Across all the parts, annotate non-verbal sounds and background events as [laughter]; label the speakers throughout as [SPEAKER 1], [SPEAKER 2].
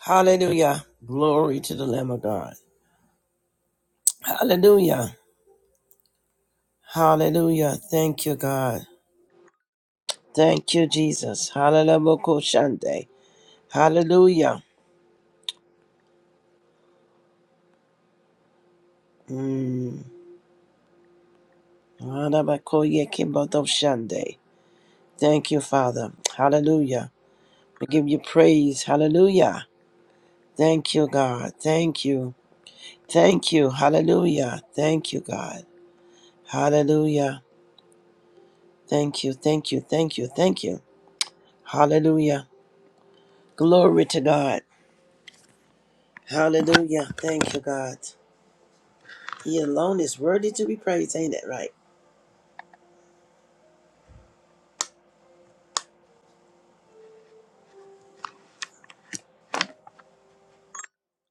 [SPEAKER 1] Hallelujah. Glory to the Lamb of God. Hallelujah. Hallelujah. Thank you, God. Thank you, Jesus. Hallelujah. Shande. Hallelujah. Mm. Hallelujah. Kimbodo Shande. Thank you, Father. Hallelujah. We give you praise. Hallelujah. Thank you, God. Thank you. Thank you. Hallelujah. Thank you, God. Hallelujah. Thank you. Thank you. Thank you. Thank you. Hallelujah. Glory to God. Hallelujah. Thank you, God. He alone is worthy to be praised. Ain't that right?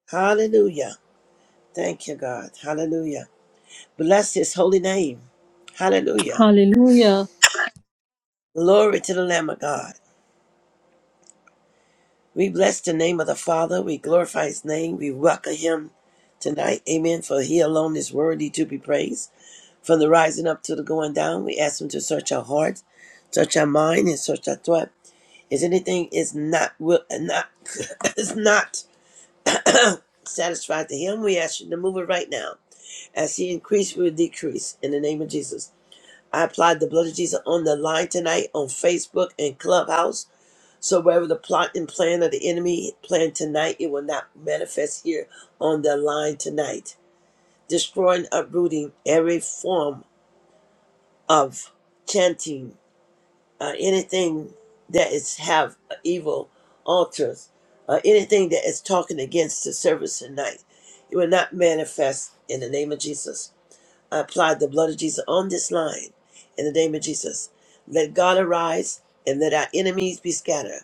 [SPEAKER 1] Hallelujah. Thank you, God. Hallelujah. Bless his holy name. Hallelujah.
[SPEAKER 2] Hallelujah.
[SPEAKER 1] Glory to the Lamb of God. We bless the name of the Father. We glorify his name. We welcome him tonight. Amen. For he alone is worthy to be praised. From the rising up to the going down, we ask him to search our hearts, search our mind, and search our thought. Is anything is not will not [laughs] [coughs] is not [coughs] [clears throat] satisfied to him, we ask you to move it right now. As he increased, we will decrease. In the name of Jesus. I applied the blood of Jesus on the line tonight on Facebook and Clubhouse. So wherever the plot and plan of the enemy planned tonight, it will not manifest here on the line tonight. Destroying, uprooting every form of chanting uh, anything that is have evil altars, uh, anything that is talking against the service tonight, it will not manifest in the name of Jesus. I apply the blood of Jesus on this line in the name of Jesus. Let God arise and let our enemies be scattered,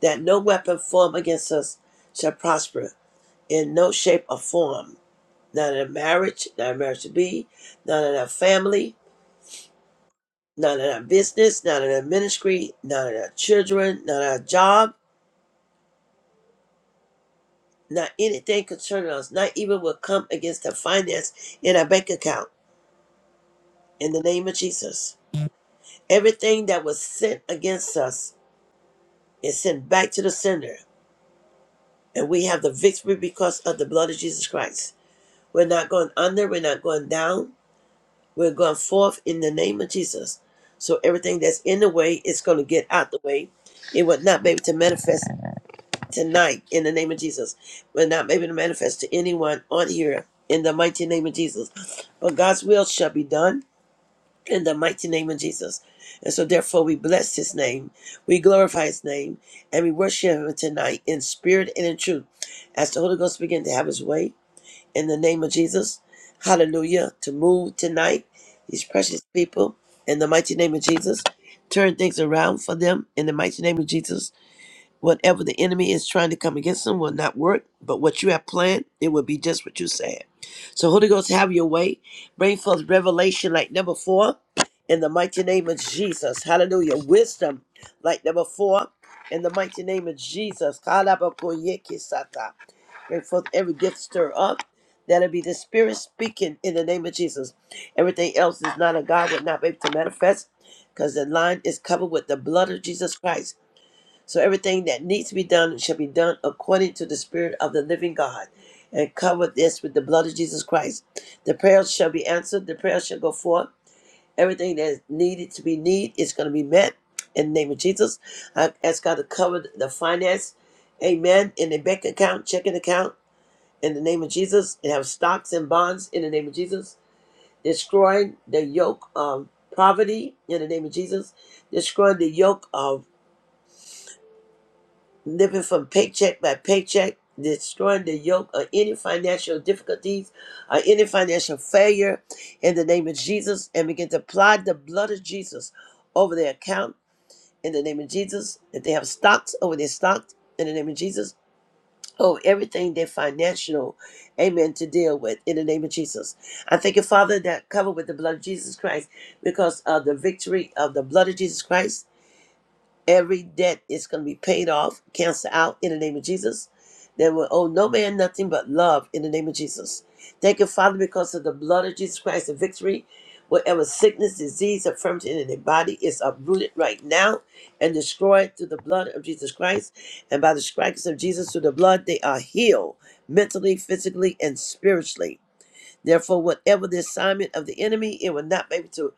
[SPEAKER 1] that no weapon formed against us shall prosper in no shape or form, not in a marriage, not in marriage to be, not in our family, not in our business, not in our ministry, not in our children, not our job, not anything concerning us, not even will come against the finance in our bank account. In the name of Jesus. Everything that was sent against us is sent back to the sender. And we have the victory because of the blood of Jesus Christ. We're not going under, we're not going down, we're going forth in the name of Jesus. So everything that's in the way is going to get out the way. It would not be able to manifest tonight in the name of Jesus. We're not able to manifest to anyone on here in the mighty name of Jesus. But God's will shall be done in the mighty name of Jesus. And so, therefore, we bless his name, we glorify his name, and we worship him tonight in spirit and in truth. As the Holy Ghost begins to have his way in the name of Jesus, hallelujah, to move tonight, these precious people, in the mighty name of Jesus, turn things around for them in the mighty name of Jesus Whatever the enemy is trying to come against them will not work, but what you have planned, it will be just what you said. So, Holy Ghost, have your way. Bring forth revelation like number four in the mighty name of Jesus. Hallelujah. Wisdom like number four in the mighty name of Jesus. Kalabakoyekisata. Bring forth every gift stir up. That'll be the Spirit speaking in the name of Jesus. Everything else is not of God, would not be able to manifest because the line is covered with the blood of Jesus Christ. So everything that needs to be done shall be done according to the Spirit of the living God. And cover this with the blood of Jesus Christ. The prayers shall be answered, the prayers shall go forth. Everything that is needed to be need is going to be met in the name of Jesus. I ask God to cover the finance, amen, in the bank account, checking account, in the name of Jesus, and have stocks and bonds in the name of Jesus. Destroying the yoke of poverty in the name of Jesus. Destroying the yoke of living from paycheck by paycheck, destroying the yoke of any financial difficulties or any financial failure in the name of Jesus and begin to apply the blood of Jesus over their account in the name of Jesus. If they have stocks over their stocks in the name of Jesus. Oh, everything they financial, amen, to deal with in the name of Jesus. I thank you, Father, that covered with the blood of Jesus Christ because of the victory of the blood of Jesus Christ Every debt is going to be paid off, canceled out in the name of Jesus. They will owe no man nothing but love in the name of Jesus. Thank you, Father, because of the blood of Jesus Christ, the victory. Whatever sickness, disease, affirmity in the body is uprooted right now and destroyed through the blood of Jesus Christ. And by the stripes of Jesus through the blood, they are healed mentally, physically, and spiritually. Therefore, whatever the assignment of the enemy, it will not be able to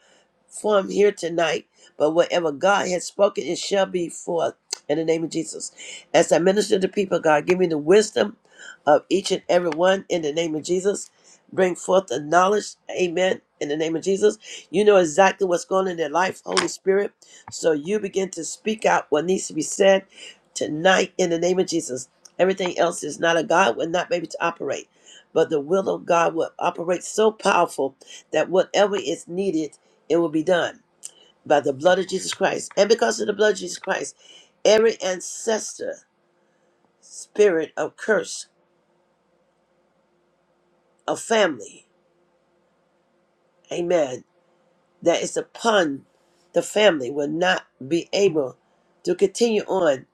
[SPEAKER 1] Form here tonight, but whatever God has spoken, it shall be forth in the name of Jesus. As I minister to people, God, give me the wisdom of each and every one in the name of Jesus. Bring forth the knowledge, amen, in the name of Jesus. You know exactly what's going on in their life, Holy Spirit. So you begin to speak out what needs to be said tonight in the name of Jesus. Everything else is not of God, will not be able to operate. But the will of God will operate so powerful that whatever is needed it will be done by the blood of Jesus Christ. And because of the blood of Jesus Christ, every ancestor, spirit of curse, of family, amen, that is upon the family will not be able to continue on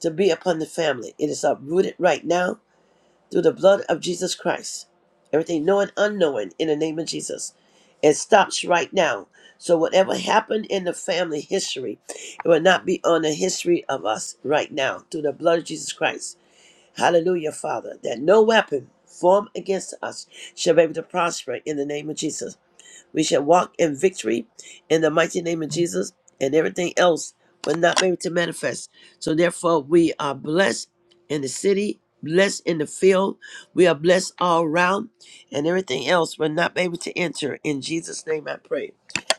[SPEAKER 1] to be upon the family. It is uprooted right now through the blood of Jesus Christ. Everything knowing, unknowing, in the name of Jesus. It stops right now. So whatever happened in the family history, it will not be on the history of us right now through the blood of Jesus Christ. Hallelujah, Father, that no weapon formed against us shall be able to prosper in the name of Jesus. We shall walk in victory in the mighty name of Jesus, and everything else will not be able to manifest. So therefore, we are blessed in the city, blessed in the field. We are blessed all around, and everything else will not be able to enter. In Jesus' name, I pray.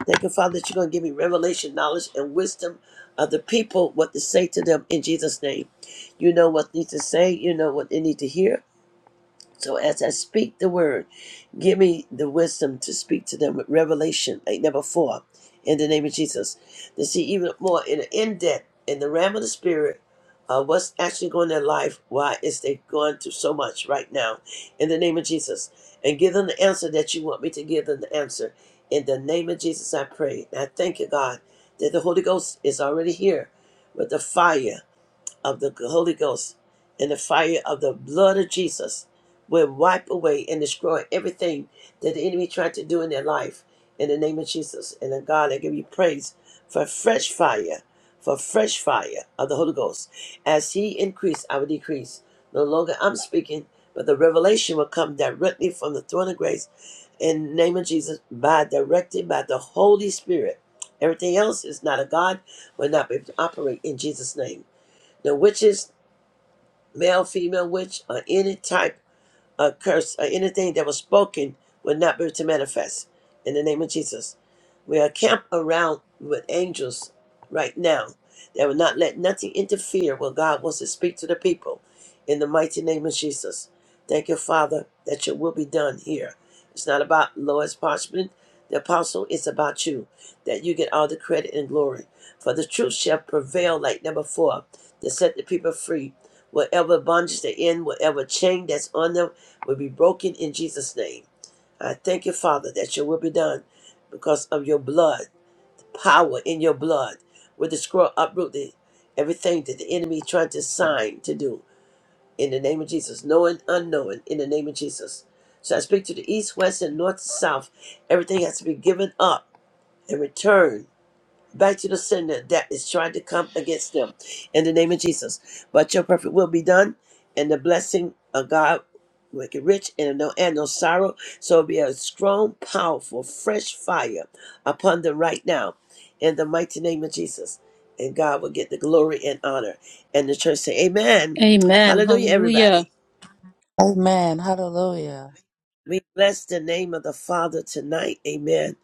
[SPEAKER 1] Thank you, Father, that you're going to give me revelation, knowledge, and wisdom of the people, what to say to them in Jesus' name. You know what needs to say. You know what they need to hear. So as I speak the word, give me the wisdom to speak to them with revelation like never before, in the name of Jesus. To see even more in the in depth, in the realm of the spirit, uh, what's actually going on in their life, why is they going through so much right now, in the name of Jesus. And give them the answer that you want me to give them the answer. In the name of Jesus, I pray. And I thank you, God, that the Holy Ghost is already here with the fire of the Holy Ghost and the fire of the blood of Jesus will wipe away and destroy everything that the enemy tried to do in their life in the name of Jesus. And then God, I give you praise for fresh fire, for fresh fire of the Holy Ghost. As He increased, I will decrease. No longer I'm speaking, but the revelation will come directly from the throne of grace in the name of Jesus, by directed by the Holy Spirit. Everything else is not a God, will not be able to operate in Jesus' name. The witches male, female, witch, or any type a curse or anything that was spoken would not be able to manifest in the name of Jesus. We are camped around with angels right now that will not let nothing interfere when God wants to speak to the people in the mighty name of Jesus. Thank you, Father, that your will be done here. It's not about Lois Parchment, the apostle, it's about you, that you get all the credit and glory. For the truth shall prevail like never before to set the people free. Whatever bondage they're in, whatever chain that's on them, will be broken in Jesus' name. I thank you, Father, that your will be done because of your blood, power in your blood, with the scroll uprooted, everything that the enemy tried to sign to do in the name of Jesus, knowing, unknowing, in the name of Jesus. So I speak to the east, west, and north, south. Everything has to be given up and returned Bind you to sin that that is trying to come against them in the name of Jesus. But your perfect will be done, and the blessing of God make it rich and no and no sorrow. So it'll be a strong, powerful, fresh fire upon them right now in the mighty name of Jesus. And God will get the glory and honor. And the church say, Amen.
[SPEAKER 2] Amen.
[SPEAKER 1] Hallelujah,
[SPEAKER 2] Hallelujah.
[SPEAKER 1] everybody.
[SPEAKER 3] Amen. Hallelujah.
[SPEAKER 1] We bless the name of the Father tonight. Amen.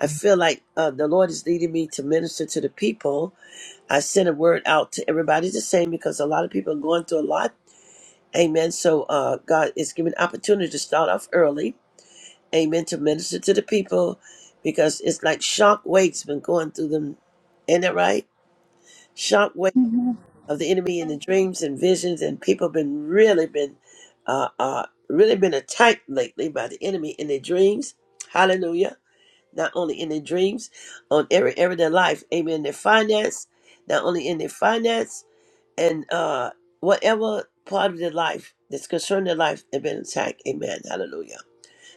[SPEAKER 1] I feel like uh, the Lord is leading me to minister to the people I sent a word out to everybody the same because a lot of people are going through a lot. Amen. So uh, God is giving opportunity to start off early. Amen. To minister to the people because it's like shock waves been going through them. Ain't that right? Shock wave
[SPEAKER 4] Amen.
[SPEAKER 1] of the enemy and the dreams and visions and people been really been uh, uh, really been attacked lately by the enemy in their dreams. Hallelujah. Not only in their dreams, on every area of their life. Amen. Their finance, not only in their finance, and uh, whatever part of their life that's concerning their life have been attacked. Amen. Hallelujah.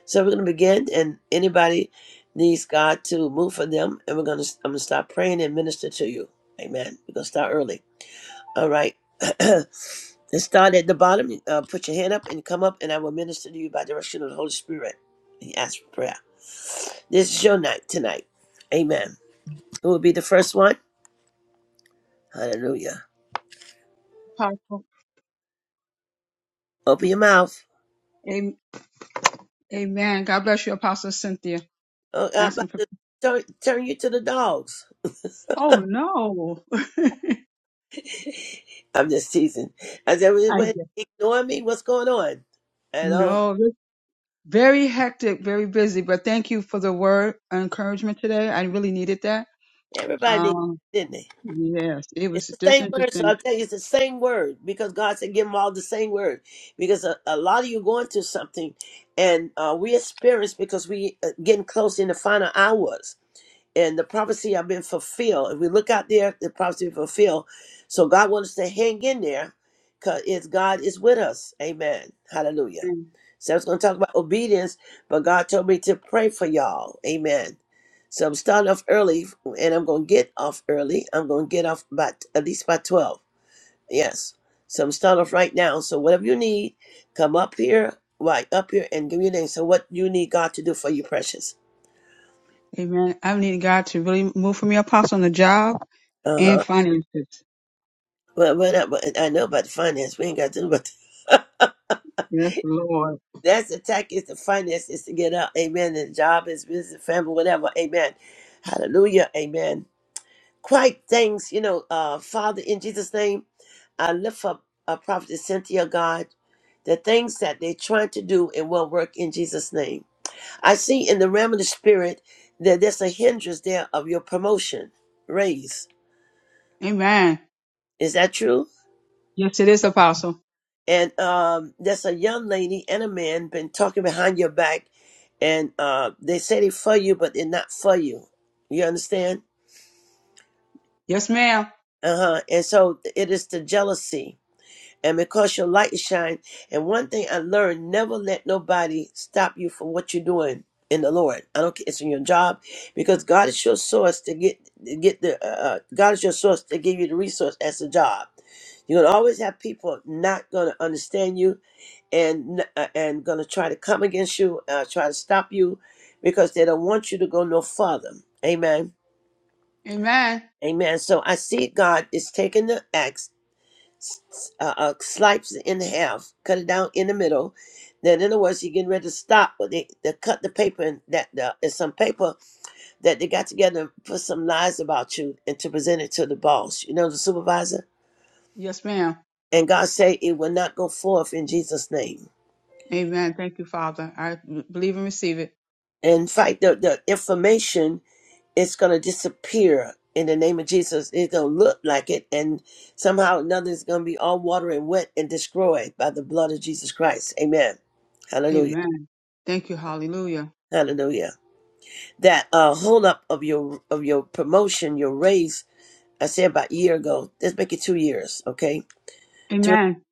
[SPEAKER 1] So we're going to begin, and anybody needs God to move for them, and we're going to I'm going to start praying and minister to you. Amen. We're going to start early. All right. [clears throat] Let's start at the bottom. Uh, put your hand up and come up, and I will minister to you by direction of the Holy Spirit. And ask for prayer. This is your night tonight. Amen. Who will be the first one? Hallelujah.
[SPEAKER 5] Apostle.
[SPEAKER 1] Open your mouth.
[SPEAKER 5] Am- Amen. God bless you, Apostle Cynthia.
[SPEAKER 1] Oh, I'm about
[SPEAKER 5] Asking for.
[SPEAKER 1] to turn, turn you to the dogs.
[SPEAKER 5] Oh no. [laughs]
[SPEAKER 1] [laughs] I'm just teasing. I said, "Wait,
[SPEAKER 5] I
[SPEAKER 1] wait,
[SPEAKER 5] did.
[SPEAKER 1] ignore me? What's going on? You know,
[SPEAKER 5] no. this- Very hectic, very busy. But thank you for the word of encouragement today. I really needed that.
[SPEAKER 1] everybody did,
[SPEAKER 5] Um.
[SPEAKER 1] didn't they?
[SPEAKER 5] Yes, it
[SPEAKER 1] It's
[SPEAKER 5] was
[SPEAKER 1] the
[SPEAKER 5] just
[SPEAKER 1] same word, so
[SPEAKER 5] interesting.
[SPEAKER 1] I'll tell you, it's the same word because God said, give them all the same word. Because a, a lot of you going through something, and uh, we experience because we uh, getting close in the final hours. and the prophecy have been fulfilled. If we look out there, the prophecy been fulfilled. So God wants us to hang in there because it's God is with us. Amen. Hallelujah. So I was going to talk about obedience, but God told me to pray for y'all. Amen. So I'm starting off early and I'm going to get off early. I'm going to get off about at least by 12. Yes. So I'm starting off right now. So whatever you need, come up here, right up here and give me your name. So what you need God to do for you, precious.
[SPEAKER 5] Amen. I'm needing God to really move for me, Apostle, on the job
[SPEAKER 1] Uh-huh.
[SPEAKER 5] and finances.
[SPEAKER 1] But but I, but I know about the finance. We ain't got to. do about [laughs] that.
[SPEAKER 5] Yes, Lord.
[SPEAKER 1] that's the attack is the finance is to get out. Amen. And job is business, family, whatever. Amen. Hallelujah. Amen. Quite things, you know. Uh, Father, in Jesus' name, I lift up uh, Prophet Cynthia, God. The things that they're trying to do and won't work in Jesus' name. I see in the realm of the spirit that there's a hindrance there of your promotion, raise.
[SPEAKER 5] Amen.
[SPEAKER 1] Is that true?
[SPEAKER 5] Yes, it is, Apostle.
[SPEAKER 1] and um, there's a young lady and a man been talking behind your back, and uh, they say they for you, but they're not for you. You understand?
[SPEAKER 5] Yes, ma'am.
[SPEAKER 1] Uh huh. And so it is the jealousy, and because your light shine. And one thing I learned: never let nobody stop you from what you're doing in the Lord. I don't care it's in your job, because God is your source to get to get the uh, uh, God is your source to give you the resource as a job. You're gonna always have people not gonna understand you and uh, and going to try to come against you, uh, try to stop you, because they don't want you to go no further. Amen.
[SPEAKER 5] Amen.
[SPEAKER 1] Amen. So I see God is taking the axe, s- s- uh, uh, slices it in half, cut it down in the middle. Then, in other words, He getting ready to stop. But they, they cut the paper and that the, it's some paper that they got together and put some lies about you and to present it to the boss, you know, the supervisor.
[SPEAKER 5] Yes, ma'am.
[SPEAKER 1] And God say it will not go forth in Jesus' name.
[SPEAKER 5] Amen. Thank you, Father. I believe and receive it.
[SPEAKER 1] And in fact, the, the information it's going to disappear in the name of Jesus. It's going to look like it, and somehow or another, it's going to be all water and wet and destroyed by the blood of Jesus Christ. Amen. Hallelujah.
[SPEAKER 5] Amen. Thank you. Hallelujah.
[SPEAKER 1] Hallelujah. That uh, hold up of your of your promotion, your raise. I said about a year ago. Let's make it two years, okay? Two,
[SPEAKER 5] Amen.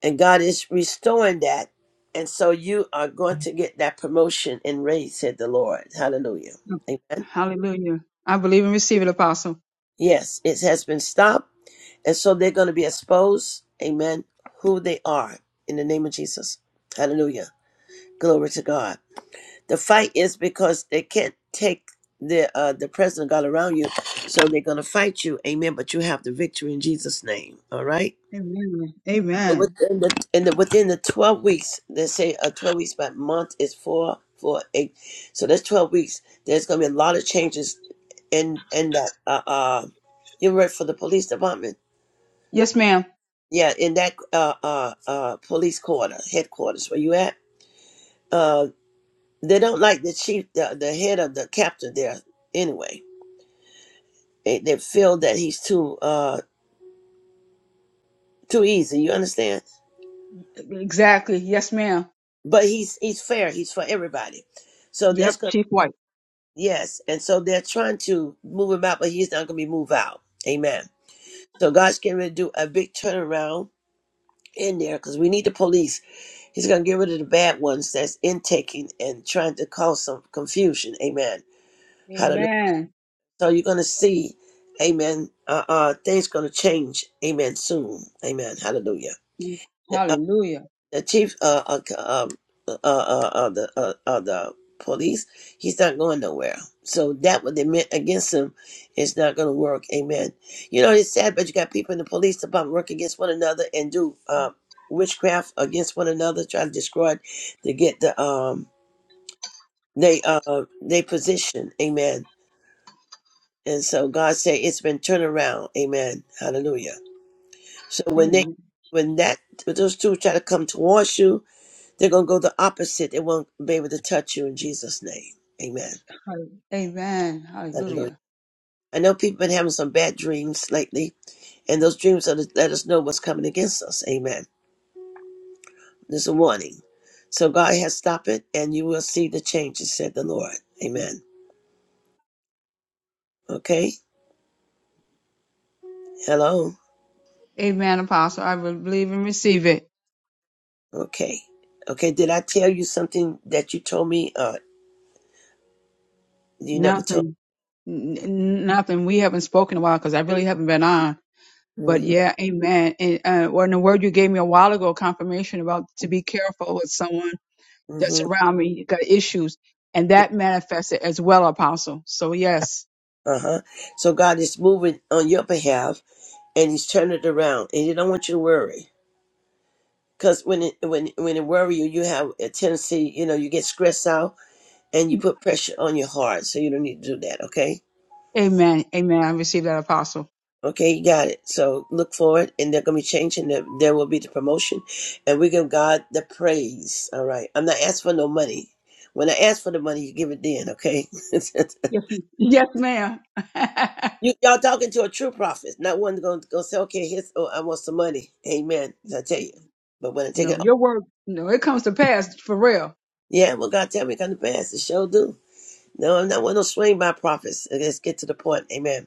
[SPEAKER 1] and God is restoring that, and so you are going to get that promotion and raise, said the Lord. Hallelujah. Amen.
[SPEAKER 5] Hallelujah. I believe and receive it, Apostle.
[SPEAKER 1] Yes, it has been stopped And so they're going to be exposed, amen, who they are in the name of Jesus. Hallelujah. Glory to God. The fight is because they can't take the uh, the presence of God around you, so they're going to fight you, amen. But you have the victory in Jesus' name, all right?
[SPEAKER 5] Amen.
[SPEAKER 1] So
[SPEAKER 5] Amen.
[SPEAKER 1] within the, in the within the 12 weeks, they say uh, 12 weeks by month is four, four, eight. So that's 12 weeks. There's going to be a lot of changes in in that uh, uh, you work for the police department
[SPEAKER 5] Yes, ma'am.
[SPEAKER 1] yeah, in that uh, uh, uh, police quarter, headquarters where you at, uh, they don't like the chief, the, the head of the captain there anyway. They, they feel that he's too uh, too easy. You understand?
[SPEAKER 5] Exactly. Yes, ma'am.
[SPEAKER 1] But he's he's fair. He's for everybody. So that's
[SPEAKER 5] Yep.
[SPEAKER 1] going
[SPEAKER 5] Chief White.
[SPEAKER 1] yes, and so they're trying to move him out, but he's not going to be moved out. Amen. So God's getting ready to do a big turnaround in there because we need the police. He's going to get rid of the bad ones that's intaking and trying to cause some confusion. Amen Hallelujah.
[SPEAKER 5] Amen.
[SPEAKER 1] So you're going to see, amen, uh, uh, things going to change, amen, soon. Amen. Hallelujah. The, uh,
[SPEAKER 5] Hallelujah.
[SPEAKER 1] the chief uh, uh, um, uh, uh, uh, uh, the, uh, uh, the police, he's not going nowhere. So that what they meant against him is not going to work. Amen. You know, it's sad, but you got people in the police department work against one another and do uh, witchcraft against one another, trying to destroy it to get the um they uh they position. Amen And so God said it's been turned around. Amen. Hallelujah. So when they
[SPEAKER 5] Amen.
[SPEAKER 1] when that when those two try to come towards you, they're gonna go the opposite. They won't be able to touch you in Jesus' name. Amen.
[SPEAKER 5] Amen.
[SPEAKER 1] Hallelujah.
[SPEAKER 5] Hallelujah.
[SPEAKER 1] I know people been having some bad dreams lately, and those dreams are to let us know what's coming against us. Amen. There's a warning. So God has stopped it and you will see the changes, said the Lord. Amen. Okay? Hello?
[SPEAKER 5] Amen, Apostle. I will believe and receive it.
[SPEAKER 1] Okay. Okay, did I tell you something that you told me? Uh you never told
[SPEAKER 5] Nothing. N- n- nothing. We haven't spoken in a while because I really haven't been on. But
[SPEAKER 1] hmm
[SPEAKER 5] yeah, amen. And uh, when the word you gave me a while ago, confirmation about to be careful with someone that's
[SPEAKER 1] hmm
[SPEAKER 5] around me, got issues, and that manifested as well, Apostle. So yes,
[SPEAKER 1] Uh huh. So God is moving on your behalf, and He's turning it around, and He don't want you to worry. Because when it when when it worry you, you have a tendency, you know, you get stressed out, and you put pressure on your heart. So you don't need to do that. Okay.
[SPEAKER 5] amen, amen. I received that, Apostle.
[SPEAKER 1] Okay, you got it. So look forward, and they're gonna be changing. There, there will be the promotion, and we give God the praise. All right. I'm not asking for no money. When I ask for the money, you give it then. Okay. [laughs]
[SPEAKER 5] Yes, m- yes, ma'am. [laughs]
[SPEAKER 1] You y'all talking to a true prophet, not one going to go say, "Okay, here's oh, I want some money." Amen. So I tell you, but when I take
[SPEAKER 5] no,
[SPEAKER 1] it,
[SPEAKER 5] your word, no, it comes to pass for real.
[SPEAKER 1] yeah, well, God tell me it come to pass. It sure do. No, I'm not one of those swing by prophets. Let's get to the point. Amen.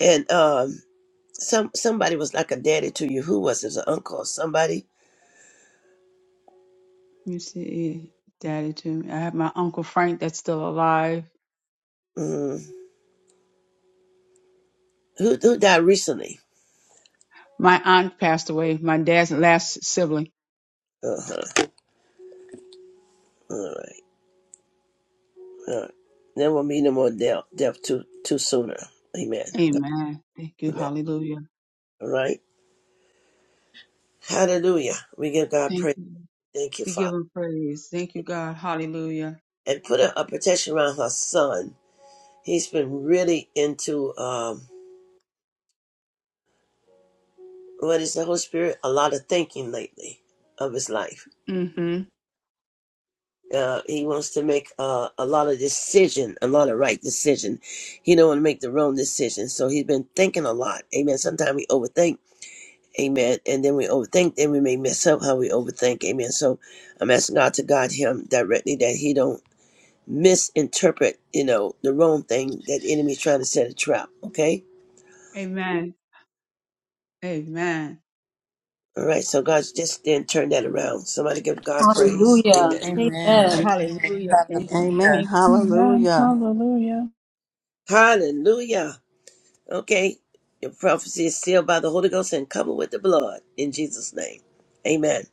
[SPEAKER 1] And um, some somebody was like a daddy to you. Who was it? An uncle or somebody?
[SPEAKER 5] Let me see, Daddy, too. I have my uncle Frank that's still alive.
[SPEAKER 1] Mm, who who died recently?
[SPEAKER 5] My aunt passed away. My dad's last sibling.
[SPEAKER 1] Uh huh. All right. All right. There will be no more death. Death too too sooner. Amen.
[SPEAKER 5] Amen. Thank you.
[SPEAKER 1] Amen.
[SPEAKER 5] Hallelujah.
[SPEAKER 1] All right. Hallelujah. We give God
[SPEAKER 5] Thank
[SPEAKER 1] praise.
[SPEAKER 5] you.
[SPEAKER 1] Thank you,
[SPEAKER 5] We
[SPEAKER 1] Father.
[SPEAKER 5] give him praise. Thank you, God. Hallelujah.
[SPEAKER 1] and put a, a protection around her son. He's been really into um, what is the Holy Spirit? A lot of thinking lately of his life.
[SPEAKER 5] hmm
[SPEAKER 1] Uh, he wants to make uh, a lot of decision, a lot of right decision. He don't want to make the wrong decision. So he's been thinking a lot. Amen. Sometimes we overthink. Amen. And then we overthink. Then we may mess up how we overthink. Amen. So I'm asking God to guide him directly that he don't misinterpret, you know, the wrong thing that the enemy's trying to set a trap. Okay
[SPEAKER 5] Amen. Amen.
[SPEAKER 1] All right, so God just then turn that around. Somebody give God praise.
[SPEAKER 2] Hallelujah.
[SPEAKER 1] Amen.
[SPEAKER 3] Amen.
[SPEAKER 2] Amen.
[SPEAKER 5] Hallelujah. Thank you.
[SPEAKER 3] Hallelujah.
[SPEAKER 6] Amen.
[SPEAKER 5] Thank.
[SPEAKER 4] Amen.
[SPEAKER 6] Hallelujah.
[SPEAKER 4] Hallelujah.
[SPEAKER 1] Hallelujah. Okay, your prophecy is sealed by the Holy Ghost and covered with the blood in Jesus' name. Amen.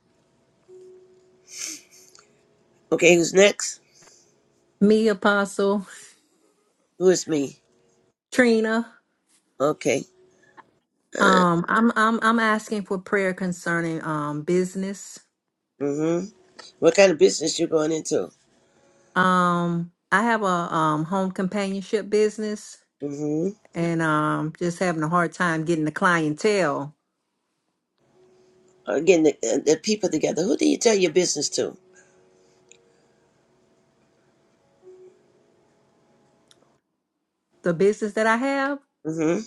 [SPEAKER 1] Okay, who's next?
[SPEAKER 7] Me, Apostle
[SPEAKER 1] Who is me?
[SPEAKER 7] Trina.
[SPEAKER 1] Okay. Uh,
[SPEAKER 7] Um, I'm I'm I'm asking for prayer concerning um business.
[SPEAKER 1] mm-hmm. What kind of business you going into?
[SPEAKER 7] Um, I have a um home companionship business,
[SPEAKER 1] Mm-hmm.
[SPEAKER 7] and um just having a hard time getting the clientele.
[SPEAKER 1] Again, the, uh, the people together. Who do you tell your business to?
[SPEAKER 7] The business that I have,
[SPEAKER 1] Mm-hmm.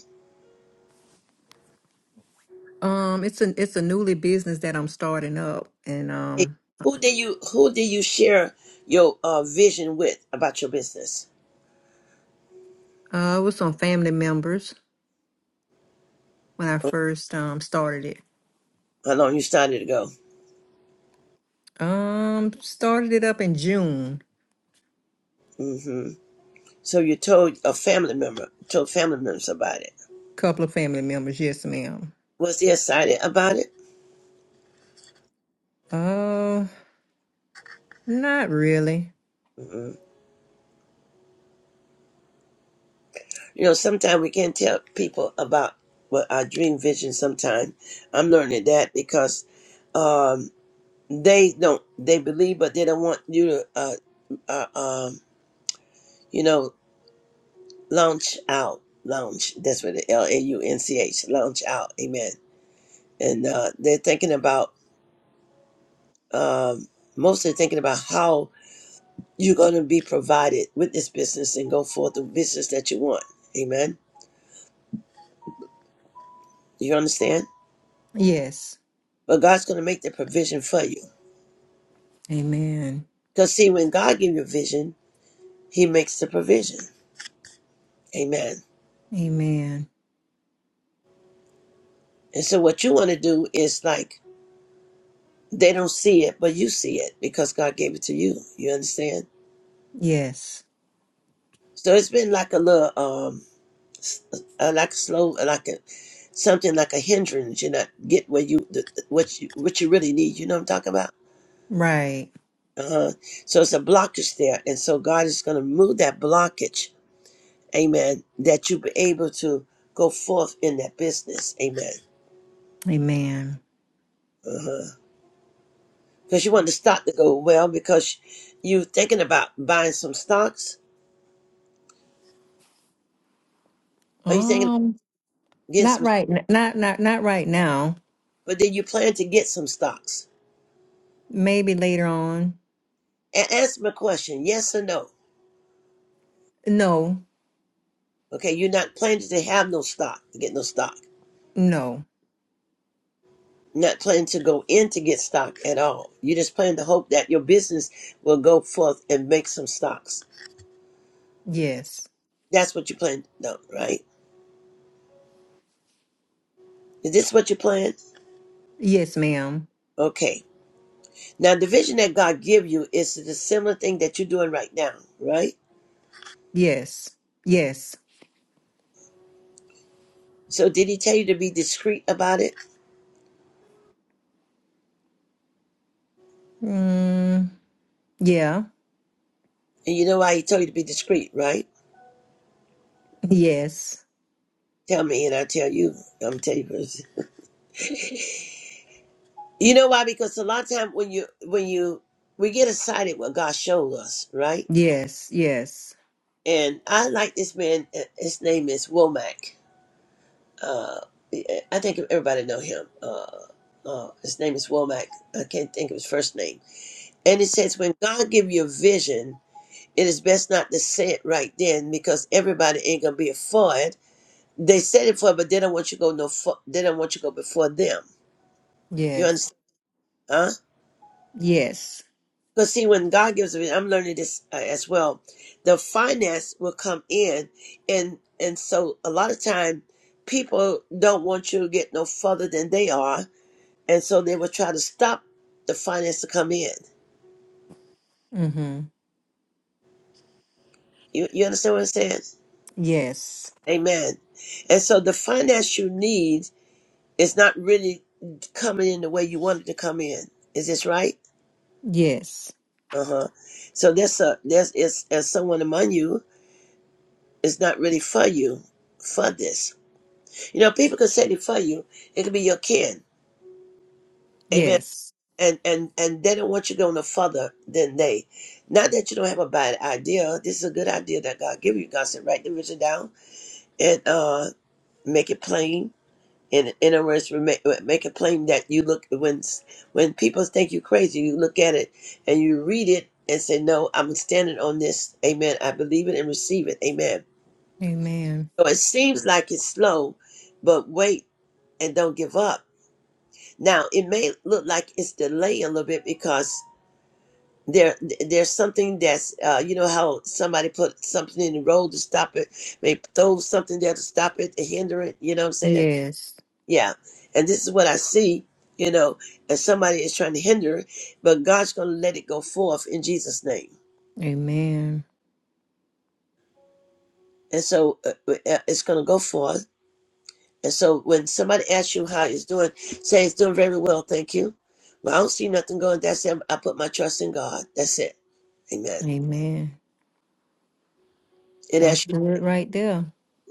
[SPEAKER 7] um, it's a it's a newly business that I'm starting up, and
[SPEAKER 1] Hey,
[SPEAKER 7] um,
[SPEAKER 1] Who do you Who do you share your uh, vision with about your business?
[SPEAKER 7] uh, it was on family members when I first um started it.
[SPEAKER 1] How long you started ago?
[SPEAKER 7] Um, started it up in June.
[SPEAKER 1] So you told a family member, told family members about it.
[SPEAKER 7] Couple of family members, yes, ma'am.
[SPEAKER 1] Was they excited about it?
[SPEAKER 7] Uh, Not really.
[SPEAKER 1] Mm-mm. You know, sometimes we can't tell people about what our dream vision. Sometimes I'm learning that because um, they don't, they believe, but they don't want you to, uh, uh, um, you know, launch out, launch. That's what the L A U N C H, launch out. Amen. And uh, they're thinking about um, mostly thinking about how You're going to be provided with this business and go forth the business that you want. Amen. Do you understand?
[SPEAKER 7] Yes.
[SPEAKER 1] But God's going to make the provision for you.
[SPEAKER 7] Amen.
[SPEAKER 1] Because, see, when God gives you a vision, He makes the provision. Amen.
[SPEAKER 7] Amen.
[SPEAKER 1] And so, what you want to do is like they don't see it, but you see it because God gave it to you. You understand?
[SPEAKER 7] Yes.
[SPEAKER 1] So, it's been like a little, um, s- uh, like slow, like a something like a hindrance. You're not get where you the, what you what you really need. You know what I'm talking about?
[SPEAKER 7] Right.
[SPEAKER 1] Uh, huh. so it's a blockage there. And so God is going to move that blockage. Amen. That you be able to go forth in that business. Amen.
[SPEAKER 7] Amen.
[SPEAKER 1] Uh huh. Because you want the stock to go well because you're thinking about buying some stocks Are you thinking
[SPEAKER 7] Um,
[SPEAKER 1] about getting
[SPEAKER 7] not
[SPEAKER 1] some,
[SPEAKER 7] right. n- Not not not right now.
[SPEAKER 1] but then you plan to get some stocks.
[SPEAKER 7] Maybe later on.
[SPEAKER 1] A- answer my question yes or no.
[SPEAKER 7] No.
[SPEAKER 1] Okay, you're not planning to have no stock, to get no stock.
[SPEAKER 7] No.
[SPEAKER 1] Not planning to go in to get stock at all. You just plan to hope that your business will go forth and make some stocks.
[SPEAKER 7] Yes.
[SPEAKER 1] That's what you plan. No, right? Is this what you plan?
[SPEAKER 7] Yes, ma'am.
[SPEAKER 1] Okay. Now, the vision that God give you is the similar thing that you're doing right now, right?
[SPEAKER 7] Yes. Yes.
[SPEAKER 1] So, did He tell you to be discreet about it?
[SPEAKER 7] Mm, yeah.
[SPEAKER 1] And you know why He told you to be discreet, right?
[SPEAKER 7] Yes.
[SPEAKER 1] Tell me, and I'll tell you. I'm tell you first. You know why? Because a lot of time when you when you we get excited what God showed us, right?
[SPEAKER 7] Yes. Yes.
[SPEAKER 1] And I like this man. uh, His name is Womack. Uh, I think everybody know him. Uh, uh, his name is Womack. I can't think of his first name And it says, when God give you a vision, it is best not to say it right then because everybody ain't gonna be for it. They said it for, but they don't want you to go no. For, they don't want you to go before them. You
[SPEAKER 7] Yes.
[SPEAKER 1] understand? Huh?
[SPEAKER 7] Yes.
[SPEAKER 1] Because see, when God gives a vision, I'm learning this uh, as well. The finance will come in, and and so a lot of time people don't want you to get no further than they are, and so they will try to stop the finance to come in.
[SPEAKER 7] Mm-hmm.
[SPEAKER 1] You you understand what I'm saying?
[SPEAKER 7] Yes.
[SPEAKER 1] Amen. And so the finance you need is not really coming in the way you want it to come in. Is this right?
[SPEAKER 7] Yes.
[SPEAKER 1] Uh huh. So there's a there's is as someone among you is not really for you for this. You know, people can say they for you. It could be your kin. Amen.
[SPEAKER 7] Yes.
[SPEAKER 1] And and and they don't want you going no further than they. Not that you don't have a bad idea. This is a good idea that God gave you. God said, write the vision down and uh make it plain in in other words, make, make a claim that you look when when people think you crazy, you look at it and you read it and say, "No, I'm standing on this." Amen. I believe it and receive it. Amen.
[SPEAKER 7] Amen.
[SPEAKER 1] So it seems like it's slow, but wait and don't give up. Now it may look like it's delaying a little bit because there there's something that's uh, you know how somebody put something in the road to stop it, they throw something there to stop it to hinder it. You know what I'm saying?
[SPEAKER 7] Yes.
[SPEAKER 1] Yeah. And this is what I see, you know, and somebody is trying to hinder it, but God's going to let it go forth in Jesus' name.
[SPEAKER 7] Amen.
[SPEAKER 1] And so uh, uh, uh, it's going to go forth. And so when somebody asks you how it's doing, say it's doing very well, thank you. Well, I don't see nothing going. That's it. I put my trust in God. That's it. Amen.
[SPEAKER 7] Amen.
[SPEAKER 1] And
[SPEAKER 7] That's
[SPEAKER 1] as you,
[SPEAKER 7] good right there.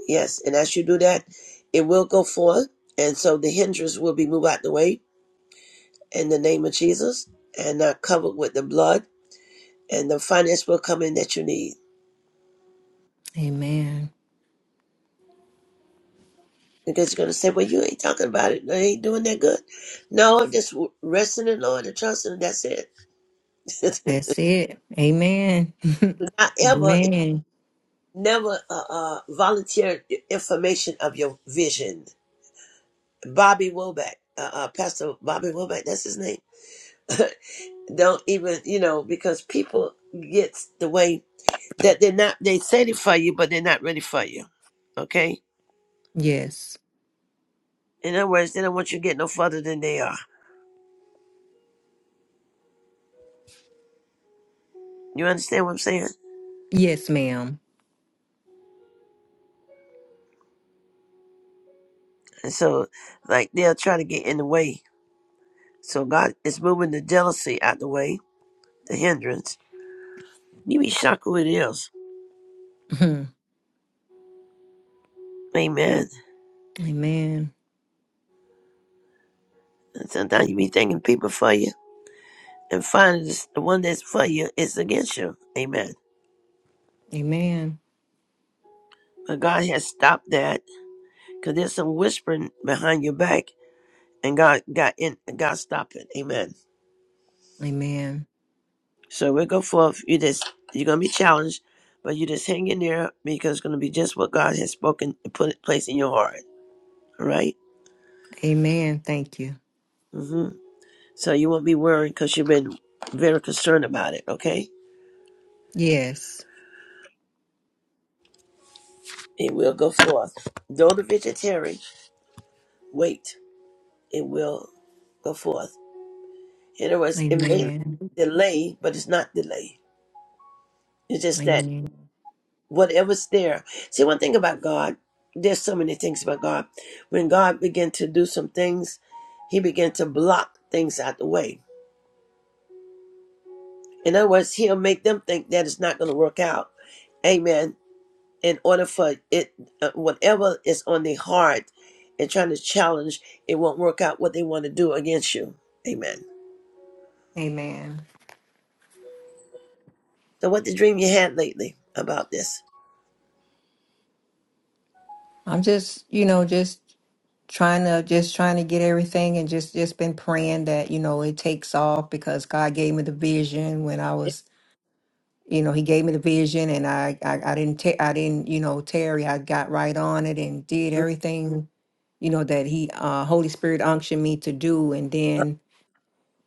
[SPEAKER 1] yes, and as you do that, it will go forth. And so the hindrance will be moved out the way in the name of Jesus and uh, covered with the blood and the finance will come in that you need.
[SPEAKER 7] Amen.
[SPEAKER 1] Because you're going to say, well, you ain't talking about it. I ain't doing that good. No, I'm just rest in the Lord and trusting. That's it. [laughs]
[SPEAKER 7] That's it. Amen.
[SPEAKER 1] It's not ever,
[SPEAKER 7] Amen.
[SPEAKER 1] never uh, uh, volunteer information of your vision. Bobby Woback, uh, uh, Pastor Bobby Woback, that's his name. [laughs] Don't even, you know, because people get the way that they're not, they say they for you, but they're not ready for you. Okay?
[SPEAKER 7] Yes.
[SPEAKER 1] In other words, they don't want you to get no further than they are. You understand what I'm saying?
[SPEAKER 7] Yes, ma'am.
[SPEAKER 1] And so, like, they'll try to get in the way So God is moving the jealousy out the way, the hindrance. You be shocked who it is.
[SPEAKER 7] [laughs] Mhm.
[SPEAKER 1] Amen.
[SPEAKER 7] Amen.
[SPEAKER 1] And sometimes you be thinking people for you, and finally it's the one that's for you is against you. Amen.
[SPEAKER 7] Amen.
[SPEAKER 1] But God has stopped that because there's some whispering behind your back, and God got in. and God stopped it. Amen.
[SPEAKER 7] Amen.
[SPEAKER 1] So we'll go forth. You just you're gonna be challenged, but you just hang in there because it's gonna be just what God has spoken and put it place in your heart. All right?
[SPEAKER 7] Amen. Thank you.
[SPEAKER 1] Mm-hmm. So you won't be worried because you've been very concerned about it, okay?
[SPEAKER 7] Yes.
[SPEAKER 1] It will go forth. Though the vegetarian, wait, it will go forth. In other words, it may
[SPEAKER 7] Amen.
[SPEAKER 1] delay, but it's not delay. It's just that
[SPEAKER 7] Amen.
[SPEAKER 1] whatever's there. See, one thing about God, there's so many things about God. When God began to do some things, he began to block things out the way. In other words, he'll make them think that it's not going to work out. Amen. in order for it, uh, whatever is on their heart and trying to challenge, it won't work out what they want to do against you. Amen.
[SPEAKER 7] Amen.
[SPEAKER 1] So, what the dream you had lately about this?
[SPEAKER 7] I'm just, you know, just trying to just trying to get everything and just just been praying that, you know, it takes off because God gave me the vision when I
[SPEAKER 1] Yeah.
[SPEAKER 7] was you know, he gave me the vision and I, I, I didn't, ta- I didn't, you know, Terry, I got right on it and did
[SPEAKER 1] Mm,
[SPEAKER 7] everything, you know, that he, uh, Holy Spirit unctioned me to do. And
[SPEAKER 1] uh,
[SPEAKER 7] then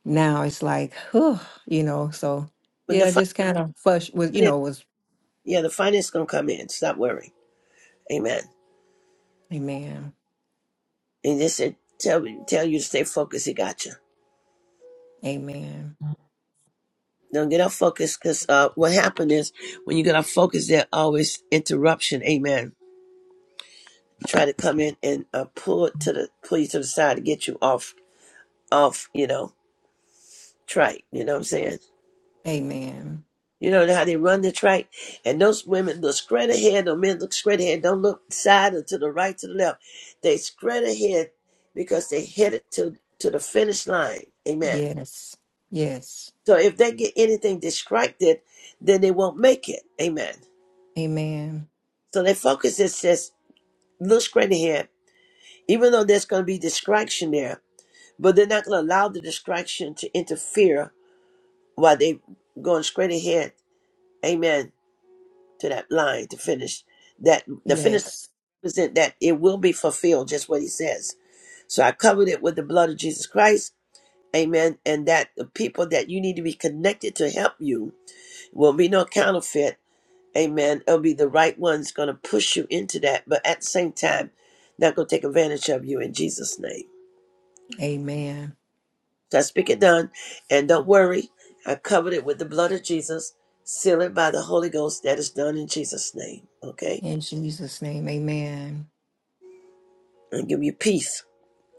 [SPEAKER 7] now it's like, whew, you know, so
[SPEAKER 1] But the
[SPEAKER 7] yeah, just kind of fush was, you
[SPEAKER 1] finance,
[SPEAKER 7] know, was
[SPEAKER 1] yeah, the finance gonna come in. Stop worrying. Amen.
[SPEAKER 7] amen.
[SPEAKER 1] And they said, tell me, tell you to stay focused. He got you.
[SPEAKER 7] Amen.
[SPEAKER 1] Don't get off focus, cause uh, what happened is when you get off focus, there always interruption. Amen. Try to come in and uh, pull it to the pull you to the side to get you off off. You know trike. You know what I'm saying?
[SPEAKER 7] Amen.
[SPEAKER 1] You know how they run the trike, and those women look straight ahead. Those men look straight ahead. Don't look side or to the right, to the left. They straight ahead because they headed to to the finish line. Amen.
[SPEAKER 7] Yes. Yes.
[SPEAKER 1] So if they get anything distracted, then they won't make it. Amen.
[SPEAKER 7] Amen.
[SPEAKER 1] So their focus is just look straight ahead, even though there's going to be distraction there, but they're not going to allow the distraction to interfere while they going straight ahead. Amen to that line to finish that the finish
[SPEAKER 7] Yes.
[SPEAKER 1] represent that it will be fulfilled just what he says so i covered it with the blood of jesus christ amen and that the people that you need to be connected to help you will be no counterfeit amen it'll be the right ones going to push you into that but at the same time not going to take advantage of you in jesus name
[SPEAKER 7] Amen.
[SPEAKER 1] so i speak it done and don't worry i covered it with the blood of jesus seal it by the holy ghost that is done in jesus name okay
[SPEAKER 7] In Jesus' name. Amen.
[SPEAKER 1] and give you peace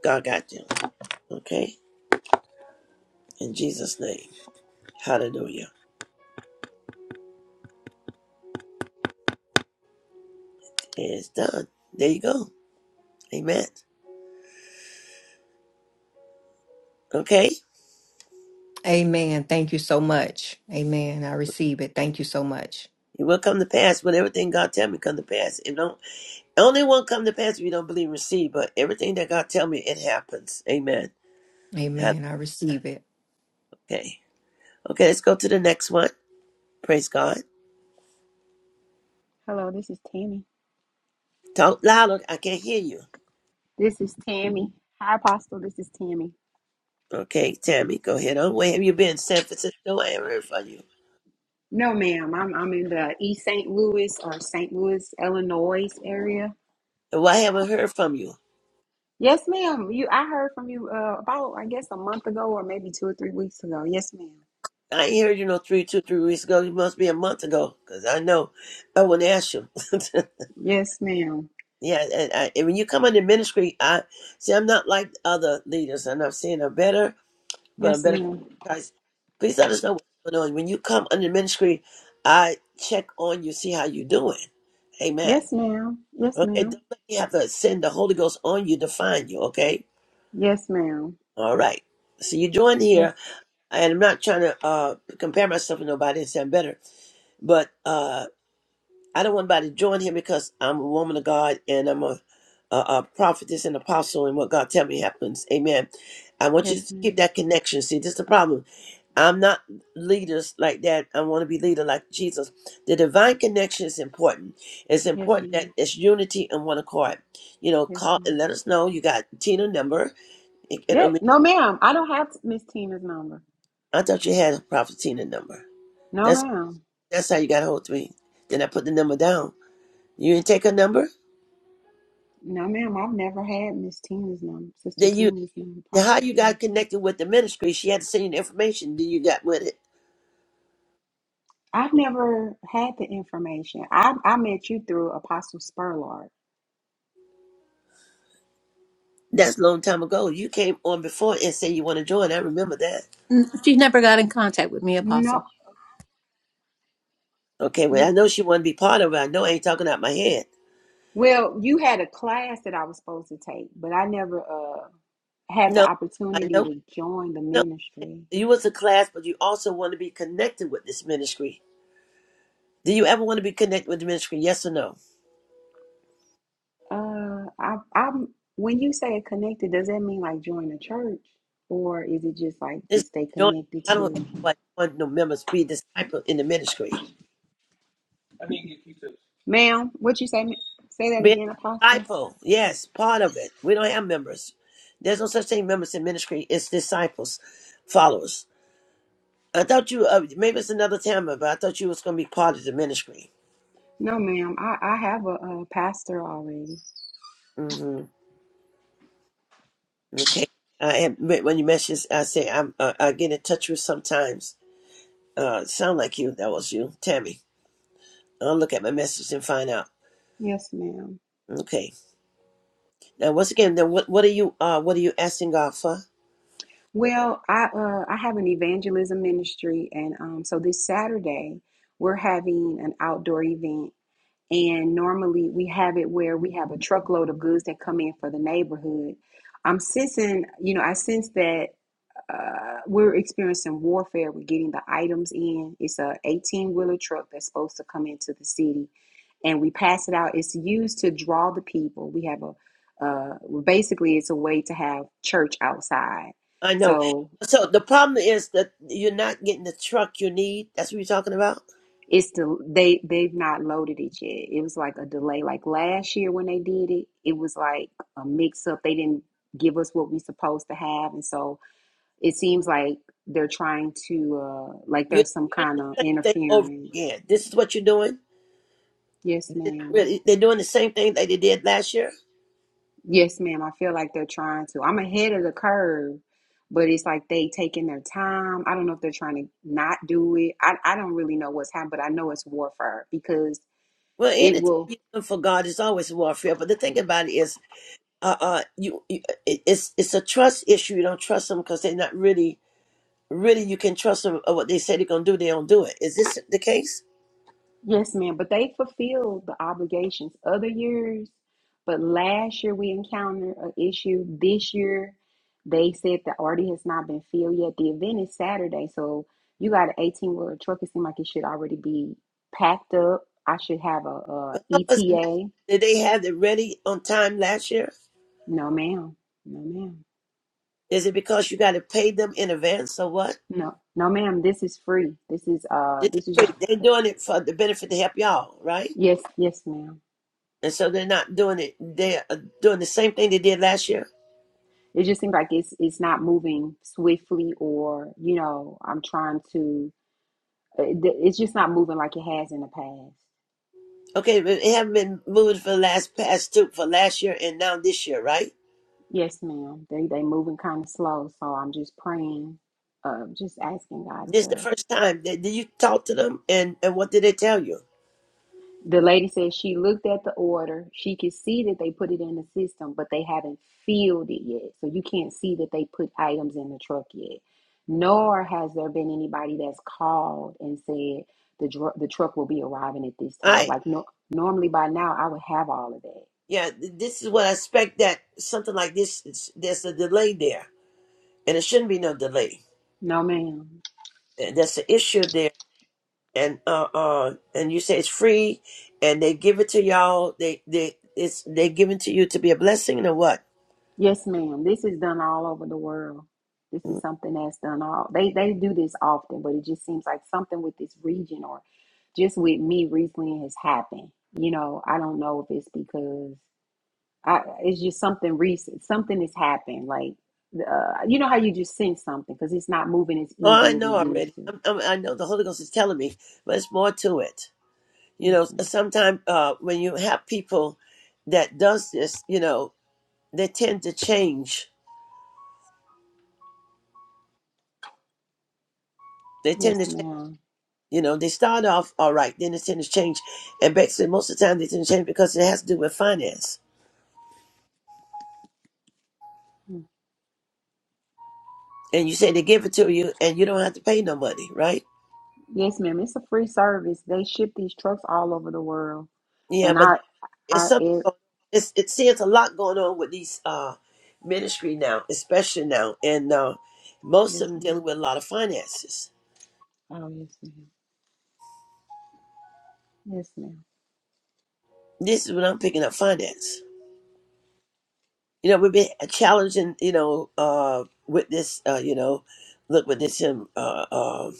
[SPEAKER 1] God got you. Okay? In Jesus' name. Hallelujah. And it's done. There you go. Amen. Okay?
[SPEAKER 7] Amen. Thank you so much. Amen. I receive it. Thank you so much.
[SPEAKER 1] It will come to pass when everything God tell me come to pass. It don't only won't come to pass if you don't believe and receive, but everything that God tell me, it happens. Amen. Hall-
[SPEAKER 7] Amen. I receive it.
[SPEAKER 1] Okay. Okay, let's go to the next one. Praise God.
[SPEAKER 8] Hello, this is Tammy.
[SPEAKER 1] Talk louder. I can't hear you.
[SPEAKER 8] This is Tammy. Hi, Apostle. This is Tammy.
[SPEAKER 1] Okay, Tammy, go ahead on. Where have you been? San Francisco? I haven't heard from you.
[SPEAKER 8] No, ma'am. I'm I'm in the East St. Louis or St. Louis, Illinois area.
[SPEAKER 1] Why haven't I heard from you?
[SPEAKER 8] Yes, ma'am. You, I heard from you uh, about I guess a month ago or maybe two or three weeks ago. Yes, ma'am.
[SPEAKER 1] I ain't heard you know three, two, three weeks ago. It must be a month ago, because I know I wouldn't ask you. [laughs]
[SPEAKER 8] Yes, ma'am.
[SPEAKER 1] yeah, and, I, and when you come into ministry, I see I'm not like other leaders. I'm not saying I'm better, but I'm
[SPEAKER 8] Yes,
[SPEAKER 1] better.
[SPEAKER 8] ma'am.
[SPEAKER 1] Guys, please let us know what's going on. When you come under ministry, I check on you, see how you doing. Amen.
[SPEAKER 8] Yes, ma'am. Yes,
[SPEAKER 1] Okay,
[SPEAKER 8] ma'am.
[SPEAKER 1] don't let me have to send the Holy Ghost on you to find you. Okay,
[SPEAKER 8] Yes, ma'am.
[SPEAKER 1] all right. So you joined
[SPEAKER 8] Yes,
[SPEAKER 1] here, and I'm not trying to uh, compare myself to nobody and say I'm better, but. uh I don't want anybody to join him because I'm a woman of God and I'm a, a, a prophetess and apostle, and what God tell me happens. Amen. I want you
[SPEAKER 8] yes,
[SPEAKER 1] to keep
[SPEAKER 8] ma'am.
[SPEAKER 1] that connection. See, this is the problem. I'm not leaders like that. I want to be leader like Jesus. The divine connection is important. It's
[SPEAKER 8] Yes,
[SPEAKER 1] important that
[SPEAKER 8] ma'am.
[SPEAKER 1] it's unity and one accord. You know,
[SPEAKER 8] Yes,
[SPEAKER 1] call and
[SPEAKER 8] ma'am.
[SPEAKER 1] let us know you got Tina number. It- it- I
[SPEAKER 8] Yeah,
[SPEAKER 1] mean,
[SPEAKER 8] no, ma'am. I don't have Miss Tina's number.
[SPEAKER 1] I thought you had a prophet Tina number.
[SPEAKER 8] No,
[SPEAKER 1] That's
[SPEAKER 8] ma'am.
[SPEAKER 1] that's how you got a hold of me. Then I put the number down. You didn't take a number.
[SPEAKER 8] No, ma'am, I've never had Miss Tina's number, Sister
[SPEAKER 1] Then you.
[SPEAKER 8] Tina's number,
[SPEAKER 1] Now,
[SPEAKER 8] Prophet
[SPEAKER 1] how you
[SPEAKER 8] Tina.
[SPEAKER 1] got connected with the ministry? She had to send you the information. Then you got with it.
[SPEAKER 8] I've never had the information. I, I met you through Apostle Spurlard.
[SPEAKER 1] That's a long time ago. You came on before and said you want to join. I remember that.
[SPEAKER 2] Mm, She never got in contact with me,
[SPEAKER 8] No,
[SPEAKER 2] Apostle.
[SPEAKER 1] Okay, well, I
[SPEAKER 8] mm,
[SPEAKER 1] know she wanted to be part of it. I know I ain't talking out my head.
[SPEAKER 8] well, you had a class that I was supposed to take, but I never uh had the
[SPEAKER 1] No, I
[SPEAKER 8] opportunity
[SPEAKER 1] know.
[SPEAKER 8] to join the
[SPEAKER 1] No,
[SPEAKER 8] ministry.
[SPEAKER 1] you was a class, but you also want to be connected with this ministry. Do you ever want to be connected with the ministry? Yes or no?
[SPEAKER 8] Uh, I, I'm when you say connected, does that mean like join a church, or is it just like
[SPEAKER 1] It's
[SPEAKER 8] just stay
[SPEAKER 1] join.
[SPEAKER 8] connected
[SPEAKER 1] I don't have
[SPEAKER 8] to?
[SPEAKER 1] like want no members be disciple in the ministry.
[SPEAKER 8] Ma'am, what you say? ma- Say that
[SPEAKER 1] Being
[SPEAKER 8] again,
[SPEAKER 1] a
[SPEAKER 8] Apostle.
[SPEAKER 1] disciple, yes, part of it. We don't have members. There's no such thing members in ministry. It's disciples, followers. I thought you, uh, maybe it's another time, but I thought you was going to be part of the ministry.
[SPEAKER 8] No, ma'am. I, I have a, uh pastor already.
[SPEAKER 1] hmm Okay. I had, when you mentioned, I say I'm, uh, I get in touch with sometimes. Uh, sound like you. That was you, Tammy. I'll look at my message and find out.
[SPEAKER 8] Yes, ma'am.
[SPEAKER 1] Okay. Now, once again, then what, what are you, uh, what are you asking God for?
[SPEAKER 8] Well, I uh, I have an evangelism ministry, and um, so this Saturday we're having an outdoor event. And normally we have it where we have a truckload of goods that come in for the neighborhood. I'm sensing, you know, I sense that. uh, we're experiencing warfare with getting the items in. It's a 18 wheeler truck that's supposed to come into the city, and we pass it out. It's used to draw the people. We have a uh, basically it's a way to have church outside.
[SPEAKER 1] I know.
[SPEAKER 8] So
[SPEAKER 1] So the problem is that you're not getting the truck you need. That's what you're talking about.
[SPEAKER 8] it's the they they've not loaded it yet. It was like a delay. Like last year when they did it, it was like a mix up. They didn't give us what we supposed to have, and so It seems like they're trying to, uh, like
[SPEAKER 1] You
[SPEAKER 8] there's some
[SPEAKER 1] experience
[SPEAKER 8] kind
[SPEAKER 1] the
[SPEAKER 8] of
[SPEAKER 1] same thing over
[SPEAKER 8] interference.
[SPEAKER 1] again. This is what you're doing.
[SPEAKER 8] Yes,
[SPEAKER 1] They're, not
[SPEAKER 8] ma'am.
[SPEAKER 1] really, they're doing the same thing that they did last year.
[SPEAKER 8] Yes, ma'am. I feel like they're trying to. I'm ahead of the curve, but it's like they taking their time. I don't know if they're trying to not do it. I, I don't really know what's happening, but I know it's warfare because
[SPEAKER 1] Well,
[SPEAKER 8] it
[SPEAKER 1] anytime
[SPEAKER 8] will.
[SPEAKER 1] you do for God, it's always warfare. But the thing about it is, uh, uh, you, you it, it's it's a trust issue. You don't trust them because they're not really, really. You can trust them. Or what they say they're gonna do, they don't do it. Is this the case?
[SPEAKER 8] Yes, ma'am. But they fulfilled the obligations other years. But last year we encountered an issue. This year they said the order has not been filled yet. The event is Saturday, so you got an 18 wheeler truck. It seems like it should already be packed up. I should have a,
[SPEAKER 1] How was it last-
[SPEAKER 8] ETA.
[SPEAKER 1] Did they have it ready on time last year?
[SPEAKER 8] No, ma'am. No, ma'am.
[SPEAKER 1] Is it because you got to pay them in advance or what?
[SPEAKER 8] No, no, ma'am. This is free. This is uh.
[SPEAKER 1] This is
[SPEAKER 8] This is
[SPEAKER 1] free. They're
[SPEAKER 8] your,
[SPEAKER 1] doing it for the benefit to help y'all, right?
[SPEAKER 8] yes, yes, ma'am.
[SPEAKER 1] and so they're not doing it. They're uh, doing the same thing they did last year.
[SPEAKER 8] It just seems like it's it's not moving swiftly, or you know, I'm trying to Uh, It's just not moving like it has in the past.
[SPEAKER 1] Okay, but it haven't been moved for the last past two for last year and now this year, right?
[SPEAKER 8] Yes, ma'am. They they moving kind of slow, so I'm just praying, uh, just asking God
[SPEAKER 1] This is the
[SPEAKER 8] to.
[SPEAKER 1] first time that did you talk to them, and and what did they tell you?
[SPEAKER 8] The lady said she looked at the order. She could see that they put it in the system, but they haven't filled it yet. So you can't see that they put items in the truck yet. Nor has there been anybody that's called and said the dr- the truck will be arriving at this time.
[SPEAKER 1] I
[SPEAKER 8] Like no, normally by now I would have all of that.
[SPEAKER 1] yeah, th- this is what I expect that something like this. is- There's a delay there, and it shouldn't be no delay.
[SPEAKER 8] No, ma'am.
[SPEAKER 1] And That's an issue there, and uh uh, and you say it's free, and they give it to y'all. They they it's they give it to you to be a blessing or what?
[SPEAKER 8] Yes, ma'am. This is done all over the world. This is something that's done all they they do this often, but it just seems like something with this region or just with me recently has happened. You know, I don't know if it's because I it's just something recent. Something has happened. Like uh, you know how you just sense something because it's not moving as
[SPEAKER 1] Oh, I
[SPEAKER 8] easy as
[SPEAKER 1] know
[SPEAKER 8] it used
[SPEAKER 1] already.
[SPEAKER 8] to.
[SPEAKER 1] I'm, I'm, I know the Holy Ghost is telling me, but it's more to it. You
[SPEAKER 8] Yes,
[SPEAKER 1] know,
[SPEAKER 8] ma'am.
[SPEAKER 1] sometimes uh, when you have people that does this, you know, they tend to change. They tend
[SPEAKER 8] Yes,
[SPEAKER 1] to change.
[SPEAKER 8] ma'am.
[SPEAKER 1] You know, they start off all right, then they tend to change, and basically most of the time they tend to change because it has to do with finance.
[SPEAKER 8] Mm.
[SPEAKER 1] And you say they give it to you, and you don't have to pay no money, right?
[SPEAKER 8] Yes, ma'am. It's a free service. They ship these trucks all over the world,
[SPEAKER 1] Yeah,
[SPEAKER 8] and
[SPEAKER 1] but
[SPEAKER 8] I,
[SPEAKER 1] It's
[SPEAKER 8] I.
[SPEAKER 1] something.
[SPEAKER 8] air.
[SPEAKER 1] going- It's it seems a lot going on with these uh ministry now, especially now, and uh, most
[SPEAKER 8] Yes,
[SPEAKER 1] of them dealing
[SPEAKER 8] ma'am.
[SPEAKER 1] with a lot of finances.
[SPEAKER 8] Oh, yes, ma'am. Yes, ma'am.
[SPEAKER 1] This is when I'm picking up finance. You know, we've been challenging. You know, uh, with this. Uh, you know, look with this um uh, uh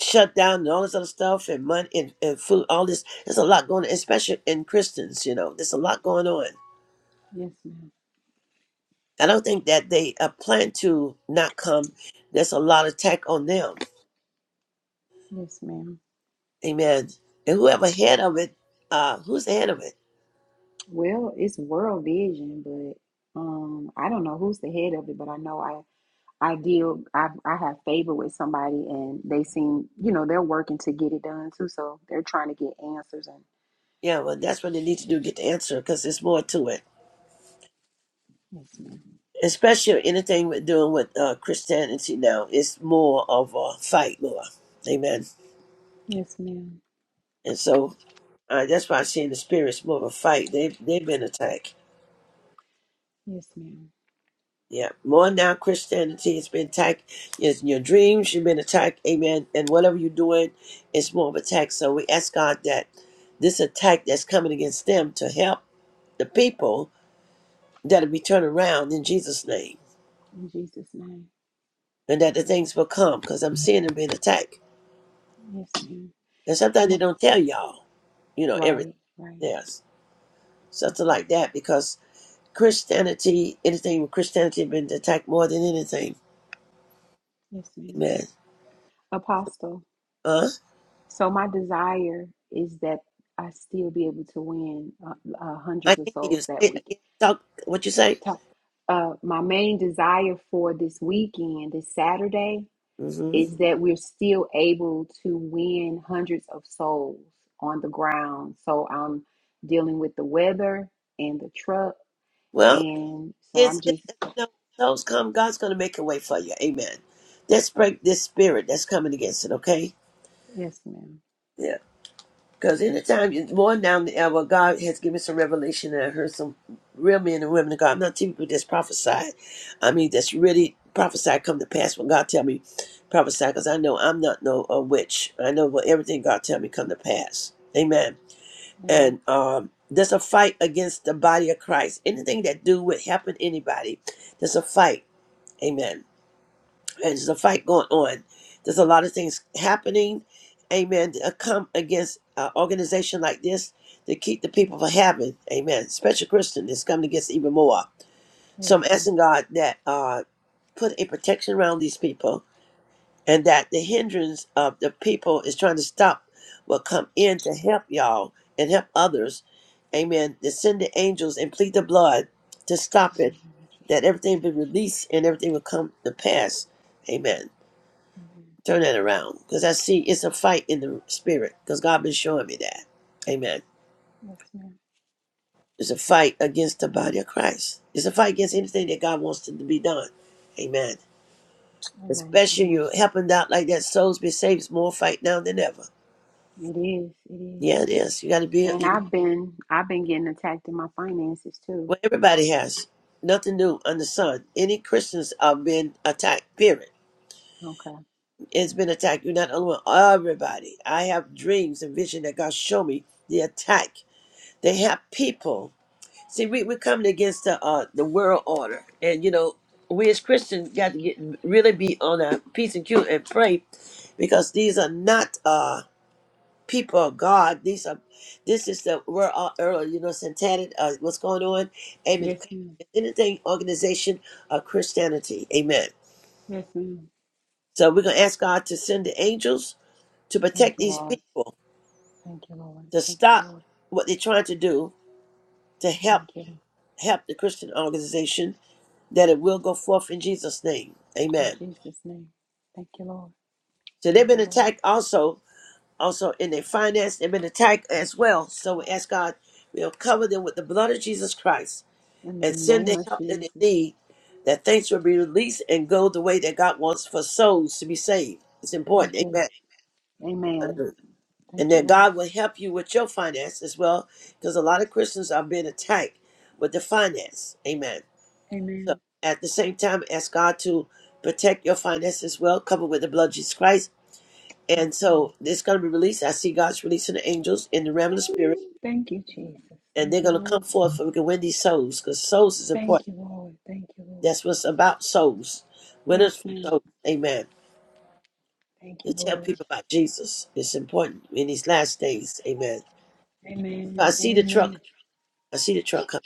[SPEAKER 1] shutdown and all this other stuff and money and, and food. All this. There's a lot going on, especially in Christians. You know, there's a lot going on.
[SPEAKER 8] Yes, ma'am.
[SPEAKER 1] I don't think that they uh, plan to not come. There's a lot of attack on them
[SPEAKER 8] Yes, ma'am.
[SPEAKER 1] Amen. And whoever head of it, uh, who's the head of it?
[SPEAKER 8] Well, it's world vision, but um, I don't know who's the head of it, but I know I I deal I I have favor with somebody, and they seem you know they're working to get it done too, so they're trying to get answers. And
[SPEAKER 1] Yeah, well, that's what they need to do get the answer because there's more to it.
[SPEAKER 8] yes, ma'am.
[SPEAKER 1] Especially anything with doing with uh, Christianity now, it's more of a fight, more. Amen.
[SPEAKER 8] Yes, ma'am.
[SPEAKER 1] And so uh, that's why I'm seeing the spirits more of a fight. They they've been attacked.
[SPEAKER 8] Yes, ma'am.
[SPEAKER 1] Yeah, more now Christianity has been attacked. Yes, in your dreams you've been attacked. Amen. And whatever you're doing, it's more of an attack. So we ask God that this attack that's coming against them to help the people that'll be turned around in Jesus' name,
[SPEAKER 8] In Jesus' name.
[SPEAKER 1] and that
[SPEAKER 8] In
[SPEAKER 1] the
[SPEAKER 8] Jesus.
[SPEAKER 1] things will come because I'm seeing them being attacked.
[SPEAKER 8] Yes, ma'am.
[SPEAKER 1] And sometimes they
[SPEAKER 8] Mo-
[SPEAKER 1] don't tell y'all, you know, everything
[SPEAKER 8] Right. Right.
[SPEAKER 1] else,
[SPEAKER 8] Yes,
[SPEAKER 1] something
[SPEAKER 8] ma'am.
[SPEAKER 1] like that, because Christianity, anything with Christianity, been attacked more than anything.
[SPEAKER 8] Yes, ma'am.
[SPEAKER 1] Amen.
[SPEAKER 8] Apostle.
[SPEAKER 1] Huh?
[SPEAKER 8] So my desire is that I still be able to win uh, uh,
[SPEAKER 1] I
[SPEAKER 8] hundreds
[SPEAKER 1] can
[SPEAKER 8] of
[SPEAKER 1] not hear you
[SPEAKER 8] souls
[SPEAKER 1] say
[SPEAKER 8] that
[SPEAKER 1] it
[SPEAKER 8] weekend.
[SPEAKER 1] again. Talk what you say.
[SPEAKER 8] Ta- Uh, my main desire for this weekend, this Saturday,
[SPEAKER 1] hmm
[SPEAKER 8] is that we're still able to win hundreds of souls on the ground. So I'm dealing with the weather and the truck,
[SPEAKER 1] Well,
[SPEAKER 8] and so I'm
[SPEAKER 1] it's it's
[SPEAKER 8] just
[SPEAKER 1] you know, those come. God's gonna make a way for you. Amen. Let's break this spirit that's coming against it. Okay.
[SPEAKER 8] yes, ma'am.
[SPEAKER 1] Yeah. Because anytime you more down the hour, God has given some revelation, and I heard some real men and women of God, not people that's prophesied. I mean, that's really prophesied come to pass when God tell me prophesy, because I know I'm not no a witch. I know what everything God tell me come to pass. Amen.
[SPEAKER 8] Amen.
[SPEAKER 1] And um, there's a fight against the body of Christ. Anything that do would happen to anybody, there's a fight. Amen. There's a fight going on. There's a lot of things happening. Amen. Uh, come against an organization like this to keep the people from having. Amen. Special Christian is coming against even more. So I'm
[SPEAKER 8] Yes, ma'am.
[SPEAKER 1] asking God that uh, put a protection around these people and that the hindrance of the people is trying to stop will come in to help y'all and help others. Amen. To send the angels and plead the blood to stop it, that everything be released and everything will come to pass. Amen.
[SPEAKER 8] Amen.
[SPEAKER 1] Turn that around. Because I see it's a fight in the spirit. Because God been showing me that. Amen.
[SPEAKER 8] Yes, ma'am.
[SPEAKER 1] It's a fight against the body of Christ. It's a fight against anything that God wants to be done. Amen.
[SPEAKER 8] Amen.
[SPEAKER 1] Especially
[SPEAKER 8] Amen.
[SPEAKER 1] you helping out like that, souls be saved. It's more fight now than ever.
[SPEAKER 8] It is. It is.
[SPEAKER 1] Yeah, it is. You got to be.
[SPEAKER 8] And
[SPEAKER 1] You,
[SPEAKER 8] I've been I've been getting attacked in my finances too.
[SPEAKER 1] well, everybody has nothing new under the sun. Any Christians are being attacked. Period.
[SPEAKER 8] Okay.
[SPEAKER 1] It's been attacked. You're not the only Everybody. I have dreams and vision that God show me the attack. They have people. See, we, we're coming against the uh, the world order, and you know, we as Christians got to get really be on our P's and Q and pray, because these are not uh people of God. These are this is the world uh, earlier, you know, satanic. Uh, what's going on? Amen.
[SPEAKER 8] Yes, ma'am.
[SPEAKER 1] Anything organization of Christianity, Amen.
[SPEAKER 8] Yes, ma'am.
[SPEAKER 1] So we're gonna ask God to send the angels to
[SPEAKER 8] Thank
[SPEAKER 1] protect
[SPEAKER 8] you,
[SPEAKER 1] these
[SPEAKER 8] Lord.
[SPEAKER 1] people,
[SPEAKER 8] Thank you, Lord.
[SPEAKER 1] to
[SPEAKER 8] Thank you,
[SPEAKER 1] stop
[SPEAKER 8] Lord.
[SPEAKER 1] what they're trying to do, to help
[SPEAKER 8] Thank you.
[SPEAKER 1] help the Christian organization that it will go forth in Jesus' name.
[SPEAKER 8] In
[SPEAKER 1] Amen.
[SPEAKER 8] Jesus' name. Thank you, Lord.
[SPEAKER 1] So they've
[SPEAKER 8] Thank
[SPEAKER 1] been
[SPEAKER 8] you, Lord.
[SPEAKER 1] attacked also, also in their finance, they've been attacked as well. So we ask God, we'll cover them with the blood of Jesus Christ
[SPEAKER 8] In the
[SPEAKER 1] and send
[SPEAKER 8] name
[SPEAKER 1] the
[SPEAKER 8] of
[SPEAKER 1] help that they
[SPEAKER 8] Jesus.
[SPEAKER 1] need, that things will be released and go the way that God wants for souls to be saved. It's
[SPEAKER 8] Thank
[SPEAKER 1] important.
[SPEAKER 8] you.
[SPEAKER 1] Amen.
[SPEAKER 8] Amen.
[SPEAKER 1] Hallelujah.
[SPEAKER 8] Thank
[SPEAKER 1] And
[SPEAKER 8] you,
[SPEAKER 1] that
[SPEAKER 8] Lord.
[SPEAKER 1] God will help you with your finance as well, because a lot of Christians are being attacked with the finance. Amen. So
[SPEAKER 8] Amen.
[SPEAKER 1] at the same time, ask God to protect your finances well, covered with the blood of Jesus Christ.
[SPEAKER 8] Thank
[SPEAKER 1] And
[SPEAKER 8] you, Lord.
[SPEAKER 1] so it's going to be released. I see God's releasing the angels in the realm of the spirit,
[SPEAKER 8] Thank you, Jesus.
[SPEAKER 1] and
[SPEAKER 8] Thank
[SPEAKER 1] they're
[SPEAKER 8] you,
[SPEAKER 1] going to come
[SPEAKER 8] Lord.
[SPEAKER 1] forth so we can win these souls because souls is
[SPEAKER 8] Thank
[SPEAKER 1] important.
[SPEAKER 8] you, Lord. Thank you, Lord.
[SPEAKER 1] That's what's about souls.
[SPEAKER 8] Yes,
[SPEAKER 1] Winners for
[SPEAKER 8] ma'am.
[SPEAKER 1] souls. Amen.
[SPEAKER 8] Thank you,
[SPEAKER 1] To tell
[SPEAKER 8] Lord.
[SPEAKER 1] people about Jesus. It's important in these last days. Amen. So I
[SPEAKER 8] Amen.
[SPEAKER 1] see the
[SPEAKER 8] Amen.
[SPEAKER 1] truck. I see the truck coming.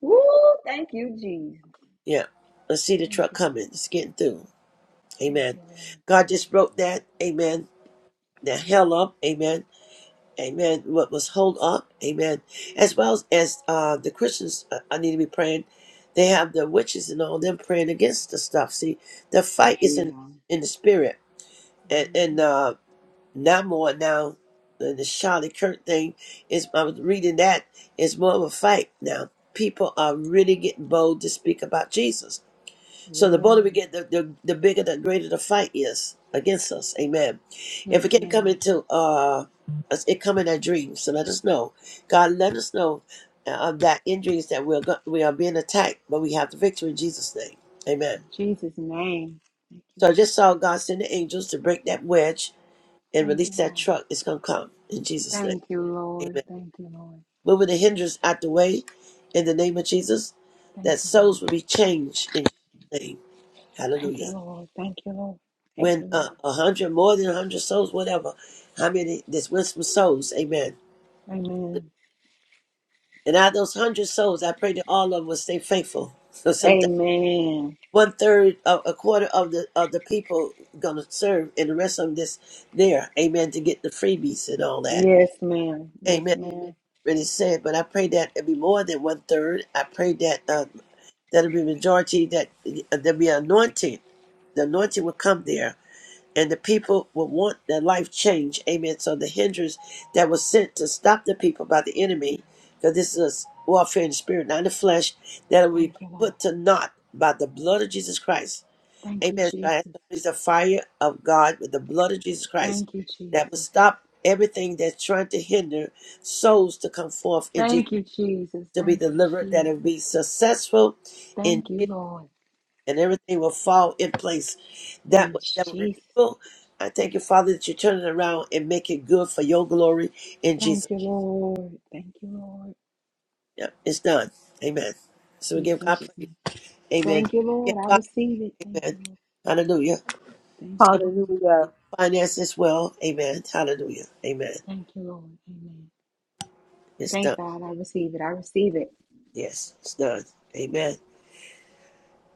[SPEAKER 8] Woo! Thank you, Jesus.
[SPEAKER 1] Yeah. I see the
[SPEAKER 8] Thank
[SPEAKER 1] truck
[SPEAKER 8] you,
[SPEAKER 1] coming. It's getting through.
[SPEAKER 8] Thank
[SPEAKER 1] Amen.
[SPEAKER 8] you, Lord.
[SPEAKER 1] God just
[SPEAKER 8] Thank
[SPEAKER 1] broke that. Amen. That hell up. Amen Amen. What was hold up? Amen. As well as uh, the Christians, uh, I need to be praying. They have the witches and all them praying against the stuff. See, the fight is
[SPEAKER 8] you.
[SPEAKER 1] in
[SPEAKER 8] Yeah.
[SPEAKER 1] in the spirit, and and
[SPEAKER 8] Mhm.
[SPEAKER 1] uh, now more now the, the Charlie Kirk thing is. I was reading that is more of a fight now. People are really getting bold to speak about Jesus so the bolder we
[SPEAKER 8] Yeah.
[SPEAKER 1] get, the, the, the bigger, the greater the fight is against us. Amen. If
[SPEAKER 8] Yes,
[SPEAKER 1] it can't
[SPEAKER 8] ma'am.
[SPEAKER 1] come
[SPEAKER 8] In
[SPEAKER 1] into, uh, us- it come in our dreams. So let us know, God, let us know uh, that in dreams that we're go- we are being attacked, but we have the victory in Jesus' name. Amen.
[SPEAKER 8] Jesus' name.
[SPEAKER 1] So I just saw God send the angels to break that wedge and
[SPEAKER 8] Thank
[SPEAKER 1] release
[SPEAKER 8] you,
[SPEAKER 1] that
[SPEAKER 8] Lord.
[SPEAKER 1] truck. It's gonna come in Jesus' name.
[SPEAKER 8] Thank you,
[SPEAKER 1] Amen.
[SPEAKER 8] Lord. Thank you, Lord.
[SPEAKER 1] Moving the hindrance out the way in the name of Jesus, that
[SPEAKER 8] Thank you, Lord.
[SPEAKER 1] souls will be changed in Jesus' name.
[SPEAKER 8] Thank
[SPEAKER 1] Hallelujah.
[SPEAKER 8] you, Lord. Thank you, Lord. Thank
[SPEAKER 1] when
[SPEAKER 8] you,
[SPEAKER 1] uh,
[SPEAKER 8] Lord.
[SPEAKER 1] a hundred, more than a hundred souls, whatever, how many, this winsome souls, amen.
[SPEAKER 8] Thank you, Lord. Amen.
[SPEAKER 1] And out of those hundred souls, I pray that all of them will stay faithful. So sometimes
[SPEAKER 8] Amen.
[SPEAKER 1] one third, uh, a quarter of the of the people gonna serve, and the rest of them just there, amen, to get the freebies and all that,
[SPEAKER 8] Yes, ma'am. Yes,
[SPEAKER 1] amen.
[SPEAKER 8] ma'am.
[SPEAKER 1] Really said, but I pray that it be more than one third. I pray that uh, that'll be majority, that uh, there'll be anointing. The anointing will come there and the people will want their life changed. Amen. So the hindrance that was sent to stop the people by the enemy, because this is warfare in the spirit, not in the flesh, that will be
[SPEAKER 8] Thank you, Lord.
[SPEAKER 1] put to naught by the blood of Jesus Christ.
[SPEAKER 8] Thank you,
[SPEAKER 1] Amen. So I ask
[SPEAKER 8] Jesus.
[SPEAKER 1] you, please, the fire of God with the blood of Jesus Christ
[SPEAKER 8] Thank you,
[SPEAKER 1] that will
[SPEAKER 8] Jesus.
[SPEAKER 1] stop everything that's trying to hinder souls to come forth in Jesus
[SPEAKER 8] Thank you, Jesus.
[SPEAKER 1] to be
[SPEAKER 8] Thank you,
[SPEAKER 1] delivered, that it will
[SPEAKER 8] Jesus.
[SPEAKER 1] be successful in
[SPEAKER 8] Thank
[SPEAKER 1] Jesus
[SPEAKER 8] you, Lord.
[SPEAKER 1] and everything will fall in place. That
[SPEAKER 8] In
[SPEAKER 1] was never been
[SPEAKER 8] Jesus'
[SPEAKER 1] evil.
[SPEAKER 8] name.
[SPEAKER 1] I thank you, Father, that you turn it around and make it good for your glory in Jesus.
[SPEAKER 8] Thank you, Lord. Thank you, Lord.
[SPEAKER 1] name. it's done. Amen. So we
[SPEAKER 8] In
[SPEAKER 1] give God
[SPEAKER 8] Jesus'
[SPEAKER 1] praise.
[SPEAKER 8] name.
[SPEAKER 1] Amen.
[SPEAKER 8] Thank you,
[SPEAKER 1] Give
[SPEAKER 8] Lord. I
[SPEAKER 1] God
[SPEAKER 8] receive it.
[SPEAKER 1] praise.
[SPEAKER 8] Thank
[SPEAKER 1] amen.
[SPEAKER 8] you, Lord.
[SPEAKER 1] Hallelujah.
[SPEAKER 8] Thank you,
[SPEAKER 1] Some of
[SPEAKER 8] Lord.
[SPEAKER 2] Hallelujah.
[SPEAKER 1] Finance
[SPEAKER 8] Thank you,
[SPEAKER 1] as well. Amen. Hallelujah. Amen.
[SPEAKER 8] Lord. Amen.
[SPEAKER 1] It's done.
[SPEAKER 8] Thank God I receive it. I receive it.
[SPEAKER 1] Yes, it's done. Amen.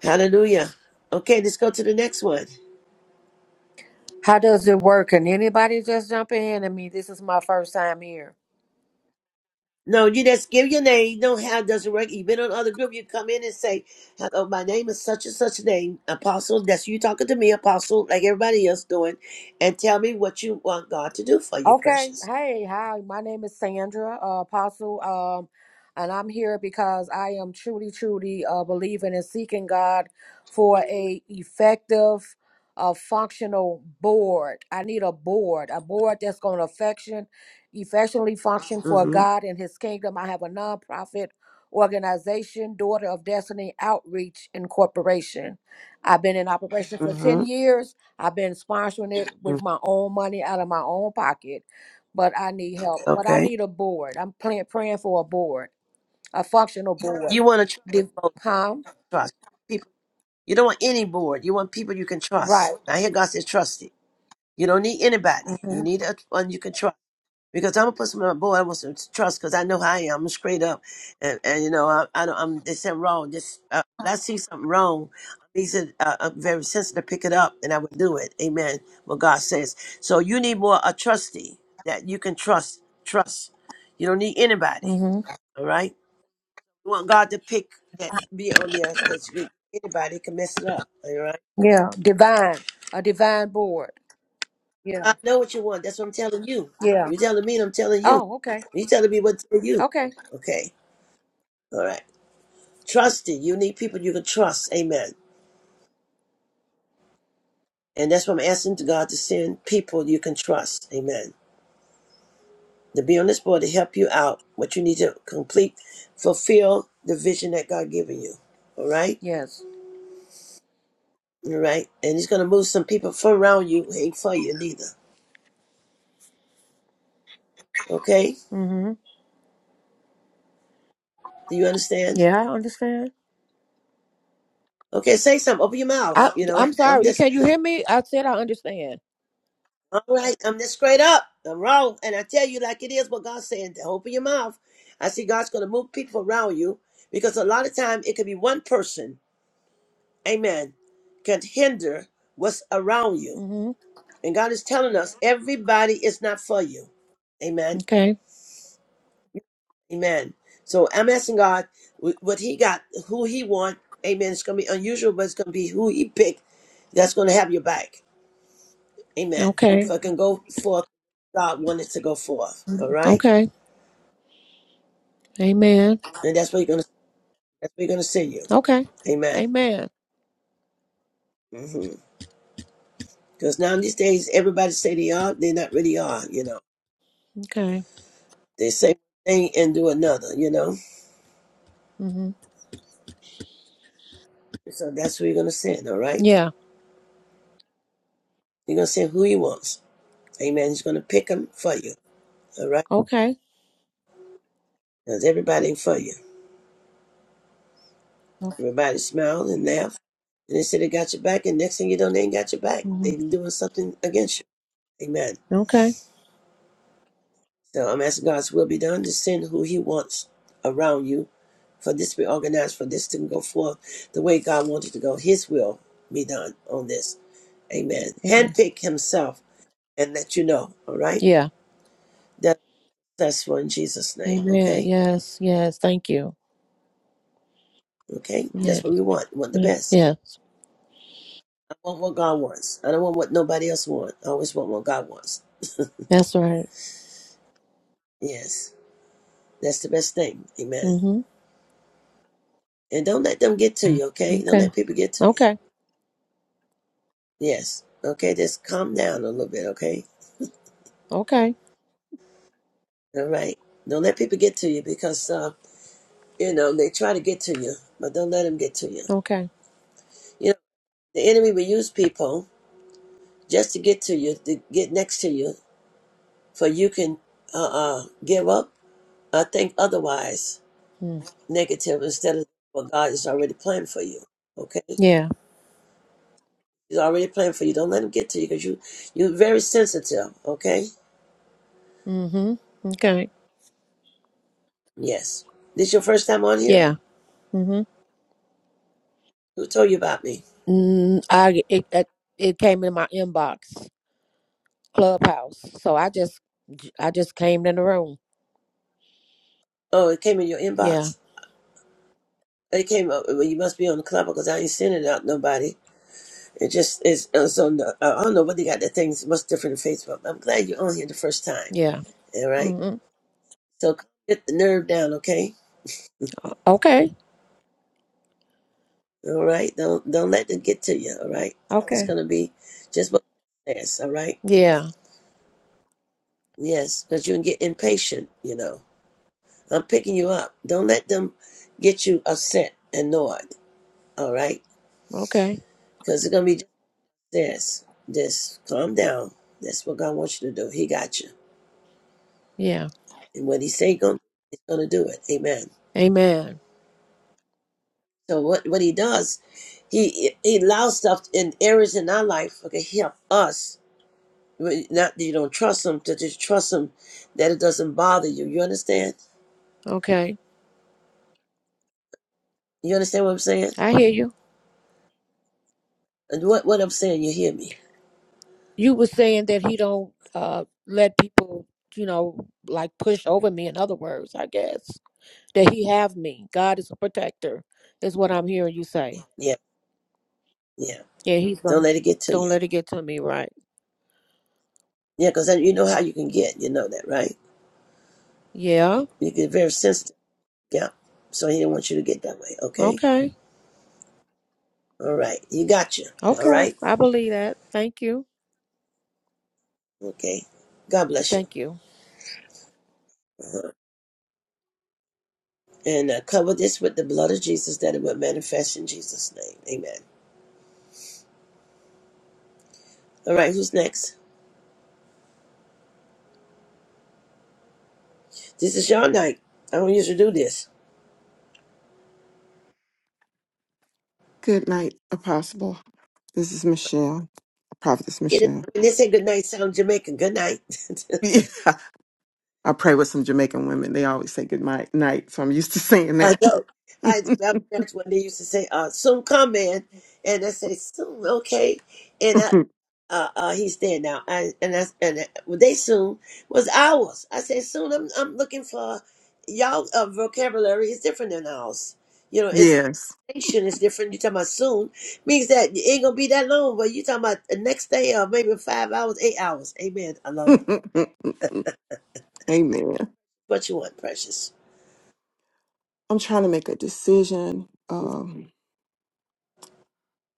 [SPEAKER 1] Hallelujah. Okay, let's go to the next one.
[SPEAKER 9] How does it work? Can anybody just jump in? I mean, this is my first time here.
[SPEAKER 1] No, you just give your name. You don't have doesn't work. You've been on other group. You come in and say, "Hello, my name is such and such name, Apostle." That's you talking to me, Apostle, like everybody else doing, and tell me what you want God to do for you,
[SPEAKER 9] Okay.
[SPEAKER 1] precious.
[SPEAKER 9] Hey, hi. My name is Sandra uh, Apostle, um, and I'm here because I am truly, truly uh, believing and seeking God for a effective, uh, functional board. I need a board, a board that's going to affection, effectually function for
[SPEAKER 1] Mm-hmm.
[SPEAKER 9] God and His kingdom. I have a nonprofit organization, Daughter of Destiny Outreach Incorporation. I've been in operation for ten
[SPEAKER 1] Mm-hmm.
[SPEAKER 9] years I've been sponsoring it
[SPEAKER 1] hmm
[SPEAKER 9] with my own money out of my own pocket, but I need help. But I
[SPEAKER 1] Okay.
[SPEAKER 9] need a board. I'm plan- praying for a board, a functional board.
[SPEAKER 1] You want to trust,
[SPEAKER 9] Div-
[SPEAKER 1] people.
[SPEAKER 9] huh?
[SPEAKER 1] trust people. You don't want any board. You want people you can trust.
[SPEAKER 9] Right.
[SPEAKER 1] I hear God says, "Trust it." You don't need anybody.
[SPEAKER 9] hmm
[SPEAKER 1] You need a one you can trust. because I'm a person, my boy. I want some trust because I know how I am. I'm straight up, and and you know I, I don't. I'm they said wrong. Just uh, when I see something wrong, I'm easy. Uh, I'm very sensitive. to Pick it up, and I would do it. Amen. What God says. So you need more a trustee that you can trust. Trust. You don't need anybody.
[SPEAKER 9] hmm
[SPEAKER 1] All right. You want God to pick that be on there because anybody can mess it up. All right.
[SPEAKER 9] Yeah. Divine. A divine board.
[SPEAKER 1] I
[SPEAKER 9] Yeah.
[SPEAKER 1] know what you want. That's what I'm telling you.
[SPEAKER 9] Yeah.
[SPEAKER 1] You're telling me, and I'm telling you.
[SPEAKER 9] Oh, okay.
[SPEAKER 1] You telling me what to do.
[SPEAKER 9] Okay.
[SPEAKER 1] Okay. All right. Trusting. You need people you can trust. Amen. And that's what I'm asking to God to send people you can trust. Amen. To be on this board to help you out, what you need to complete, fulfill the vision that God given you. All right?
[SPEAKER 9] Yes.
[SPEAKER 1] All right. And he's gonna move some people from around you, ain't for you neither. Okay?
[SPEAKER 9] hmm
[SPEAKER 1] Do you understand?
[SPEAKER 9] Yeah, I understand.
[SPEAKER 1] Okay, say something. Open your mouth.
[SPEAKER 9] I,
[SPEAKER 1] You
[SPEAKER 9] I'm
[SPEAKER 1] know, I'm
[SPEAKER 9] sorry.
[SPEAKER 1] just
[SPEAKER 9] You can you hear me? I said I understand.
[SPEAKER 1] All right, I'm just straight up. I'm wrong. And I tell you like it is what God's saying. To open your mouth. I see God's gonna move people around you because a lot of time it could be one person, amen, can hinder what's around you.
[SPEAKER 9] hmm
[SPEAKER 1] And God is telling us everybody is not for you. Amen.
[SPEAKER 9] Okay.
[SPEAKER 1] Amen. So I'm asking God wh- what he got, who he want. Amen. It's gonna be unusual, but it's gonna be who he picked that's gonna have your back. Amen. If
[SPEAKER 9] Okay.
[SPEAKER 1] I can go forth, God wanted to go forth. All right.
[SPEAKER 9] Okay. Amen.
[SPEAKER 1] and that's where you're gonna that's where you're gonna send you.
[SPEAKER 9] Okay.
[SPEAKER 1] Amen.
[SPEAKER 9] Amen.
[SPEAKER 1] Because now these days, everybody say they are, they not really are. You know,
[SPEAKER 9] Okay.
[SPEAKER 1] they say one thing and do another. You know,
[SPEAKER 9] hmm
[SPEAKER 1] so that's where you're gonna send. All right,
[SPEAKER 9] Yeah.
[SPEAKER 1] you're gonna send who he wants. Amen. He's gonna pick them for you. All right,
[SPEAKER 9] Okay.
[SPEAKER 1] because everybody ain't for you. Everybody smiled and laughed, and they said they got your back, and next thing you know, they ain't got your back.
[SPEAKER 9] hmm
[SPEAKER 1] They doing something against you. Amen.
[SPEAKER 9] Okay.
[SPEAKER 1] So I'm asking God's will be done to send who He wants around you for this to be organized, for this to go forth the way God wanted to go. His will be done on this. Amen.
[SPEAKER 9] Amen.
[SPEAKER 1] Handpick himself and let you know. All right.
[SPEAKER 9] Yeah.
[SPEAKER 1] That, that's for in Jesus' name.
[SPEAKER 9] Amen.
[SPEAKER 1] Okay.
[SPEAKER 9] Yes. Yes. Thank you.
[SPEAKER 1] Okay.
[SPEAKER 9] Yeah.
[SPEAKER 1] That's what we want. We want the
[SPEAKER 9] Yeah.
[SPEAKER 1] best.
[SPEAKER 9] Yes.
[SPEAKER 1] I want what God wants. I don't want what nobody else wants. I always want what God wants.
[SPEAKER 9] That's right.
[SPEAKER 1] Yes. That's the best thing. Amen.
[SPEAKER 9] hmm
[SPEAKER 1] And don't let them get to you. Okay. Don't
[SPEAKER 9] Okay.
[SPEAKER 1] let people get to you.
[SPEAKER 9] Okay.
[SPEAKER 1] Yes. Okay. Just calm down a little bit. Okay.
[SPEAKER 9] Okay.
[SPEAKER 1] All right. Don't let people get to you because uh, You know, they try to get to you, but don't let them get to you.
[SPEAKER 9] Okay.
[SPEAKER 1] You know, the enemy will use people just to get to you, to get next to you, for you can uh, uh, give up or think otherwise
[SPEAKER 9] Mm.
[SPEAKER 1] negative instead of what God is already planned for you. Okay?
[SPEAKER 9] Yeah.
[SPEAKER 1] He's already planned for you. Don't let him get to you because you, you're very sensitive. Okay?
[SPEAKER 9] Mm-hmm. Okay.
[SPEAKER 1] Yes. This your first time on here?
[SPEAKER 9] Yeah. Mm-hmm.
[SPEAKER 1] Who told you about me?
[SPEAKER 9] Mm, I it, it it came in my inbox, Clubhouse. So I just I just came in the room.
[SPEAKER 1] Oh, it came in your
[SPEAKER 9] Yeah.
[SPEAKER 1] inbox? It came up. Well, you must be on the club because I ain't sending it out to nobody. It just is. It's on the, I don't know what they got the things much different than Facebook. I'm glad you're on here the first time.
[SPEAKER 9] Yeah.
[SPEAKER 1] All right.
[SPEAKER 9] Mm-hmm.
[SPEAKER 1] So get the nerve down, okay?
[SPEAKER 9] Okay.
[SPEAKER 1] All right. Don't don't let them get to you. All right. It's
[SPEAKER 9] Okay.
[SPEAKER 1] gonna be just what it says. All right.
[SPEAKER 9] Yeah.
[SPEAKER 1] Yes, because you can get impatient. You know. I'm picking you up. Don't let them get you upset and annoyed. All right.
[SPEAKER 9] Okay.
[SPEAKER 1] Because it's gonna be just this. Just calm down. That's what God wants you to do. He got you.
[SPEAKER 9] Yeah.
[SPEAKER 1] And what He say He gonna, He's gonna do it. Amen.
[SPEAKER 9] Amen.
[SPEAKER 1] So what what he does, he he allows stuff in areas in our life. Okay, he help us. Not that you don't trust him, to just trust him that it doesn't bother you. You understand?
[SPEAKER 9] Okay.
[SPEAKER 1] You understand what I'm saying?
[SPEAKER 9] I hear you.
[SPEAKER 1] And what what I'm saying, you hear me?
[SPEAKER 9] You were saying that he don't uh let people, you know, like push over me. In other words, I guess that he have me. God is a protector, is what I'm hearing you say.
[SPEAKER 1] Yeah, yeah.
[SPEAKER 9] Yeah, he's
[SPEAKER 1] Don't
[SPEAKER 9] gonna.
[SPEAKER 1] let it get to
[SPEAKER 9] Don't
[SPEAKER 1] you.
[SPEAKER 9] let it get to me, right?
[SPEAKER 1] Yeah, because then you know how you can get. You know that, right?
[SPEAKER 9] Yeah.
[SPEAKER 1] You get very sensitive. Yeah. So he didn't want you to get that way. Okay.
[SPEAKER 9] Okay.
[SPEAKER 1] All right. You got you. All
[SPEAKER 9] Okay.
[SPEAKER 1] right.
[SPEAKER 9] I believe that. Thank you.
[SPEAKER 1] Okay. God bless
[SPEAKER 9] Thank
[SPEAKER 1] you.
[SPEAKER 9] you.
[SPEAKER 1] And uh, cover this with the blood of Jesus that it would manifest in Jesus' name. Amen. All right, who's next? This is your night. I don't usually do this.
[SPEAKER 10] Good night, Apostle. This is Michelle, Prophetess
[SPEAKER 1] Get it?
[SPEAKER 10] Michelle. [laughs]
[SPEAKER 1] When they say good night, sound Jamaican. Good night.
[SPEAKER 10] Yeah, I pray with some Jamaican women. They always say good night, night, so I'm used to saying
[SPEAKER 1] [laughs] I
[SPEAKER 10] that.
[SPEAKER 1] know. I that, that's when they used to say, uh, "Soon come, man," and I say, "Soon, okay." And I,
[SPEAKER 10] [laughs]
[SPEAKER 1] uh, uh, he's there now. I and I and I, well, they soon was ours. I say "Soon." I'm I'm looking for y'all. Uh, vocabulary is different than ours. You know, it's.
[SPEAKER 10] yes.
[SPEAKER 1] expectation is different. you talking about soon means that it ain't gonna be that long, but you talking about the next day or maybe five hours, eight hours. Amen. Alone.
[SPEAKER 10] [laughs] Amen.
[SPEAKER 1] What you want, precious?
[SPEAKER 10] I'm trying to make a decision. Um,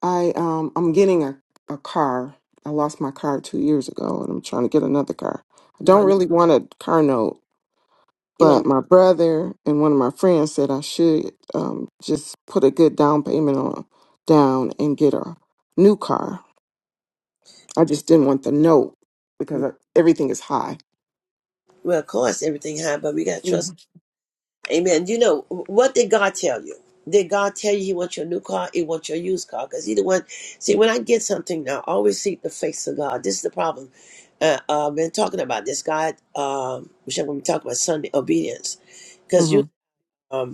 [SPEAKER 10] I um, I'm getting a, a car. I lost my car two years ago, and I'm trying to get another car. I
[SPEAKER 1] You
[SPEAKER 10] don't
[SPEAKER 1] want?
[SPEAKER 10] really want a car note.
[SPEAKER 1] You
[SPEAKER 10] But
[SPEAKER 1] want?
[SPEAKER 10] my brother and one of my friends said I should um, just put a good down payment on down and get a new car. I just didn't want the note because uh, everything is high.
[SPEAKER 1] Well, of course, everything high, but we gotta
[SPEAKER 10] Mm-hmm.
[SPEAKER 1] trust. Amen. You know what did God tell you? Did God tell you He wants your new car? He wants your used car? Because either one. See, when I get something now, I always seek the face of God. This is the problem. Uh, uh, I've been talking about this, God, um, which I'm going to be talking about Sunday obedience,
[SPEAKER 10] Mm-hmm.
[SPEAKER 1] because you. Um,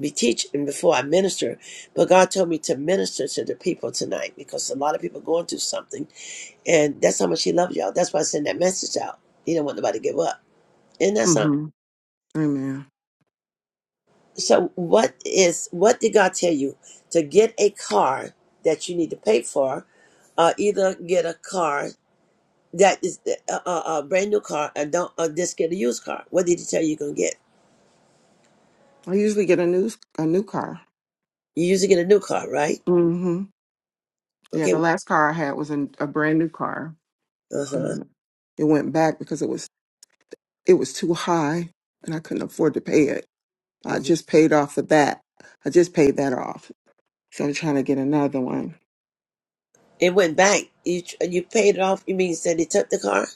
[SPEAKER 1] be teaching before I minister, but God told me to minister to the people tonight because a lot of people going through something, and that's how much He loves y'all. That's why I send that message out. He do not want nobody to give up, and that's not.
[SPEAKER 10] hmm Amen.
[SPEAKER 1] So, what is what did God tell you to get a car that you need to pay for, or uh, either get a car that is a, a, a brand new car, and don't or just get a used car? What did He tell you you're gonna get?
[SPEAKER 10] I usually get a new a new car.
[SPEAKER 1] You usually get a new car, right?
[SPEAKER 10] Mm-hmm. Yeah,
[SPEAKER 1] Okay.
[SPEAKER 10] the last car I had was a, a brand new car.
[SPEAKER 1] Uh
[SPEAKER 10] Uh,
[SPEAKER 1] huh.
[SPEAKER 10] it went back because it was it was too high and I couldn't afford to pay it. I just paid off of that. I just paid that off. So I'm trying to get another one.
[SPEAKER 1] It went back. You tr- you paid it off. You mean you said they took the car?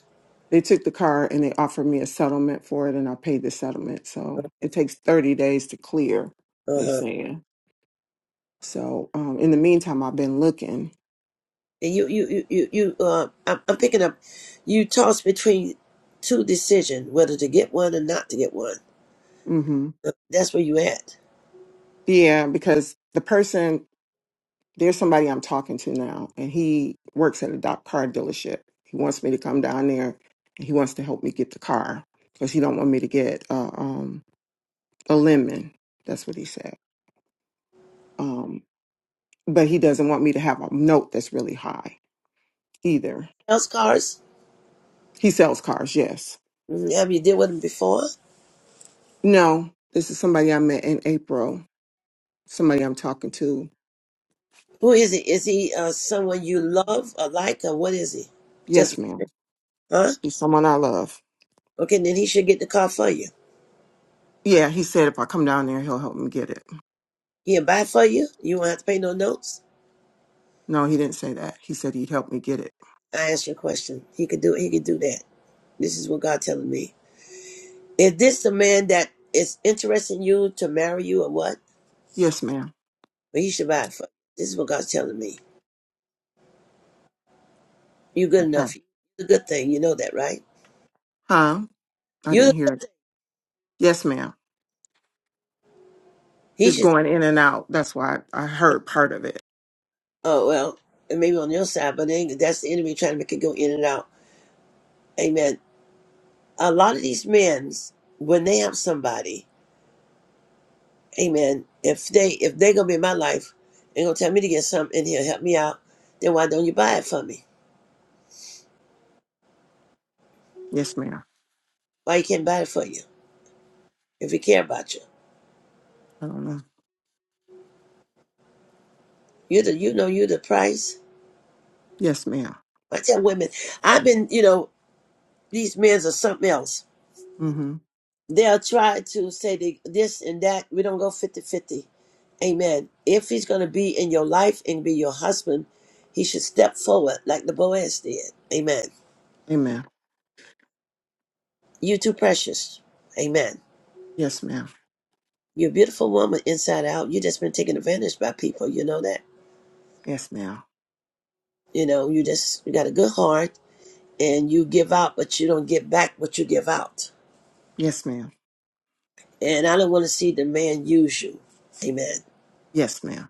[SPEAKER 10] They took the car and they offered me a settlement for it, and I paid the settlement. So it takes 30 days to clear,
[SPEAKER 1] Uh
[SPEAKER 10] they
[SPEAKER 1] huh.
[SPEAKER 10] saying. So um, in the meantime, I've been looking.
[SPEAKER 1] And you you you you, you uh, I'm, I'm picking up. You toss between two decisions, whether to get one or not to get one.
[SPEAKER 10] hmm
[SPEAKER 1] Uh, That's where you at.
[SPEAKER 10] Yeah, because the person, there's somebody I'm talking to now, and he works at a doc car dealership. He wants me to come down there, and he wants to help me get the car because he don't want me to get uh, um, a lemon. That's what he said. Um, but he doesn't want me to have a note that's really high either.
[SPEAKER 1] House cars.
[SPEAKER 10] He sells cars, yes
[SPEAKER 1] Mm, Have you dealt with him before?
[SPEAKER 10] No, this is somebody I met in April. Somebody I'm talking to.
[SPEAKER 1] Who is he? Is he uh, someone you love or like, or what is he? Just
[SPEAKER 10] Yes, ma'am.
[SPEAKER 1] huh?
[SPEAKER 10] He's someone I love.
[SPEAKER 1] Okay, then he should get the car for you.
[SPEAKER 10] Yeah, he said if I come down there, he'll help me get it.
[SPEAKER 1] He'll buy for you. You won't have to pay no notes.
[SPEAKER 10] No, he didn't say that. He said he'd help me get it.
[SPEAKER 1] I asked you a question. He could do. He could do that. This is what God telling me. Is this the man that is interested in you to marry you or what?
[SPEAKER 10] Yes, ma'am.
[SPEAKER 1] But he should buy it for you. This is what God's telling me. You're good
[SPEAKER 10] Okay.
[SPEAKER 1] enough. for you. It's a good thing. You know that, right?
[SPEAKER 10] Huh? I didn't
[SPEAKER 1] You
[SPEAKER 10] hear it. Yes, ma'am.
[SPEAKER 1] he
[SPEAKER 10] It's
[SPEAKER 1] should
[SPEAKER 10] going in and out. That's why I heard part of it.
[SPEAKER 1] oh well, and maybe on your side, but then that's the enemy trying to make it go in and out. Amen. A lot of these men, when they have somebody, amen, if they if they're gonna be in my life and gonna tell me to get something in here, help me out, then why don't you buy it for me?
[SPEAKER 10] Yes, ma'am.
[SPEAKER 1] Why you can't buy it for you if you care about you?
[SPEAKER 10] I don't know.
[SPEAKER 1] You the you know you the price.
[SPEAKER 10] Yes, ma'am.
[SPEAKER 1] I tell women, I've been, you know, these men's are something else.
[SPEAKER 10] Mm-hmm.
[SPEAKER 1] They'll try to say they, this and that. We don't go fifty-fifty, Amen. If he's going to be in your life and be your husband, he should step forward like the Boaz did. Amen.
[SPEAKER 10] Amen.
[SPEAKER 1] You're too precious. Amen.
[SPEAKER 10] Yes, ma'am.
[SPEAKER 1] You're a beautiful woman inside out. you just been taken advantage by people. You know that?
[SPEAKER 10] Yes, ma'am.
[SPEAKER 1] You know, you just you got a good heart and you give out, but you don't get back what you give out.
[SPEAKER 10] Yes, ma'am.
[SPEAKER 1] And I don't want to see the man use you. Amen.
[SPEAKER 10] Yes, ma'am.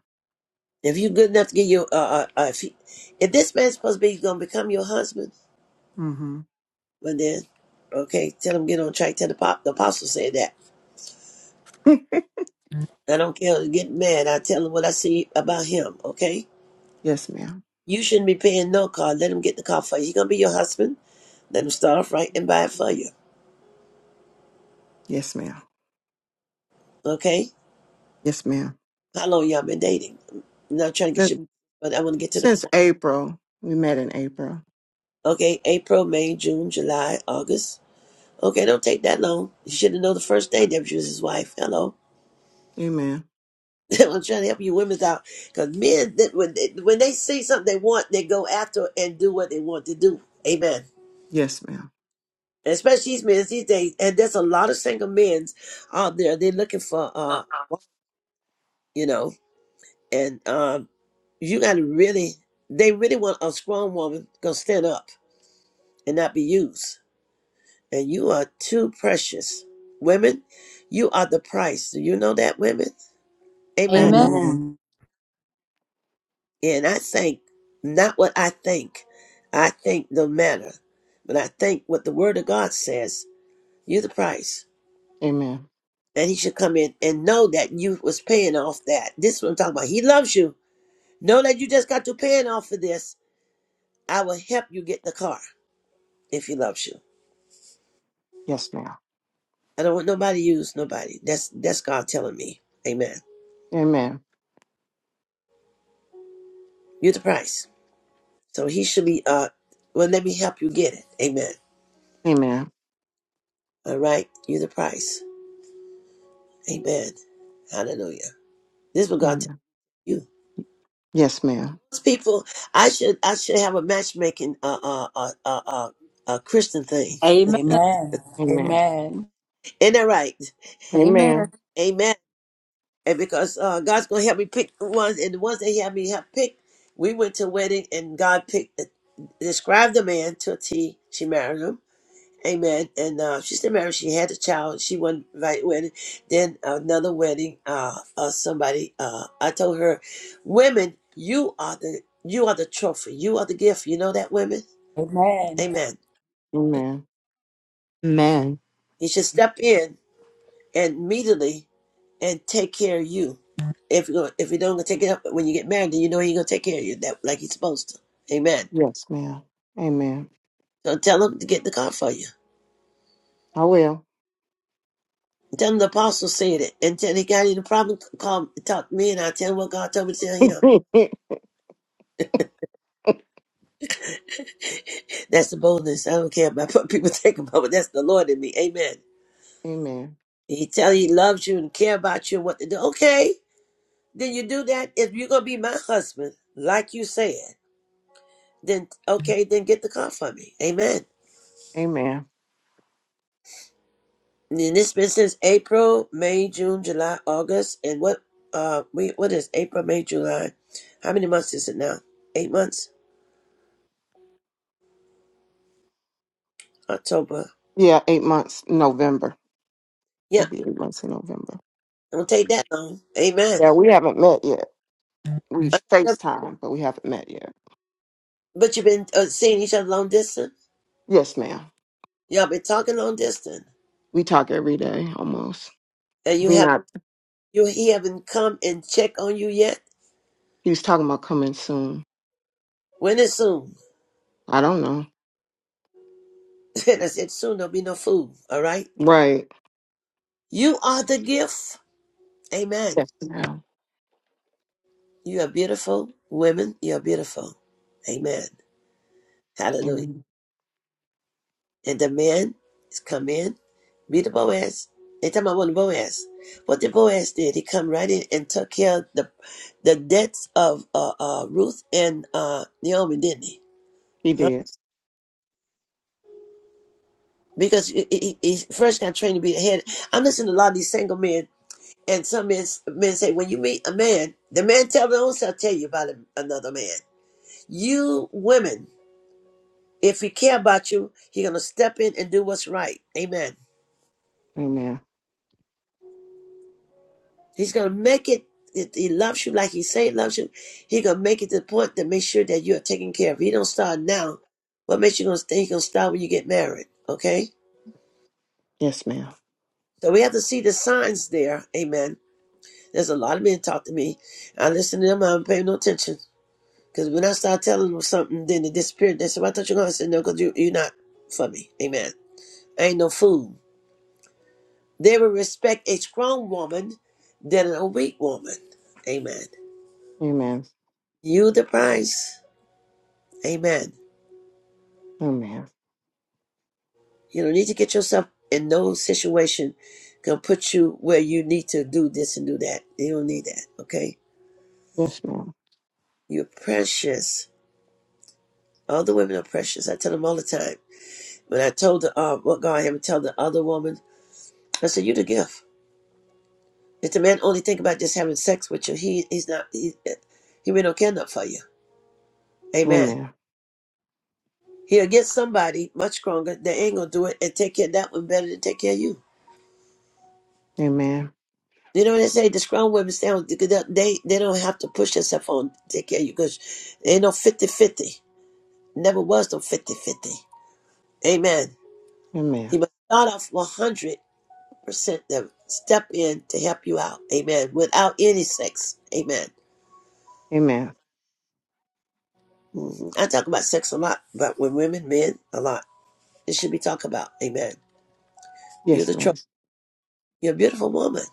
[SPEAKER 1] If you're good enough to get your, uh, uh, uh, if, you, if this man's supposed to be going to become your husband,
[SPEAKER 10] Mm-hmm.
[SPEAKER 1] but then, okay, tell him get on track. Tell the, pop, the apostle said that. I don't care. to Get mad. I tell him what I see about him. Okay,
[SPEAKER 10] Yes, ma'am.
[SPEAKER 1] you shouldn't be paying no car. Let him get the car for you. He's gonna be your husband. Let him start off right and buy it for you.
[SPEAKER 10] Yes, ma'am.
[SPEAKER 1] Okay.
[SPEAKER 10] Yes, ma'am.
[SPEAKER 1] How long y'all been dating? I'm not trying to get you, but I want to get to the
[SPEAKER 10] Since
[SPEAKER 1] point.
[SPEAKER 10] April, we met in April.
[SPEAKER 1] Okay, April, May, June, July, August. Okay, don't take that long. You should have known the first day that you was his wife. Hello.
[SPEAKER 10] Amen.
[SPEAKER 1] [laughs] I'm trying to help you women out because men, that when they, when they see something they want, they go after it and do what they want to do. Amen.
[SPEAKER 10] Yes, ma'am.
[SPEAKER 1] Especially these men these days, and there's a lot of single men out there. They're looking for, uh, you know, and um, you got to really, they really want a strong woman gonna stand up and not be used. And you are too precious, women. You are the price. Do you know that, women? Amen.
[SPEAKER 2] Amen.
[SPEAKER 10] Amen.
[SPEAKER 6] Amen.
[SPEAKER 1] And I think not what I think. I think no matter. But I think what the word of God says, you're the price.
[SPEAKER 10] Amen.
[SPEAKER 1] And he should come in and know that you was paying off that. This is what I'm talking about. He loves you. Know that you just got to paying off for this. I will help you get the car if he loves you.
[SPEAKER 10] Yes, ma'am.
[SPEAKER 1] I don't want nobody to use nobody. That's that's God telling me. Amen.
[SPEAKER 10] Amen.
[SPEAKER 1] You're the price. So he should be uh well let me help you get it. Amen.
[SPEAKER 10] Amen.
[SPEAKER 1] All right. You're the price. Amen. Hallelujah. This is what God tells
[SPEAKER 10] Amen.
[SPEAKER 1] you.
[SPEAKER 10] Yes, ma'am.
[SPEAKER 1] Those people, I should I should have a matchmaking uh uh uh uh, uh, uh Christian thing.
[SPEAKER 2] Amen.
[SPEAKER 3] Amen.
[SPEAKER 10] Amen.
[SPEAKER 3] Amen.
[SPEAKER 1] Ain't that right?
[SPEAKER 2] Amen.
[SPEAKER 10] Amen.
[SPEAKER 1] Amen. And because uh, God's gonna help me pick the ones, and the ones that He had me help pick, we went to a wedding, and God picked uh, described the man to a T. She married him. Amen. And uh, she still married. She had a child. She won right wedding. Then another wedding. Uh, uh somebody. Uh, I told her, women, you are the you are the trophy. You are the gift. You know that, women.
[SPEAKER 3] Amen.
[SPEAKER 1] Amen.
[SPEAKER 10] Amen.
[SPEAKER 11] Amen.
[SPEAKER 1] He should step in and immediately and take care of you. If you if you don't take it up when you get married, then you know he's gonna take care of you that like he's supposed to. Amen.
[SPEAKER 10] Yes, ma'am. Amen.
[SPEAKER 1] So tell him to get in the car for you.
[SPEAKER 10] I will.
[SPEAKER 1] Tell him the apostle said it, and tell he got any problem, call talk to me, and I'll tell him what God told me to tell him.
[SPEAKER 10] [laughs]
[SPEAKER 1] [laughs] That's the boldness. I don't care about [laughs] what people think about, but that's the Lord in me. Amen.
[SPEAKER 10] Amen.
[SPEAKER 1] He tell you he loves you and care about you and what to do. Okay, then you do that. If you're gonna be my husband, like you said. then okay, then get the car for me. Amen.
[SPEAKER 10] Amen.
[SPEAKER 1] And it's been since April, May, June, July, August, and what uh we what is April, May, July? How many months is it now? Eight months? October.
[SPEAKER 10] Yeah, eight months in November.
[SPEAKER 1] Yeah,
[SPEAKER 10] It'd be eight months in November.
[SPEAKER 1] it won't take that long. Amen.
[SPEAKER 10] Yeah, we haven't met yet. We
[SPEAKER 1] Uh,
[SPEAKER 10] FaceTime, but we haven't met yet.
[SPEAKER 1] But you've been uh, seeing each other long distance.
[SPEAKER 10] Yes, ma'am.
[SPEAKER 1] Y'all been talking long distance,
[SPEAKER 10] We talk every day almost.
[SPEAKER 1] and
[SPEAKER 10] If
[SPEAKER 1] you
[SPEAKER 10] we
[SPEAKER 1] have
[SPEAKER 10] not
[SPEAKER 1] you he haven't come and check on you yet.
[SPEAKER 10] he was talking about coming soon.
[SPEAKER 1] When is soon?
[SPEAKER 10] I don't know.
[SPEAKER 1] [laughs] and I said soon. There'll be no food. All right.
[SPEAKER 10] Right.
[SPEAKER 1] You are the gift. Amen.
[SPEAKER 10] Yes, ma'am.
[SPEAKER 1] You are beautiful. Women, you are beautiful. Amen. Hallelujah.
[SPEAKER 10] Amen.
[SPEAKER 1] And the men is come in, be the Boaz. They talking about one Boaz. What the Boaz did, he come right in and took care of the the debts of uh, uh, Ruth and uh, Naomi, didn't he?
[SPEAKER 10] He did.
[SPEAKER 1] Because he, he, he first got trained to be the head. I'm listening to a lot of these single men, and some men, men say, when you meet a man, the man tell their own self, tell you about another man. You women If he care about you, he's gonna step in and do what's right. Amen.
[SPEAKER 10] Amen.
[SPEAKER 1] He's gonna make it. If he loves you like he say he loves you, he gonna make it to the point to make sure that you are taken care of. He don't start now. What makes you gonna stay? He gonna start when you get married. Okay.
[SPEAKER 10] Yes, ma'am.
[SPEAKER 1] So we have to see the signs there. Amen. There's a lot of men talk to me. I listen to them. I don't pay no attention because when I start telling them something, then they disappear. They say, "Well, "I thought you were gonna." I said, "No, because you you're not for me." Amen. I ain't no fool. They will respect a strong woman than a weak woman. Amen.
[SPEAKER 10] Amen.
[SPEAKER 1] You the prize. Amen.
[SPEAKER 10] Amen.
[SPEAKER 1] You don't need to get yourself in no situation can put you where you need to do this and do that. You don't need that. Okay.
[SPEAKER 10] Yes, ma'am.
[SPEAKER 1] You're precious. All the women are precious. I tell them all the time. When I told the uh, what God had me tell the other woman, I said, "You the gift. If the man only think about just having sex with you, he he's not he he really don't care enough for you. Amen.
[SPEAKER 10] Amen.
[SPEAKER 1] He'll get somebody much stronger that ain't gonna do it and take care of that one better than take care of you.
[SPEAKER 10] Amen.
[SPEAKER 1] You know what they say? The strong women stay on. They they don't have to push themselves on to take care of you because there ain't no fifty fifty. Never was no fifty fifty. Amen.
[SPEAKER 10] Amen.
[SPEAKER 1] He must start off one hundred percent to step in to help you out. Amen. Without any sex. Amen.
[SPEAKER 10] Amen.
[SPEAKER 1] hmm I talk about sex a lot, but with women, men, a lot. It should be talked about. Amen. You're
[SPEAKER 10] Yes,
[SPEAKER 1] the tro-
[SPEAKER 10] ma'am.
[SPEAKER 1] You're a beautiful woman.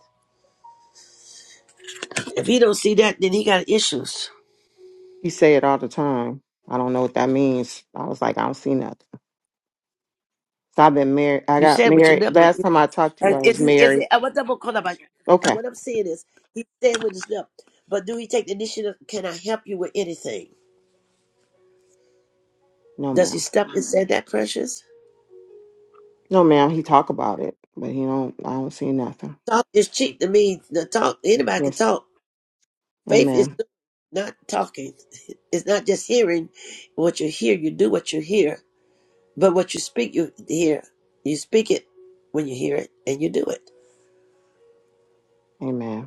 [SPEAKER 1] If he don't see that, then he got issues.
[SPEAKER 10] He say it all the time. I don't know what that means. I was like, I don't see nothing. So I've been married. I
[SPEAKER 1] You
[SPEAKER 10] got
[SPEAKER 1] said with your
[SPEAKER 10] married.
[SPEAKER 1] lip, but
[SPEAKER 10] Last time I talked to you,
[SPEAKER 1] and
[SPEAKER 10] I was
[SPEAKER 1] is it, is
[SPEAKER 10] married.
[SPEAKER 1] it, uh, what I'm calling about? And
[SPEAKER 10] Okay.
[SPEAKER 1] what I'm saying is, he said with his lip, but do he take the initiative? Can I help you with anything?
[SPEAKER 10] No,
[SPEAKER 1] Does he
[SPEAKER 10] ma'am.
[SPEAKER 1] stop and say that, precious?
[SPEAKER 10] No, ma'am. He talk about it, but he don't. I don't see nothing.
[SPEAKER 1] Talk is cheap to me. The talk anybody can
[SPEAKER 10] Yes.
[SPEAKER 1] talk. Faith is
[SPEAKER 10] Amen.
[SPEAKER 1] doing, not talking. [laughs] It's not just hearing what you hear. You do what you hear, but what you speak, you hear. You speak it when you hear it, and you do it.
[SPEAKER 10] Amen.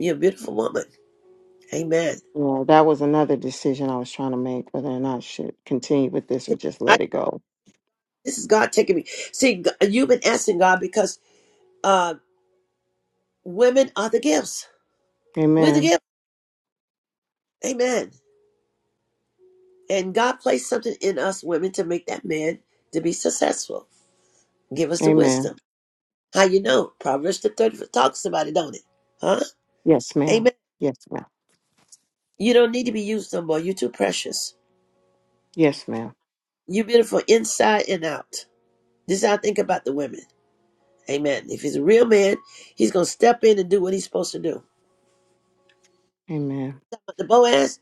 [SPEAKER 1] You're a beautiful woman. Amen.
[SPEAKER 10] Yeah, that was another decision I was trying to make whether or not I should continue with this or just
[SPEAKER 1] I,
[SPEAKER 10] let it go.
[SPEAKER 1] this is God taking me. See, g- you've been asking God because uh, women are the gifts. We're the
[SPEAKER 10] Amen.
[SPEAKER 1] gift. Amen. And God placed something in us women to make that man to be successful. Give us the
[SPEAKER 10] Amen.
[SPEAKER 1] wisdom. How you know? Proverbs the 30 talks about it, don't it? Huh?
[SPEAKER 10] Yes, ma'am.
[SPEAKER 1] Amen.
[SPEAKER 10] Yes, ma'am.
[SPEAKER 1] You don't need to be used no more. You're too precious.
[SPEAKER 10] Yes, ma'am.
[SPEAKER 1] You're beautiful inside and out. This is how I think about the women. Amen. If he's a real man, he's going to step in and do what he's supposed to do.
[SPEAKER 10] Amen.
[SPEAKER 1] The Boaz,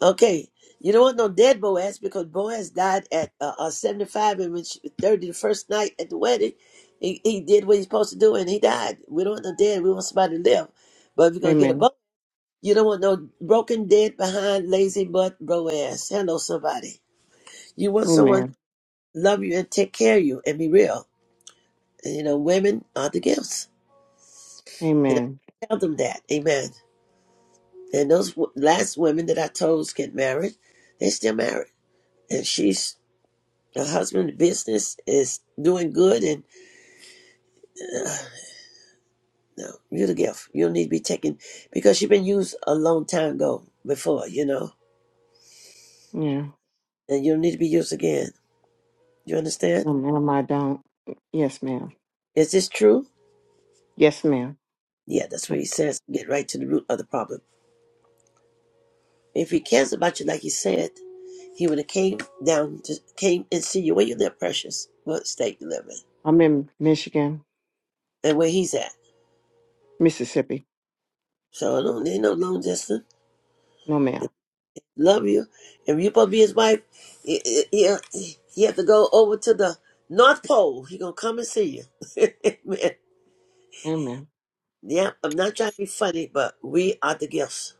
[SPEAKER 1] Okay, you don't want no dead Boaz because Boaz died at uh, uh, 75 and when she was 30 the first night at the wedding, he, he did what he's supposed to do and he died. We don't want no dead, we want somebody to live. But if you're going to get a
[SPEAKER 10] Amen.
[SPEAKER 1] Boaz, you don't want no broken, dead behind, lazy butt Boaz. Hello, somebody. You want someone to
[SPEAKER 10] Amen.
[SPEAKER 1] love you and take care of you and be real. And you know, women are the gifts. And
[SPEAKER 10] Amen.
[SPEAKER 1] I tell them that. Amen. And those w- last women that I told get married, they still married. And she's The husband business is doing good and no, you're the gift. You don't need to be taken because you've been used a long time ago before, you know,
[SPEAKER 10] Yeah.
[SPEAKER 1] and you don't need to be used again. You understand?
[SPEAKER 10] No, ma'am, I don't. Yes, ma'am.
[SPEAKER 1] Is this true?
[SPEAKER 10] Yes, ma'am.
[SPEAKER 1] Yeah, that's what he says. Get right to the root of the problem. If he cares about you like he said, he would have came down to came and see you where you live, precious, what state you live in,
[SPEAKER 10] I'm in Michigan,
[SPEAKER 1] and where he's at.
[SPEAKER 10] Mississippi.
[SPEAKER 1] So I don't need no long distance.
[SPEAKER 10] No, ma'am.
[SPEAKER 1] love you. If you're supposed to be his wife, he, he, he, he have to go over to the North Pole. He gonna come and see you. [laughs] Amen.
[SPEAKER 10] Amen.
[SPEAKER 1] Yeah, I'm not trying to be funny, but we are the gifts.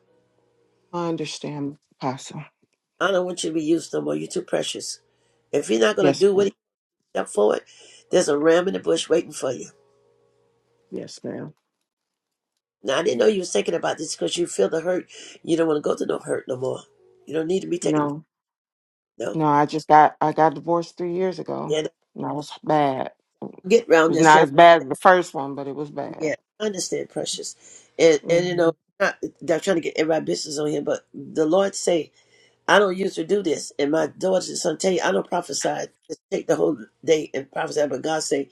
[SPEAKER 10] I understand, Apostle.
[SPEAKER 1] I don't want you to be used no more. You're too precious. If you're not gonna
[SPEAKER 10] Yes,
[SPEAKER 1] do what
[SPEAKER 10] ma'am.
[SPEAKER 1] he up forward, there's a ram in the bush waiting for you.
[SPEAKER 10] Yes, ma'am.
[SPEAKER 1] Now I didn't know you was thinking about this because you feel the hurt. You don't want to go to no hurt no more. You don't need to be taking
[SPEAKER 10] No,
[SPEAKER 1] no.
[SPEAKER 10] no. I just got I got divorced three years ago,
[SPEAKER 1] And
[SPEAKER 10] and I was bad.
[SPEAKER 1] get round
[SPEAKER 10] was
[SPEAKER 1] this.
[SPEAKER 10] not
[SPEAKER 1] Yeah,
[SPEAKER 10] as bad as the first one, but it was bad.
[SPEAKER 1] Yeah, I understand, precious, and and you
[SPEAKER 10] hmm
[SPEAKER 1] know, not not trying to get everybody business on here, but the Lord say, I don't usually do this, and my daughters and son tell you, I don't prophesy. Just take the whole day and prophesy, but God say,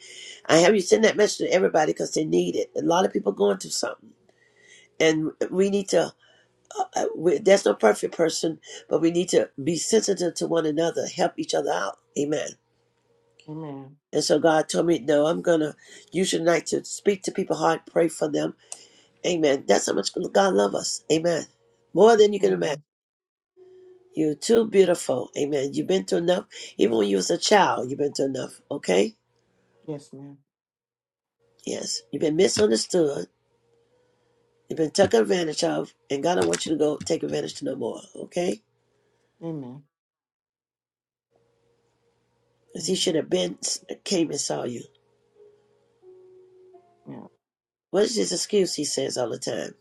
[SPEAKER 1] I have you send that message to everybody because they need it. A lot of people going through something, and we need to. Uh, uh, we, there's no perfect person, but we need to be sensitive to one another, help each other out. Amen.
[SPEAKER 10] Amen.
[SPEAKER 1] And so God told me, no, I'm gonna use your night to speak to people's heart, pray for them Amen. That's how much God loves us. Amen. More than you can imagine.
[SPEAKER 10] Amen.
[SPEAKER 1] You're too beautiful. Amen. You've been through enough. Even when you was a child, you've been through enough. Okay?
[SPEAKER 10] Yes, ma'am.
[SPEAKER 1] Yes. You've been misunderstood. You've been taken advantage of. And God don't want you to go take advantage to no more. Okay?
[SPEAKER 10] Amen.
[SPEAKER 1] Because he
[SPEAKER 10] Amen.
[SPEAKER 1] should have been came and saw you.
[SPEAKER 10] Yeah.
[SPEAKER 1] What is his excuse he says all the time?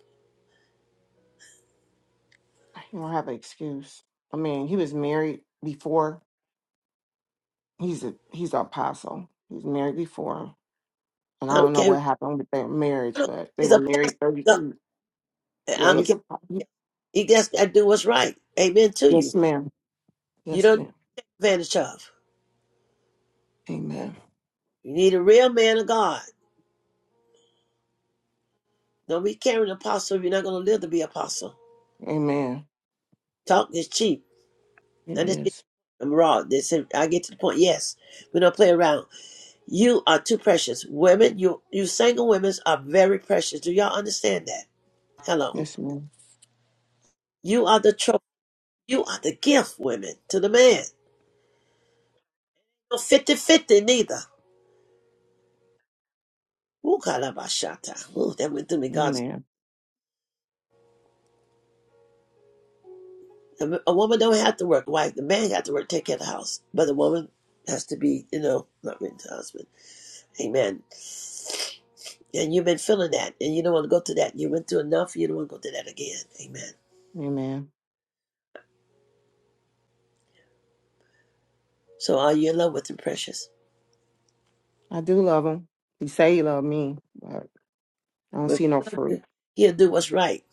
[SPEAKER 10] He don't have an excuse. I mean, he was married before. He's a he's an apostle. He was married before, and I
[SPEAKER 1] I
[SPEAKER 10] don't
[SPEAKER 1] don't
[SPEAKER 10] know
[SPEAKER 1] care.
[SPEAKER 10] what happened with their
[SPEAKER 1] I
[SPEAKER 10] marriage,
[SPEAKER 1] don't,
[SPEAKER 10] but they
[SPEAKER 1] he's
[SPEAKER 10] were
[SPEAKER 1] a
[SPEAKER 10] married
[SPEAKER 1] pastor.
[SPEAKER 10] thirty
[SPEAKER 1] No,
[SPEAKER 10] two. Yeah,
[SPEAKER 1] I don't
[SPEAKER 10] he's
[SPEAKER 1] care.
[SPEAKER 10] a he-
[SPEAKER 1] He just got to do what's right. Amen to
[SPEAKER 10] yes,
[SPEAKER 1] you.
[SPEAKER 10] ma'am.
[SPEAKER 1] You
[SPEAKER 10] Yes,
[SPEAKER 1] don't
[SPEAKER 10] ma'am.
[SPEAKER 1] need advantage of.
[SPEAKER 10] Amen.
[SPEAKER 1] You need a real man of God. Don't be carrying an apostle if you're not going to live to be apostle.
[SPEAKER 10] Amen.
[SPEAKER 1] Talk is cheap.
[SPEAKER 10] It
[SPEAKER 1] Now this
[SPEAKER 10] is.
[SPEAKER 1] I'm raw. This I get to the point. Yes, we don't play around. You are too precious, women. You you single women are very precious. Do y'all understand that? Hello.
[SPEAKER 10] Yes, ma'am.
[SPEAKER 1] You are the trophy. You are the gift, women, to the man. No 50-50 neither. Ooh, kalabashata. Ooh, that went through me. God,
[SPEAKER 10] Amen.
[SPEAKER 1] a a woman don't have to work. Wife, the man got to work, take care of the house, but the woman has to be, you know, not written to husband. Amen. And you've been feeling that, and you don't want to go through that. You went through enough, you don't want to go through that again. Amen.
[SPEAKER 10] Amen.
[SPEAKER 1] So are you in love with him, precious?
[SPEAKER 10] I do love him. He say he love me, but I don't
[SPEAKER 1] Well, If
[SPEAKER 10] see no
[SPEAKER 1] you love
[SPEAKER 10] fruit.
[SPEAKER 1] you, he'll do what's right.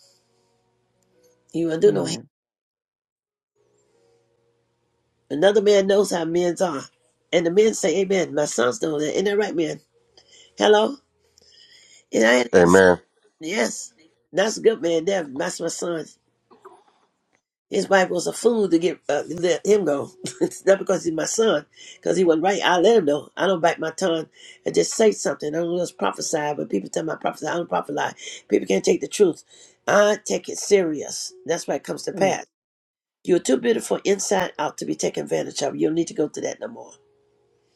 [SPEAKER 1] You will do no harm.
[SPEAKER 10] Amen.
[SPEAKER 1] Another man knows how men are. And the men say, Amen. My sons know that. Isn't that right, man? Hello? And I had my son.
[SPEAKER 12] Amen.
[SPEAKER 1] Yes. That's a good man there. That's my son. His wife was a fool to get uh, let him go. [laughs] It's not because he's my son, because he wasn't right. I let him know. I don't bite my tongue. I just say something. I don't just prophesy, but people tell me I prophesy. I don't prophesy. People can't take the truth. I take it serious. That's why it comes to
[SPEAKER 10] Mm.
[SPEAKER 1] pass. You're too beautiful inside out to be taken advantage of. You don't need to go through that no more.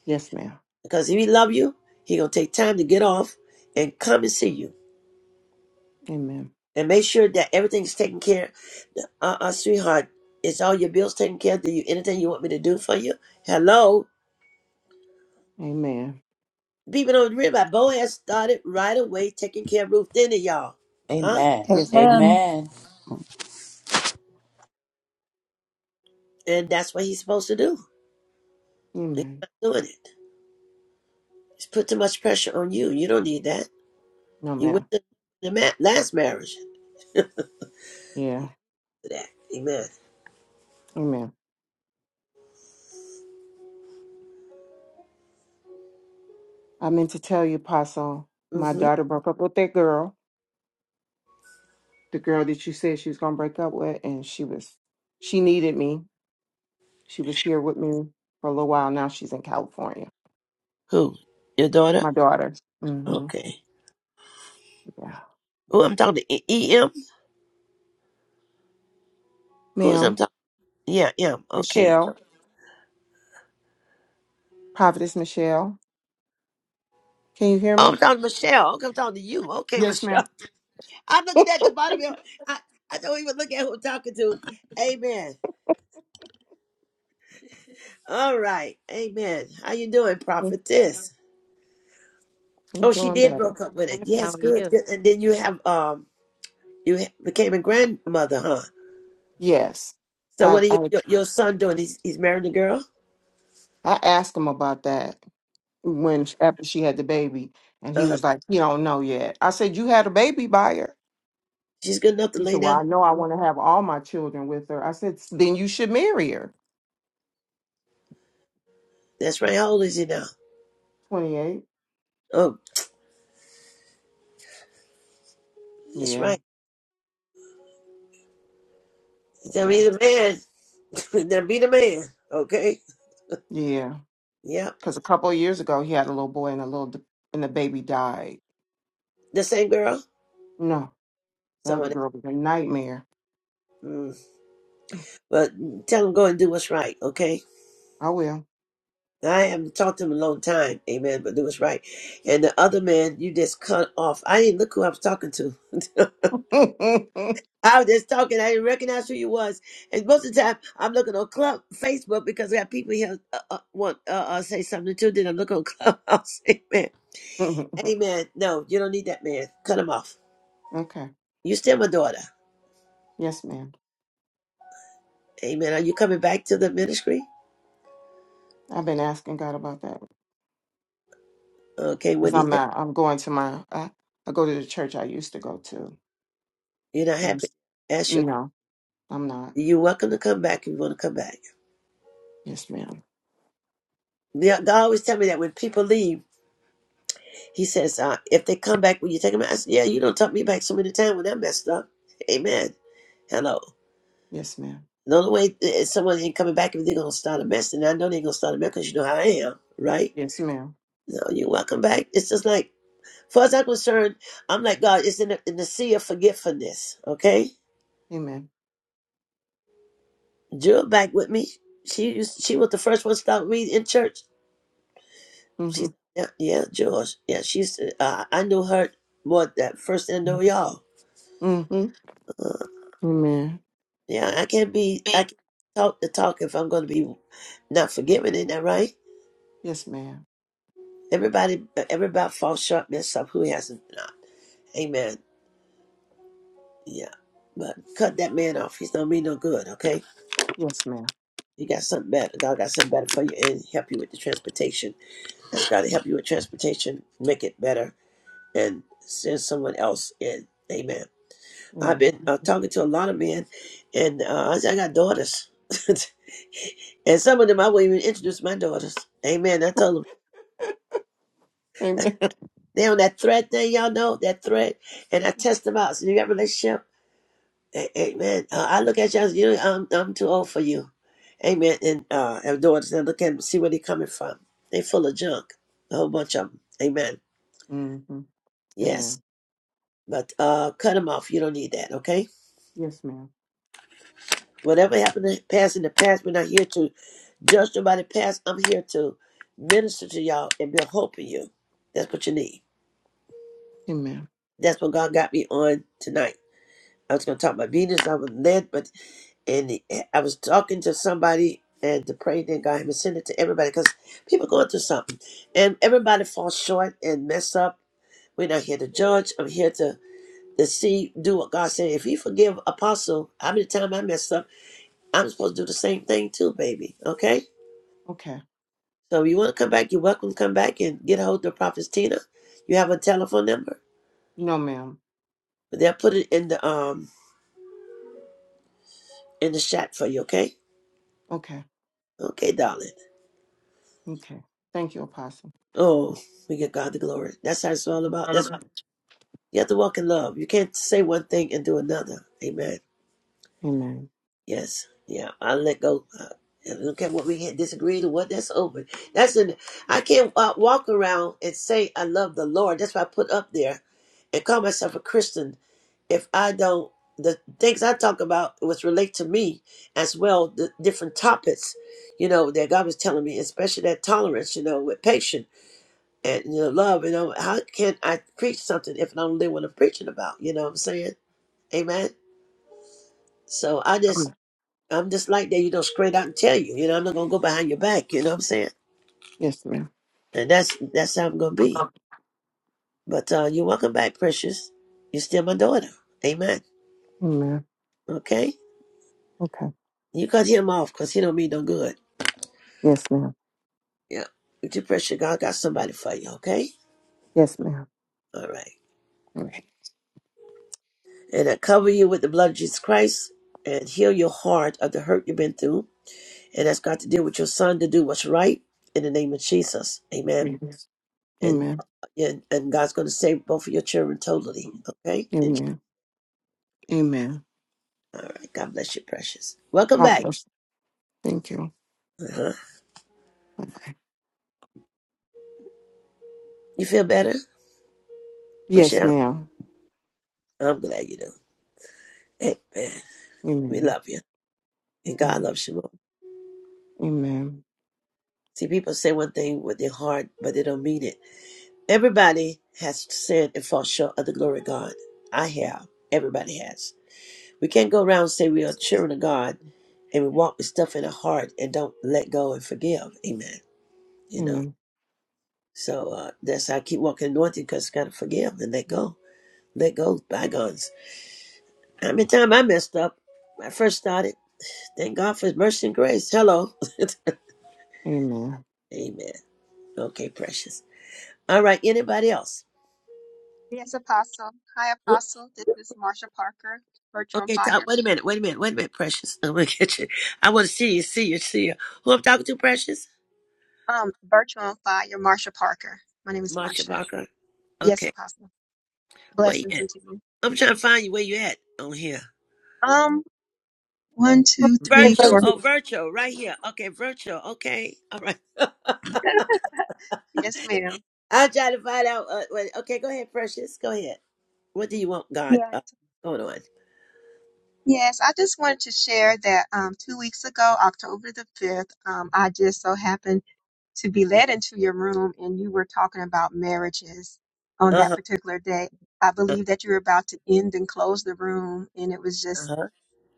[SPEAKER 10] Yes, ma'am.
[SPEAKER 1] Because if he love you, he gonna take time to get off and come and see you.
[SPEAKER 10] Amen.
[SPEAKER 1] and make sure that everything's taken care. of. Uh, uh sweetheart, is all your bills taken care? of? Do you anything you want me to do for you? Hello,
[SPEAKER 10] Amen.
[SPEAKER 1] people don't realize Bo has started right away taking care of Ruth Denny, y'all, huh?
[SPEAKER 3] Amen.
[SPEAKER 10] Yes, ma'am.
[SPEAKER 2] Amen.
[SPEAKER 3] Amen.
[SPEAKER 1] And that's what he's supposed to do. He's
[SPEAKER 10] Amen.
[SPEAKER 1] not doing it. He's put too much pressure on you. You don't need that.
[SPEAKER 10] No,
[SPEAKER 1] You went
[SPEAKER 10] ma'am.
[SPEAKER 1] to the ma- last marriage
[SPEAKER 10] Yeah.
[SPEAKER 1] for that. Amen.
[SPEAKER 10] Amen. I meant to tell you, Apostle, my
[SPEAKER 1] hmm
[SPEAKER 10] daughter broke up with that girl, the girl that you said she was going to break up with, and she was, she needed me. She was here with me for a little while. Now she's in California.
[SPEAKER 1] Who? Your daughter?
[SPEAKER 10] My daughter. Mm-hmm.
[SPEAKER 1] Okay.
[SPEAKER 10] Yeah.
[SPEAKER 1] Oh, I'm talking to E- EM. Who's I'm
[SPEAKER 10] Ma'am,
[SPEAKER 1] talking? Yeah, M. Okay.
[SPEAKER 10] Michelle, Prophetess Michelle, can you hear
[SPEAKER 1] Oh,
[SPEAKER 10] me?
[SPEAKER 1] I'm talking to Michelle. Okay, I'm talking to you. Okay,
[SPEAKER 10] Yes, ma'am.
[SPEAKER 1] Michelle. [laughs] I'm looking at the bottom of your, I, I don't even look at who I'm talking to. Amen. All right. Amen. How you doing,
[SPEAKER 10] Mm,
[SPEAKER 1] prophetess?
[SPEAKER 10] I'm
[SPEAKER 1] Oh, she
[SPEAKER 10] doing
[SPEAKER 1] did
[SPEAKER 10] better.
[SPEAKER 1] broke
[SPEAKER 13] I'm
[SPEAKER 1] up with it.
[SPEAKER 13] blessed. How
[SPEAKER 1] Yes,
[SPEAKER 13] are
[SPEAKER 1] good,
[SPEAKER 13] you?
[SPEAKER 1] good. And then you have um you ha- became a grandmother, huh?
[SPEAKER 10] Yes.
[SPEAKER 1] So
[SPEAKER 10] I,
[SPEAKER 1] what are you,
[SPEAKER 10] I,
[SPEAKER 1] your your son doing? He's he's married a girl?
[SPEAKER 10] I asked him about that when sh- after she had the baby, and he
[SPEAKER 1] Uh-huh.
[SPEAKER 10] was like, "He don't know yet." I said, "You had a baby by her."
[SPEAKER 1] She's good enough to
[SPEAKER 10] He
[SPEAKER 1] lay
[SPEAKER 10] said, "Well,
[SPEAKER 1] down.
[SPEAKER 10] I know I want to have all my children with her." I said, "S- "Then you should marry her."
[SPEAKER 1] That's right. How old is he now?
[SPEAKER 10] Twenty eight.
[SPEAKER 1] Oh, that's
[SPEAKER 10] Yeah,
[SPEAKER 1] right. Now
[SPEAKER 10] yeah,
[SPEAKER 1] be the man. [laughs] Then be the man. Okay.
[SPEAKER 10] yeah.
[SPEAKER 1] Yeah.
[SPEAKER 10] Because a couple of years ago, he had a little boy, and a little d- and the baby died.
[SPEAKER 1] The same girl?
[SPEAKER 10] No, the other
[SPEAKER 1] Someone
[SPEAKER 10] girl was a nightmare.
[SPEAKER 1] else. Mm. But tell him go and do what's right, okay?
[SPEAKER 10] I will.
[SPEAKER 1] I haven't talked to him in a long time, amen, but do what's right. And the other man, you just cut off. I didn't look who I was talking to. [laughs]
[SPEAKER 10] [laughs] okay.
[SPEAKER 1] I was just talking. I didn't recognize who you was. And most of the time, I'm looking on Club Facebook because I got people here uh, uh, want uh, uh, say something too. Then I'm looking on Clubhouse. [laughs] Amen. Amen. No, you don't need that man. Cut him off. You still my daughter.
[SPEAKER 10] Yes, ma'am.
[SPEAKER 1] Amen. Are you coming back to the ministry?
[SPEAKER 10] I've been asking God about that
[SPEAKER 1] Okay,
[SPEAKER 10] because
[SPEAKER 1] Wendy,
[SPEAKER 10] I'm not. I'm going to my. I, I go to the church I used to go to.
[SPEAKER 1] you're not
[SPEAKER 10] Mm,
[SPEAKER 1] happy. Ask your. question.
[SPEAKER 10] No. I'm not.
[SPEAKER 1] You're welcome to come back if you want to come back.
[SPEAKER 10] Yes, ma'am.
[SPEAKER 1] Yeah, God always tell me that when people leave, He says, uh, if they come back, will you take them? out? I said, yeah, you don't talk me back so many times when I messed up. Amen. Hello.
[SPEAKER 10] Yes, ma'am.
[SPEAKER 1] The only way is someone ain't coming back if they're going to start a mess. And I know they're going to start a mess because you know how I am, right?
[SPEAKER 10] Yes, ma'am.
[SPEAKER 1] No, you're welcome back. It's just like, far as I'm concerned, I'm like, God, it's in the, in the sea of forgetfulness, okay?
[SPEAKER 10] Amen.
[SPEAKER 1] Jewel back with me. She used, she was the first one to start reading in church. She
[SPEAKER 10] Mm-hmm.
[SPEAKER 1] yeah, yeah, George. Yeah, she's, uh, I knew her more that first than I know y'all.
[SPEAKER 10] Mm-hmm.
[SPEAKER 1] Uh,
[SPEAKER 10] Amen.
[SPEAKER 1] Yeah, I can't be. I can not talk the talk if I'm going to be not forgiven. Isn't that right?
[SPEAKER 10] Yes, ma'am.
[SPEAKER 1] Everybody, everybody falls short, mess up. Who hasn't? Not. Amen. Yeah, but cut that man off. He's not be no good. Okay.
[SPEAKER 10] Yes, ma'am.
[SPEAKER 1] You got something better. God got something better for you and help you with the transportation. Ask God to help you with transportation, make it better, and send someone else in. Amen. I've
[SPEAKER 10] Amen.
[SPEAKER 1] been uh, talking to a lot of men, and uh, I said, I got daughters. [laughs] and some of them, I wouldn't even introduce my daughters. Amen. I told them,
[SPEAKER 10] Amen. [laughs]
[SPEAKER 1] they on that thread thing, y'all know, that thread. And I test them out. So you got a relationship? A- Amen. Uh, I look at y'all, you know, I'm, I'm too old for you. Amen. And uh, have daughters, and I look at them, see where they coming from. They full of junk, a whole bunch of them. Amen.
[SPEAKER 10] Mm-hmm.
[SPEAKER 1] Yes.
[SPEAKER 10] Amen.
[SPEAKER 1] But uh, cut them off. You don't need that, okay?
[SPEAKER 10] Yes, ma'am.
[SPEAKER 1] Whatever happened to pass in the past, we're not here to. Just about to pass, I'm here to minister to y'all and be a hope in you. That's what you need.
[SPEAKER 10] Amen.
[SPEAKER 1] That's what God got me on tonight. I was going to talk about Venus. I was led, but and I was talking to somebody and to pray that God had sent it to everybody because people going through something, and everybody falls short and mess up. We're not here to judge. I'm here to to see do what God said. If He forgive Apostle, how many times I messed up, I'm supposed to do the same thing too, baby. Okay.
[SPEAKER 10] Okay.
[SPEAKER 1] So if you want to come back, you're welcome to come back and get a hold of Prophetess Tina. You have a telephone number.
[SPEAKER 10] No, ma'am.
[SPEAKER 1] But they'll put it in the um in the chat for you, okay?
[SPEAKER 10] Okay.
[SPEAKER 1] Okay, darling.
[SPEAKER 10] Okay. Thank you, Apostle.
[SPEAKER 1] Oh, we give God the glory. That's how it's all about.
[SPEAKER 10] All
[SPEAKER 1] That's
[SPEAKER 10] about it.
[SPEAKER 1] you have to walk in love. You can't say one thing and do another. Amen.
[SPEAKER 10] Amen.
[SPEAKER 1] Yes. Yeah. I let go. Uh, and look at what we had disagreed and what that's over. That's in. I can't uh, walk around and say I love the Lord. That's why I put up there and call myself a Christian if I don't, the things I talk about, which relate to me as well, the different topics, you know, that God was telling me, especially that tolerance, you know, with patience and you know, love, you know, how can I preach something if I don't live what I'm preaching about? You know what I'm saying? Amen. So I just,
[SPEAKER 10] Amen.
[SPEAKER 1] I'm just like that, you know, straight out and tell you, you know, I'm not gonna go behind your back, you know what I'm saying?
[SPEAKER 10] Yes, ma'am.
[SPEAKER 1] And that's that's how I'm gonna be.
[SPEAKER 10] About it.
[SPEAKER 1] But uh you're welcome back, precious. You're still my daughter. Amen.
[SPEAKER 10] Amen.
[SPEAKER 1] Okay?
[SPEAKER 10] Okay.
[SPEAKER 1] You cut him off because he don't mean no good.
[SPEAKER 10] Yes, ma'am.
[SPEAKER 1] Yeah. Depression, God got somebody for you, okay?
[SPEAKER 10] Yes, ma'am.
[SPEAKER 1] All right.
[SPEAKER 10] All right.
[SPEAKER 1] And I cover you with the blood of Jesus Christ and heal your heart of the hurt you've been through. And that's got to deal with your son to do what's right in the name of Jesus. Amen.
[SPEAKER 10] Yes.
[SPEAKER 1] And
[SPEAKER 10] Amen.
[SPEAKER 1] and, and God's going to save both of your children totally, okay? In Je-
[SPEAKER 10] Amen. Amen.
[SPEAKER 1] all right. God bless you, precious. Welcome
[SPEAKER 10] God
[SPEAKER 1] back.
[SPEAKER 10] bless. you. Thank you.
[SPEAKER 1] Uh-huh.
[SPEAKER 10] Bye-bye.
[SPEAKER 1] You feel better,
[SPEAKER 10] Yes,
[SPEAKER 1] Michelle?
[SPEAKER 10] ma'am.
[SPEAKER 1] I'm glad you do. Amen. We
[SPEAKER 10] Amen.
[SPEAKER 1] love you. And God
[SPEAKER 10] Amen.
[SPEAKER 1] loves you more.
[SPEAKER 10] Amen.
[SPEAKER 1] See, people say one thing with their heart, but they don't mean it. Everybody has sinned and fall short of the glory of God. I have. Everybody has. We can't go around and say we are children of God and we walk with stuff in our heart and don't let go and forgive. Amen. You know.
[SPEAKER 10] Amen.
[SPEAKER 1] So uh, that's how I keep walking anointed because gotta forgive and let go. Let go of bygones. How many times I messed up when I first started? Thank God for his mercy and grace. Hello. [laughs]
[SPEAKER 10] Amen.
[SPEAKER 1] Amen. Okay, precious. All right, anybody else?
[SPEAKER 14] Yes, Apostle. Hi, Apostle. This is Marsha Parker, Virtual on
[SPEAKER 1] Okay, Tom,
[SPEAKER 14] Fire.
[SPEAKER 1] wait a minute, wait a minute, wait a minute, Precious. [laughs] I'm gonna get you. I want to see you, see you, see you. Who I'm talking to, Precious?
[SPEAKER 14] Um, Virtual on Fire, Marsha Parker. My name is
[SPEAKER 1] Marsha
[SPEAKER 14] Marsha.
[SPEAKER 1] Barker.
[SPEAKER 14] Yes,
[SPEAKER 1] Okay,
[SPEAKER 14] Apostle.
[SPEAKER 1] where you
[SPEAKER 14] Blessings
[SPEAKER 1] at?
[SPEAKER 14] unto you.
[SPEAKER 1] I'm trying to find you. Where you at? On here.
[SPEAKER 14] Um, one, two,
[SPEAKER 2] Hey,
[SPEAKER 14] three,
[SPEAKER 1] Virtual.
[SPEAKER 14] four.
[SPEAKER 2] Thank
[SPEAKER 1] Oh,
[SPEAKER 2] you.
[SPEAKER 1] virtual. Right here. Okay, virtual. Okay. All right. [laughs]
[SPEAKER 14] Yes, ma'am.
[SPEAKER 1] I'll try to find out. Uh, wait, okay, go ahead, Precious. Go ahead. What do you want, God?
[SPEAKER 14] Yes.
[SPEAKER 1] Uh, going on.
[SPEAKER 14] Yes, I just wanted to share that um, two weeks ago, October the 5th, um, I just so happened to be led into your room and you were talking about marriages on
[SPEAKER 1] Uh
[SPEAKER 14] that
[SPEAKER 1] huh.
[SPEAKER 14] particular day. I
[SPEAKER 1] Uh
[SPEAKER 14] believe that you were about to end and close the room, and it was just
[SPEAKER 1] huh.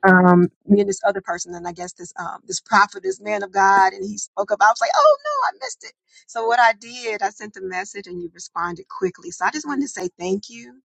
[SPEAKER 14] um, me and this other person, and I guess this um, this prophet, this man of God, and he spoke up. I was like, oh no, I missed it. So what I did, I sent a message, and you responded quickly. So I just wanted to say thank you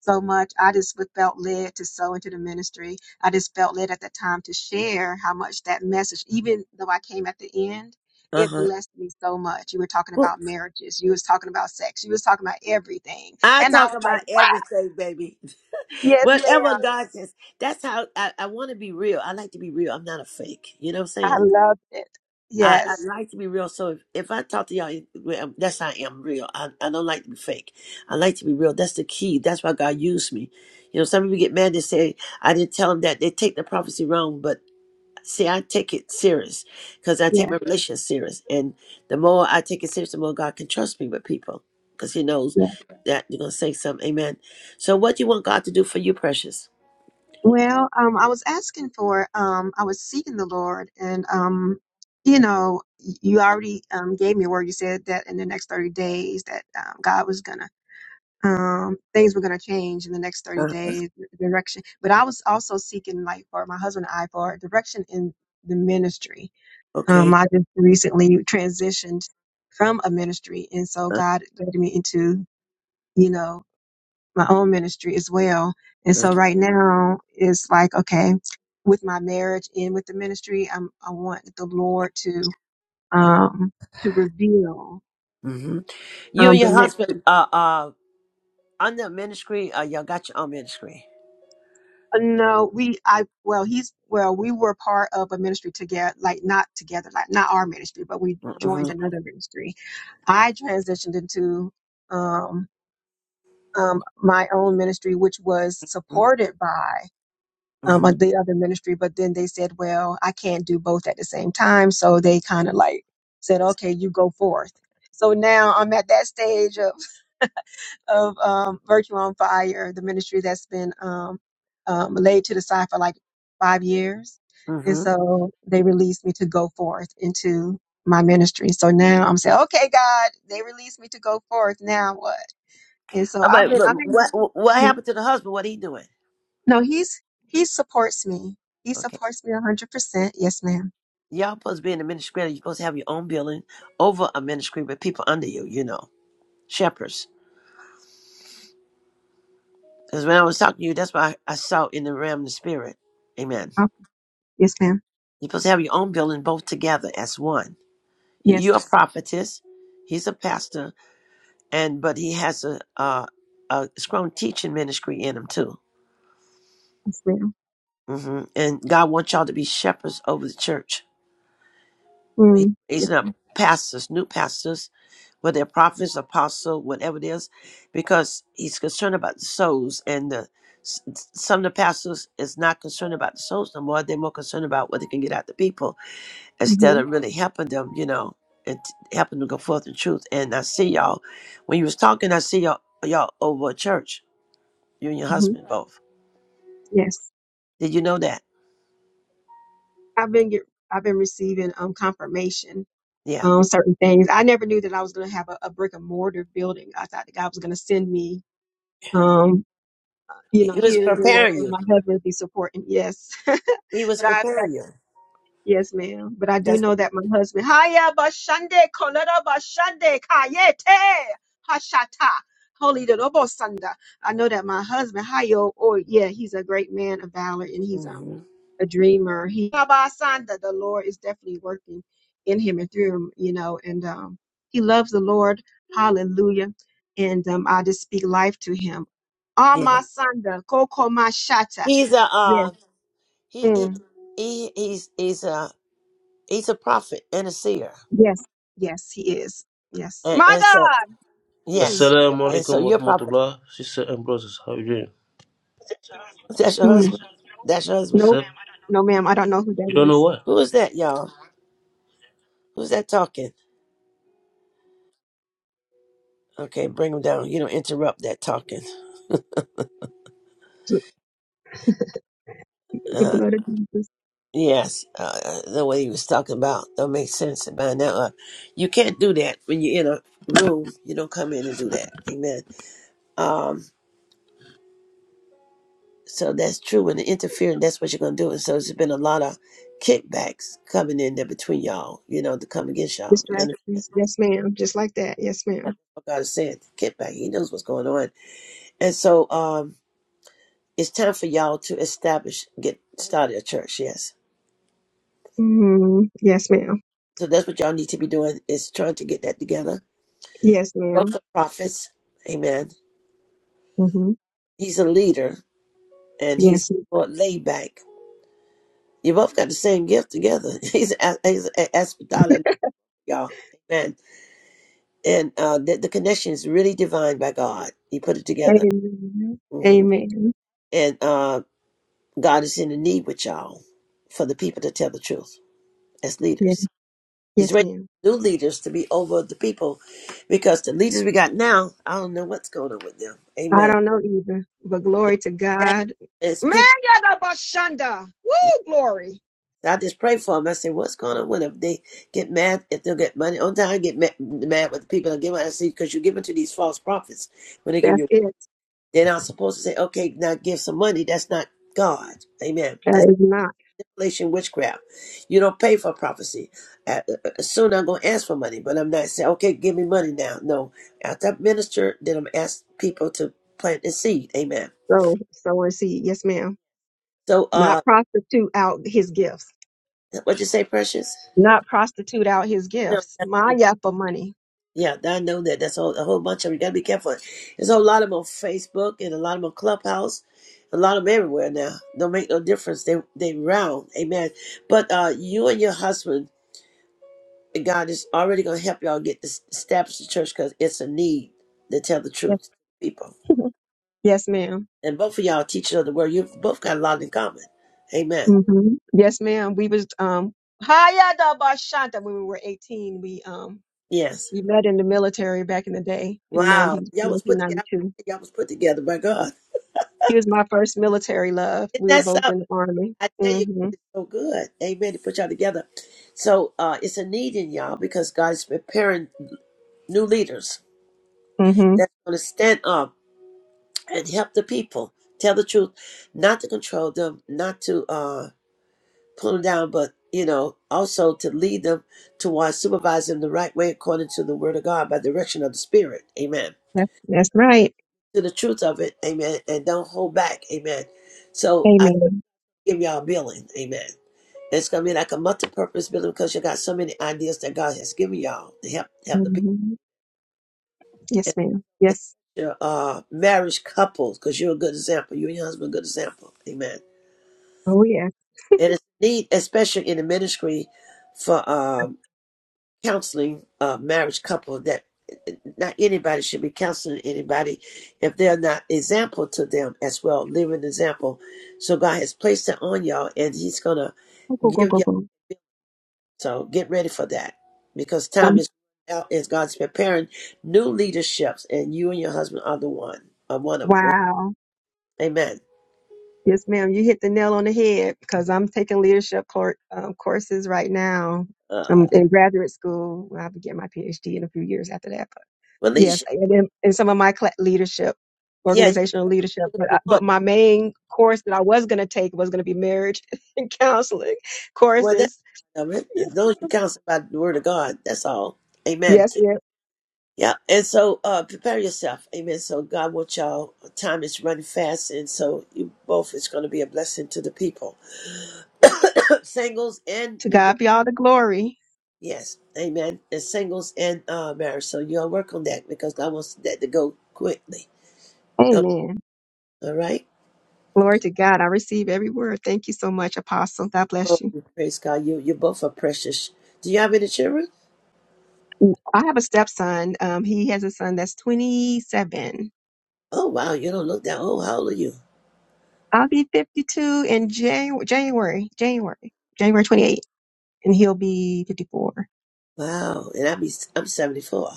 [SPEAKER 14] so much. I just w- felt led to sow into the ministry. I just felt led at that time to share how much that message, even though I came at the end.
[SPEAKER 1] Uh
[SPEAKER 14] It
[SPEAKER 1] huh.
[SPEAKER 14] blessed me so much. You were talking about marriages. You was talking about sex. You was talking about everything.
[SPEAKER 1] I
[SPEAKER 14] And I
[SPEAKER 1] talk
[SPEAKER 14] was
[SPEAKER 1] about
[SPEAKER 14] like, wow,
[SPEAKER 1] everything, baby. [laughs]
[SPEAKER 14] yes,
[SPEAKER 1] Whatever
[SPEAKER 14] ma'am.
[SPEAKER 1] God says. That's how I, I want to be real. I like to be real. I'm not a fake. You know what I'm
[SPEAKER 14] I
[SPEAKER 1] saying?
[SPEAKER 14] loved it.
[SPEAKER 1] I, I
[SPEAKER 14] Yes.
[SPEAKER 1] like to be real. So if, if I talk to y'all, it- well, um, that's how I am real. I, I don't like to be fake. I like to be real. That's the key. That's why God used me. You know, some people get mad and say, I didn't tell them that. They take the prophecy wrong, but See, I take it serious because I take
[SPEAKER 14] Yes.
[SPEAKER 1] my relationship serious, and the more I take it serious, the more God can trust me with people because He knows
[SPEAKER 14] yes.
[SPEAKER 1] that you're gonna say something. Amen. So, what do you want God to do for you, precious?
[SPEAKER 14] Well, um, I was asking for, um, I was seeking the Lord, and um, you know, y- you already um, gave me a word. You said that in the next thirty days, that um, God was gonna, um, things were gonna change in the next thirty
[SPEAKER 1] Uh,
[SPEAKER 14] days direction. But I was also seeking, like, for my husband and I, for direction in the ministry. Um,
[SPEAKER 1] okay.
[SPEAKER 14] I just recently transitioned from a ministry, and so
[SPEAKER 1] Uh,
[SPEAKER 14] God led me into, you know my own ministry as well. And
[SPEAKER 1] uh,
[SPEAKER 14] so right now it's like, okay, with my marriage and with the ministry, I'm, I want the Lord to, um, to reveal,
[SPEAKER 1] hmm You
[SPEAKER 14] um,
[SPEAKER 1] and
[SPEAKER 14] the
[SPEAKER 1] your
[SPEAKER 14] next
[SPEAKER 1] husband
[SPEAKER 14] thing.
[SPEAKER 1] are uh, under ministry. Uh, y'all got your own ministry.
[SPEAKER 14] Uh, No, we, I, well, he's, well, we were part of a ministry together, like not together, like not our ministry, but we joined
[SPEAKER 1] Mm-hmm,
[SPEAKER 14] another ministry. I transitioned into, um, um, my own ministry, which was supported by um,
[SPEAKER 1] mm-hmm,
[SPEAKER 14] of the other ministry, but then they said, well, I can't do both at the same time. So they kind of like said, okay, you go forth. So now I'm at that stage of, of um, Virtue on Fire, the ministry that's been um, um, laid to the side for like five years. And
[SPEAKER 1] mm-hmm.
[SPEAKER 14] so they released me to go forth into my ministry. So now I'm saying, okay, God, they released me to go forth. Now what? And so I've
[SPEAKER 1] But,
[SPEAKER 14] been,
[SPEAKER 1] but
[SPEAKER 14] I
[SPEAKER 1] what what
[SPEAKER 14] mean,
[SPEAKER 1] happened to the husband? What he doing?
[SPEAKER 14] no, he's he supports me. He
[SPEAKER 1] Okay.
[SPEAKER 14] supports me a hundred percent. Yes, ma'am.
[SPEAKER 1] Y'all supposed to be in the ministry. You're supposed to have your own building over a ministry with people under you. You know. shepherds. Because when I was talking to you, that's what I, I saw in the realm of the spirit. Amen.
[SPEAKER 14] Oh, yes, ma'am.
[SPEAKER 1] You're supposed to have your own building both together as one. He- You're a
[SPEAKER 14] Yes,
[SPEAKER 1] prophetess. He's a pastor, and but he has a a, a strong teaching ministry in him too.
[SPEAKER 14] yes, ma'am.
[SPEAKER 1] hmm And God wants y'all to be shepherds over the church. He,
[SPEAKER 14] Mm,
[SPEAKER 1] he's
[SPEAKER 14] yes,
[SPEAKER 1] not
[SPEAKER 14] madam
[SPEAKER 1] pastors, new pastors. for their prophets, apostle, whatever it is, because he's concerned about the souls. And the, s- some of the pastors is not concerned about the souls no more. They're more concerned about what they can get out the people instead
[SPEAKER 14] hmm
[SPEAKER 1] of really helping them, you know, and t- helping them go forth in truth. And I see y'all, when you was talking, I see y'all, y'all over at church, you and your
[SPEAKER 14] hmm
[SPEAKER 1] husband both.
[SPEAKER 14] Yes,
[SPEAKER 1] Did you know that?
[SPEAKER 14] I've been get, I've been receiving um confirmation
[SPEAKER 1] Yeah.
[SPEAKER 14] on certain things. I never knew that I was going to have a, a brick and mortar building. I thought that God was going to send me um you
[SPEAKER 1] He
[SPEAKER 14] know
[SPEAKER 1] he was
[SPEAKER 14] here there
[SPEAKER 1] preparing
[SPEAKER 14] and
[SPEAKER 1] you.
[SPEAKER 14] my husband be supporting. Yes, [laughs] but
[SPEAKER 1] He was
[SPEAKER 14] I
[SPEAKER 1] preparing you.
[SPEAKER 14] Yes, ma'am. But I do
[SPEAKER 1] That's
[SPEAKER 14] know
[SPEAKER 1] what.
[SPEAKER 14] that my husband, Haya Bashande, Kolera Bashande, Kayete, Hashata, Holy Dodobo Sanda. I know that my husband, Hayo, or yeah, he's a great man of valor and he's um
[SPEAKER 1] hmm
[SPEAKER 14] a dreamer. He Baba Sanda, the Lord is definitely working in him and through him, you know, and um he loves the Lord. Hallelujah. And um I just speak life to him.
[SPEAKER 1] Yeah.
[SPEAKER 14] Ama Sanda, Koko Mashata.
[SPEAKER 1] He's a,
[SPEAKER 14] Yes.
[SPEAKER 1] uh, he,
[SPEAKER 14] mm.
[SPEAKER 1] he, he, he's, he's a, He's a prophet and a seer.
[SPEAKER 14] Yes, yes, he is. Yes.
[SPEAKER 1] And,
[SPEAKER 14] My
[SPEAKER 1] and so,
[SPEAKER 14] God. Mm.
[SPEAKER 1] yes.
[SPEAKER 15] Assalamu
[SPEAKER 1] And so
[SPEAKER 15] alaikum
[SPEAKER 1] your prophet.
[SPEAKER 15] warahmatullah. Sister and brothers, how are you doing?
[SPEAKER 1] [laughs] That's your
[SPEAKER 14] Mm.
[SPEAKER 1] husband. That's your husband.
[SPEAKER 15] What's
[SPEAKER 14] Nope.
[SPEAKER 15] up?
[SPEAKER 14] No, ma'am. I don't know who that
[SPEAKER 15] You don't know
[SPEAKER 14] is.
[SPEAKER 15] what?
[SPEAKER 1] Who is that, y'all? Who's that talking? Okay, bring him down. You don't interrupt that talking.
[SPEAKER 14] The, the
[SPEAKER 1] Uh,
[SPEAKER 14] blood of Jesus.
[SPEAKER 1] yes, uh, the way he was talking about don't make sense. And by now, uh, you can't do that when you're in a room. You don't come in and do that. Amen. Um, so that's true. When the interfering, that's what you're gonna do. And so there's been a lot of kickbacks coming in there between y'all. You know, to come against y'all. You understand?
[SPEAKER 14] Distractions. Yes, ma'am. Just like that. Yes, madam
[SPEAKER 1] That's what God is saying. Get back. He knows what's going on. And so um, it's time for y'all to establish, get started a church. Yes.
[SPEAKER 14] Mm-hmm. Yes, ma'am.
[SPEAKER 1] So that's what y'all need to be doing is trying to get that together.
[SPEAKER 14] Yes,
[SPEAKER 1] Both
[SPEAKER 14] ma'am.
[SPEAKER 1] are prophets. Amen.
[SPEAKER 14] Mm-hmm.
[SPEAKER 1] He's a leader and he's
[SPEAKER 14] Yes.
[SPEAKER 1] more laid back. You both got the same gift together. [laughs] He's a- he's a- aspidala, y'all. Amen. And uh, the, the connection is really divine by God. He put it together.
[SPEAKER 14] Amen.
[SPEAKER 1] hmm
[SPEAKER 14] Amen.
[SPEAKER 1] And uh, God is in the need with y'all for the people to tell the truth. as
[SPEAKER 14] Yeah.
[SPEAKER 1] leaders. He's
[SPEAKER 14] Yes,
[SPEAKER 1] raising
[SPEAKER 14] ma'am.
[SPEAKER 1] new leaders to be over the people because the leaders we got now, I don't know what's going on with them.
[SPEAKER 14] I
[SPEAKER 1] Amen.
[SPEAKER 14] don't know either, but
[SPEAKER 1] Yeah.
[SPEAKER 14] glory to
[SPEAKER 1] That
[SPEAKER 14] God.
[SPEAKER 1] is people.
[SPEAKER 14] Man, Bashanda. Woo, glory.
[SPEAKER 1] I just pray for them. I say, what's going on with them? They get mad if they'll get money on time, get mad, mad with the people that give out. I see because you give it to these false prophets when they give
[SPEAKER 14] That's
[SPEAKER 1] you.
[SPEAKER 14] it.
[SPEAKER 1] They're not supposed to say, okay, now give some money. That's not God. Amen.
[SPEAKER 14] That is not
[SPEAKER 1] manipulation, witchcraft. You don't pay for prophecy. Uh, uh, uh, soon I'm going to ask for money, but I'm not saying, okay, give me money now. No, after I minister, then I'm ask people to plant the seed. Amen.
[SPEAKER 14] so. So and see. Yes, ma'am.
[SPEAKER 1] So, uh,
[SPEAKER 14] Not prostitute out his gifts.
[SPEAKER 1] what you say, precious?
[SPEAKER 14] Not prostitute out his
[SPEAKER 1] No,
[SPEAKER 14] gifts.
[SPEAKER 1] that's
[SPEAKER 14] My
[SPEAKER 1] it.
[SPEAKER 14] yappa money.
[SPEAKER 1] yeah, I know that. That's all, a whole bunch of you got to be careful. There's a lot of them on Facebook and a lot of them on Clubhouse. A lot of them everywhere now. Don't make no difference. They they round, amen. But uh, you and your husband God is already going to help y'all get this establish the church because it's a need to tell the
[SPEAKER 14] Yes,
[SPEAKER 1] truth to people.
[SPEAKER 14] [laughs] yes madam
[SPEAKER 1] And both of y'all teachers of the word, you've both got a lot in common. Amen.
[SPEAKER 14] Mm-hmm. Yes, ma'am. We was um Haya da bashanta. when we were 18. We um
[SPEAKER 1] Yes.
[SPEAKER 14] we met in the military back in the day in
[SPEAKER 1] Wow.
[SPEAKER 14] nineteen
[SPEAKER 1] Y'all was
[SPEAKER 14] nineteen
[SPEAKER 1] put
[SPEAKER 14] ninety
[SPEAKER 1] together.
[SPEAKER 14] two.
[SPEAKER 1] Y'all was put together by God.
[SPEAKER 14] He was my first military love.
[SPEAKER 1] Isn't
[SPEAKER 14] We were
[SPEAKER 1] that
[SPEAKER 14] both
[SPEAKER 1] something?
[SPEAKER 14] in the army.
[SPEAKER 1] I tell you,
[SPEAKER 14] Mm-hmm.
[SPEAKER 1] it's so good. Amen. To put y'all together. So uh, it's a need in y'all because God is preparing new leaders
[SPEAKER 14] Mm-hmm.
[SPEAKER 1] that's going to stand up and help the people tell the truth, not to control them, not to. uh, pull them down, but you know, also to lead them towards supervising the right way according to the word of God by direction of the Spirit. Amen.
[SPEAKER 14] That's, that's right.
[SPEAKER 1] To the truth of it, amen. And don't hold back, amen. So I
[SPEAKER 14] Amen.
[SPEAKER 1] give y'all a building, amen. It's gonna be like a multi purpose building because you got so many ideas that God has given y'all to help help the people.
[SPEAKER 14] Mm-hmm. Yes,
[SPEAKER 1] And
[SPEAKER 14] ma'am.
[SPEAKER 1] it's
[SPEAKER 14] Yes.
[SPEAKER 1] Your uh, marriage couples, because you're a good example. You and your husband, a good example. Amen.
[SPEAKER 14] Oh, yeah.
[SPEAKER 1] And it's need, especially in the ministry, for um counseling a marriage couple that not anybody should be counseling anybody if they're not example to them as well, living example. So God has placed that on y'all, and He's gonna
[SPEAKER 14] Go, go, go,
[SPEAKER 1] give
[SPEAKER 14] go,
[SPEAKER 1] y'all.
[SPEAKER 14] go.
[SPEAKER 1] So get ready for that because time
[SPEAKER 14] Um,
[SPEAKER 1] is out, as God's preparing new leaderships, and you and your husband are the one, are one of them.
[SPEAKER 14] wow.
[SPEAKER 1] Amen.
[SPEAKER 14] Yes, ma'am. You hit the nail on the head because I'm taking leadership cour um, courses right now.
[SPEAKER 1] Uh,
[SPEAKER 14] I'm in graduate school. I'll be getting my PhD in a few years after that. But
[SPEAKER 1] well,
[SPEAKER 14] yes,
[SPEAKER 1] leadership,
[SPEAKER 14] and in, in some of my cla leadership,
[SPEAKER 1] yeah, you
[SPEAKER 14] organizational leadership. But I, but
[SPEAKER 1] want.
[SPEAKER 14] my main course that I was going to take was going to be marriage [laughs] and counseling
[SPEAKER 1] Well, that's
[SPEAKER 14] courses.
[SPEAKER 1] part of it.
[SPEAKER 14] Yes,
[SPEAKER 1] As long as you counsel by the word of God, that's all. Amen.
[SPEAKER 14] yes. yes.
[SPEAKER 1] Yeah, and so uh, prepare yourself. Amen. So God wants y'all. uh, Time is running fast, and so you both is going to be a blessing to the people, [coughs] singles and
[SPEAKER 14] To
[SPEAKER 1] the the-
[SPEAKER 14] God be all the glory.
[SPEAKER 1] yes, amen. And singles and uh, marriage. So you all work on that because God wants that to go quickly. Okay,
[SPEAKER 14] Amen.
[SPEAKER 1] All right.
[SPEAKER 14] Glory to God. I receive every word. Thank you so much, Apostle. God bless
[SPEAKER 1] Oh,
[SPEAKER 14] you.
[SPEAKER 1] praise God. You you both are precious. Do you have any children?
[SPEAKER 14] I have a stepson. Um, he has a son that's 27.
[SPEAKER 1] Oh wow, you don't look that old. How old are you?
[SPEAKER 14] I'll be 52 in Jan- January, January, January 28, and he'll be 54.
[SPEAKER 1] Wow, and I be I'm seventy four.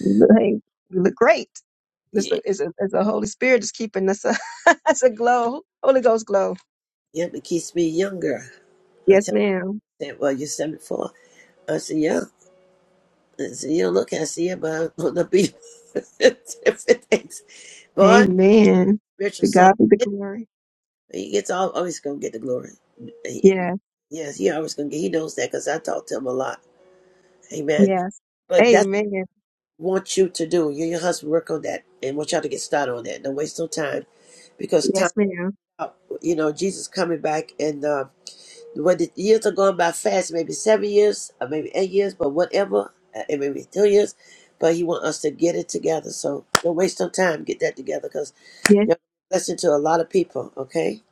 [SPEAKER 14] You look, hey, you look great. This
[SPEAKER 1] Yeah,
[SPEAKER 14] is a, it's a Holy Spirit just keeping us. That's A, [laughs] it's a glow, Holy Ghost glow.
[SPEAKER 1] yeah, it keeps me younger. I
[SPEAKER 14] Yes,
[SPEAKER 1] tell
[SPEAKER 14] ma'am.
[SPEAKER 1] them, well, you're seventy four. I said, yeah. So you look and see about the people. [laughs] different things. Boy,
[SPEAKER 14] Amen.
[SPEAKER 1] spiritual
[SPEAKER 14] To
[SPEAKER 1] son,
[SPEAKER 14] God be the glory.
[SPEAKER 1] he gets all, always gonna get the glory. He,
[SPEAKER 14] Yeah.
[SPEAKER 1] yes, he always gonna get. He knows that because I talk to him a lot. Amen.
[SPEAKER 14] Yes.
[SPEAKER 1] But that's
[SPEAKER 14] Amen.
[SPEAKER 1] what I want you to do. You and your husband work on that, and want y'all to get started on that. Don't waste no time because time
[SPEAKER 14] Yes, ma'am.
[SPEAKER 1] out. You know, Jesus coming back, and uh, Whether years are gone by fast, maybe seven years or maybe eight years, but whatever, uh, it may be two years. But he want us to get it together. So don't waste no time. Get that together because
[SPEAKER 14] Yes.
[SPEAKER 1] you're a blessing to a lot of people. Okay.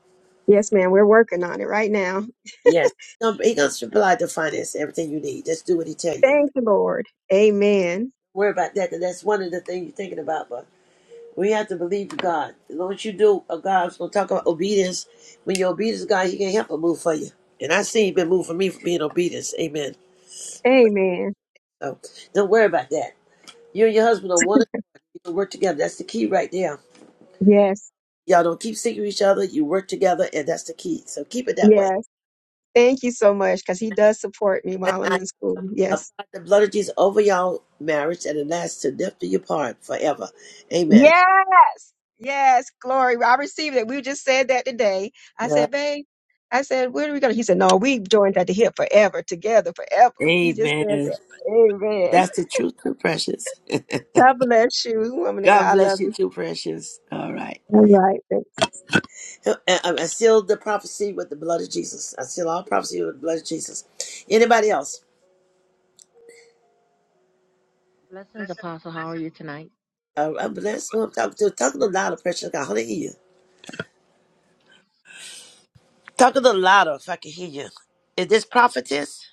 [SPEAKER 14] Yes, ma'am. We're working on it right now.
[SPEAKER 1] Yes. He's gonna he gonna supply the finance, everything you need. Just do what he tell you. Don't
[SPEAKER 14] Thank you, Lord. Amen.
[SPEAKER 1] worry about that, cause that's one of the things you're thinking about. But we have to believe in God. As long as you do, uh, God's gonna talk about obedience. When you're obedient to God, He can help but move for you. And I see He been moved for me for being obedient. Amen.
[SPEAKER 14] Amen.
[SPEAKER 1] So don't worry about that. You and your husband are one. You can work together. That's the key right there.
[SPEAKER 14] Yes.
[SPEAKER 1] Y'all don't keep seeking each other. You work together, and that's the key. So keep it that way.
[SPEAKER 14] Yes. Thank you so much because he does support me
[SPEAKER 1] And
[SPEAKER 14] while I'm
[SPEAKER 1] I
[SPEAKER 14] in school. Yes.
[SPEAKER 1] apply the blood of Jesus over y'all marriage, and it lasts to death do you part forever. Amen.
[SPEAKER 14] Yes. Yes. Glory. I received it. We just said that today. I
[SPEAKER 1] Yeah.
[SPEAKER 14] said, babe, I said, where are we going? He said, no, we joined at the hip forever, together, forever. He just said
[SPEAKER 1] Amen.
[SPEAKER 14] that. Amen.
[SPEAKER 1] That's the truth, too precious.
[SPEAKER 14] God bless you, woman of God.
[SPEAKER 1] God
[SPEAKER 14] I
[SPEAKER 1] bless
[SPEAKER 14] love
[SPEAKER 1] you,
[SPEAKER 14] you.
[SPEAKER 1] too precious. All right.
[SPEAKER 14] All right. Thanks.
[SPEAKER 1] And I I seal the prophecy with the blood of Jesus. I seal all prophecy with the blood of Jesus. Anybody else?
[SPEAKER 13] Blessings, Apostle. How are you tonight?
[SPEAKER 1] Uh, I'm blessed. Who I'm talking to. Talking to a lot of precious God. Hallelujah. Talk a little louder if I can hear you. Is this prophetess?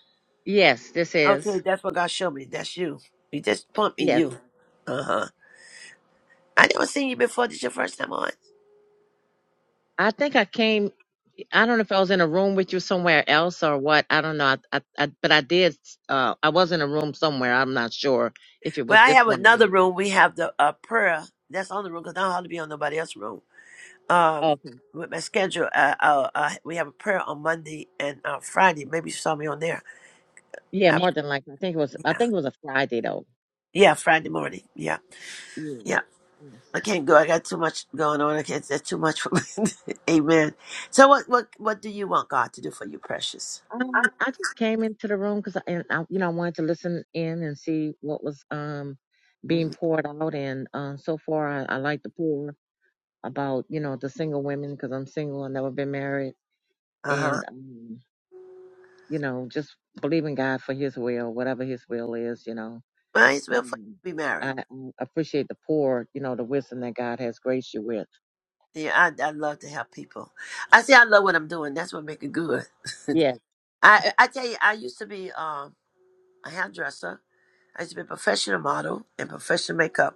[SPEAKER 13] Yes, this
[SPEAKER 1] Okay,
[SPEAKER 13] is.
[SPEAKER 1] that's what God showed me. That's you. He just point me
[SPEAKER 13] Yes.
[SPEAKER 1] you. Uh huh. I never seen you before. This your first time on.
[SPEAKER 13] I think I came, I don't know if I was in a room with you somewhere else or what. I don't know. I, I, I but I did, uh, I was in a room somewhere. I'm not sure if it was
[SPEAKER 1] Well, I
[SPEAKER 13] this
[SPEAKER 1] have
[SPEAKER 13] one or
[SPEAKER 1] another
[SPEAKER 13] not.
[SPEAKER 1] room. We have the uh, prayer. That's on the room because I don't have to be on nobody else's room. Um,
[SPEAKER 13] Okay.
[SPEAKER 1] with my schedule, uh, uh, uh, we have a prayer on Monday and uh, Friday. Maybe you saw me on there.
[SPEAKER 13] Yeah,
[SPEAKER 1] Uh,
[SPEAKER 13] more than likely. I think it was, I
[SPEAKER 1] yeah,
[SPEAKER 13] think it was a Friday though.
[SPEAKER 1] yeah, Friday morning. Yeah,
[SPEAKER 13] Yeah.
[SPEAKER 1] yeah.
[SPEAKER 13] Yes.
[SPEAKER 1] I can't go. I got too much going on. I can't. That's too much for me. [laughs] Amen. So what what what do you want God to do for you, precious?
[SPEAKER 13] Um, I just came into the room because I, and I, you know, I wanted to listen in and see what was um being
[SPEAKER 1] hmm
[SPEAKER 13] poured out, and uh, so far I, I like the pour. about you know the single women because I'm single I've never been married,
[SPEAKER 1] Uh huh.
[SPEAKER 13] and um, you know just believing God for His will, whatever His will is, you know.
[SPEAKER 1] Might as
[SPEAKER 13] But
[SPEAKER 1] well for
[SPEAKER 13] um,
[SPEAKER 1] you to be
[SPEAKER 13] I
[SPEAKER 1] married.
[SPEAKER 13] um, appreciate the poor, you know, the wisdom that God has graced you with.
[SPEAKER 1] Yeah, I I love to help people. I say I love what I'm doing. That's what makes it good.
[SPEAKER 13] Yes,
[SPEAKER 1] I I tell you, I used to be um a hairdresser. I used to be a professional model and professional makeup,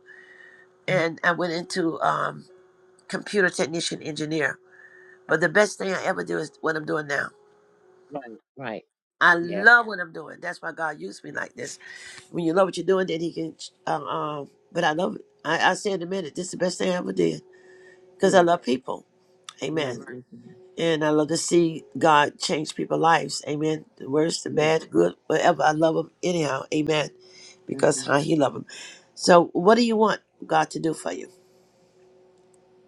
[SPEAKER 1] and I went into um computer technician engineer. But the best thing I ever do is what I'm doing now.
[SPEAKER 13] right, right,
[SPEAKER 1] I
[SPEAKER 13] yes,
[SPEAKER 1] love what I'm doing. That's why God used me like this. When you love what you're doing, then He can. Um, um but I love it. I, I say in a minute, this is the best thing I ever did because I
[SPEAKER 13] yes,
[SPEAKER 1] love people.
[SPEAKER 13] right,
[SPEAKER 1] Amen. Right.
[SPEAKER 13] yes, ma'am.
[SPEAKER 1] And I love to see God change people's lives. Amen. The worst, the
[SPEAKER 13] yes.
[SPEAKER 1] bad, the good, whatever. I love them anyhow. Amen.
[SPEAKER 13] That's
[SPEAKER 1] Because
[SPEAKER 13] right.
[SPEAKER 1] how He love them. So, what do you want God to do for you?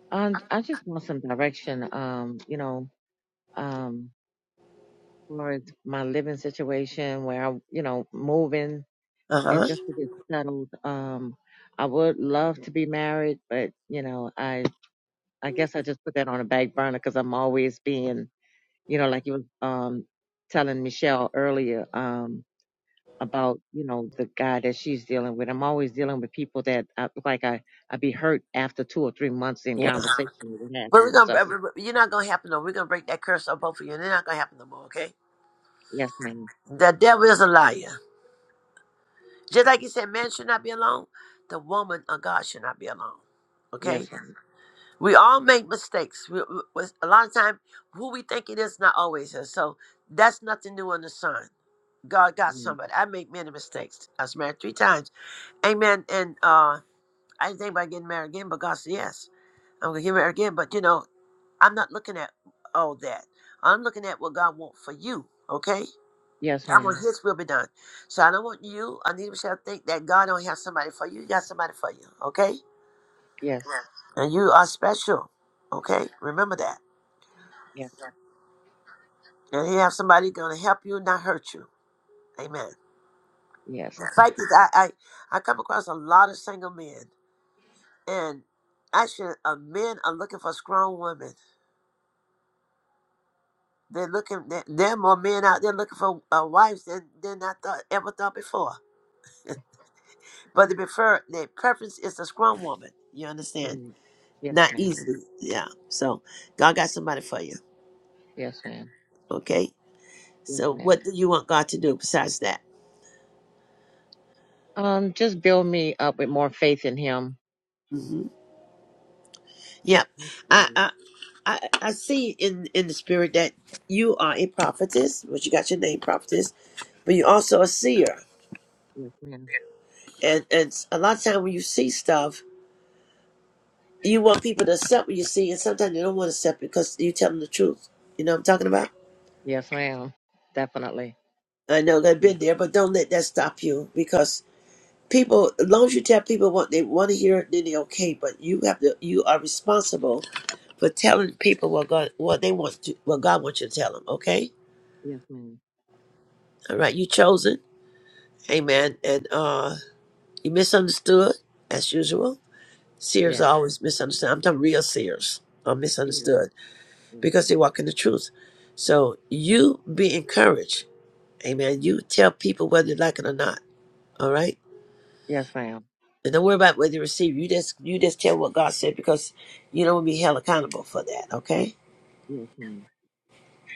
[SPEAKER 13] Um, I just want some direction. Um, you know, um, as far as my living situation, where I, you know, moving
[SPEAKER 1] Uh
[SPEAKER 13] and
[SPEAKER 1] huh.
[SPEAKER 13] just to get settled. Um, I would love to be married, but you know, I I guess I just put that on a back burner because I'm always being, you know, like you were um telling Michelle earlier um about you know the guy that she's dealing with. I'm always dealing with people that I, like I I be hurt after two or three months in
[SPEAKER 1] Yeah.
[SPEAKER 13] conversation with what have
[SPEAKER 1] But we're
[SPEAKER 13] you.
[SPEAKER 1] gonna.
[SPEAKER 13] So
[SPEAKER 1] You're not gonna happen no. We're gonna break that curse on both of you. and It's not gonna happen no more. Okay.
[SPEAKER 13] yes, ma'am.
[SPEAKER 1] The devil is a liar. Just like you said, man should not be alone, the woman of God should not be alone. Okay?
[SPEAKER 13] Yes, ma'am.
[SPEAKER 1] We all make mistakes. We, we- we- a lot of time, who we think it is, not always is. So that's nothing new under the sun. God got
[SPEAKER 13] Mm.
[SPEAKER 1] somebody. I make many mistakes. I was married three times. Amen. And uh, I didn't think about getting married again, but God said, yes, I'm going to get married again. But, you know, I'm not looking at all that. I'm looking at what God wants for you. Okay?
[SPEAKER 13] Yes,
[SPEAKER 1] I want
[SPEAKER 13] ma'am.
[SPEAKER 1] his will be done. So I don't want you, Anita Michelle, to think that God don't have somebody for you. You got somebody for you, okay? Yes.
[SPEAKER 13] Yes.
[SPEAKER 1] And you are special, okay? Remember that.
[SPEAKER 13] Yes.
[SPEAKER 1] Yes. And he have somebody going to help you, not hurt you. Amen.
[SPEAKER 13] Yes.
[SPEAKER 1] The Yes. fact is, I, I, I come across a lot of single men, and actually, uh, men are looking for strong women. They're looking. There there are more men out there looking for uh, wives than than I thought ever thought before. But they prefer their preference is a strong woman. You understand?
[SPEAKER 13] Mm. Yes,
[SPEAKER 1] Not
[SPEAKER 13] ma'am.
[SPEAKER 1] easily. Yeah. So God got somebody for you.
[SPEAKER 13] Yes, ma'am.
[SPEAKER 1] Okay.
[SPEAKER 13] Yes,
[SPEAKER 1] So
[SPEAKER 13] ma'am.
[SPEAKER 1] what do you want God to do besides that?
[SPEAKER 13] Um, just build me up with more faith in him.
[SPEAKER 1] hmm Yeah. I, I I I see in in the spirit that you are a prophetess, which you got your name prophetess, but you also a seer.
[SPEAKER 13] Yes, ma'am. Yes, ma'am.
[SPEAKER 1] And and a lot of time when you see stuff, you want people to accept what you see, and sometimes they don't want to accept it because you tell them the truth. You know what I'm talking about?
[SPEAKER 13] Yes, ma'am. Definitely.
[SPEAKER 1] I know they've
[SPEAKER 13] Yes,
[SPEAKER 1] been there, but don't let that stop you because people as long as you tell people what they want to hear then they're okay but you have to you are responsible for telling people what god what they want to what god wants you to tell them okay
[SPEAKER 13] yes, ma'am.
[SPEAKER 1] all right you chosen amen and uh you misunderstood as usual seers
[SPEAKER 13] Yeah.
[SPEAKER 1] are always misunderstood i'm talking real seers are
[SPEAKER 13] Yes,
[SPEAKER 1] misunderstood because they walk in the truth so you be encouraged amen you tell people whether they like it or not all right
[SPEAKER 13] yes, ma'am.
[SPEAKER 1] And don't worry about whether you receive. You just you just tell what God said because you don't want to be held accountable for that, okay?
[SPEAKER 13] Yes, ma'am.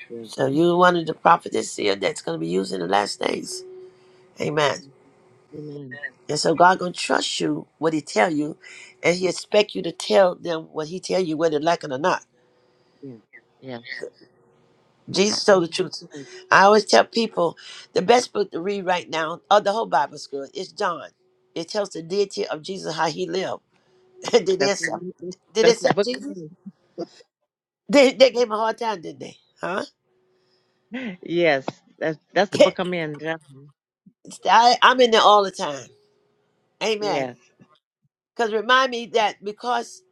[SPEAKER 13] Yes, ma'am. Yes.
[SPEAKER 1] So you one of the prophets here that's gonna be used in the last days. Amen.
[SPEAKER 13] Amen.
[SPEAKER 1] And so God gonna trust you what he tell you, and he expect you to tell them what he tell you, whether they like it or not.
[SPEAKER 13] Yes. Yes.
[SPEAKER 1] Jesus
[SPEAKER 13] Yes,
[SPEAKER 1] told the
[SPEAKER 13] That's
[SPEAKER 1] truth.
[SPEAKER 13] right.
[SPEAKER 1] I always tell people the best book to read right now, or the whole Bible's good, is John. It tells the deity of Jesus how he lived. [laughs] did they
[SPEAKER 13] That's what
[SPEAKER 1] accept
[SPEAKER 13] I'm.
[SPEAKER 1] did they
[SPEAKER 13] That's that's the
[SPEAKER 1] accept
[SPEAKER 13] book I'm
[SPEAKER 1] Jesus?
[SPEAKER 13] in.
[SPEAKER 1] They they gave him a hard time, didn't they? Huh?
[SPEAKER 13] [laughs] Yes. That's that's the
[SPEAKER 1] Yeah,
[SPEAKER 13] book I'm in. John.
[SPEAKER 1] I, I'm in there all the time. Amen.
[SPEAKER 13] Yes.
[SPEAKER 1] Because remind me that because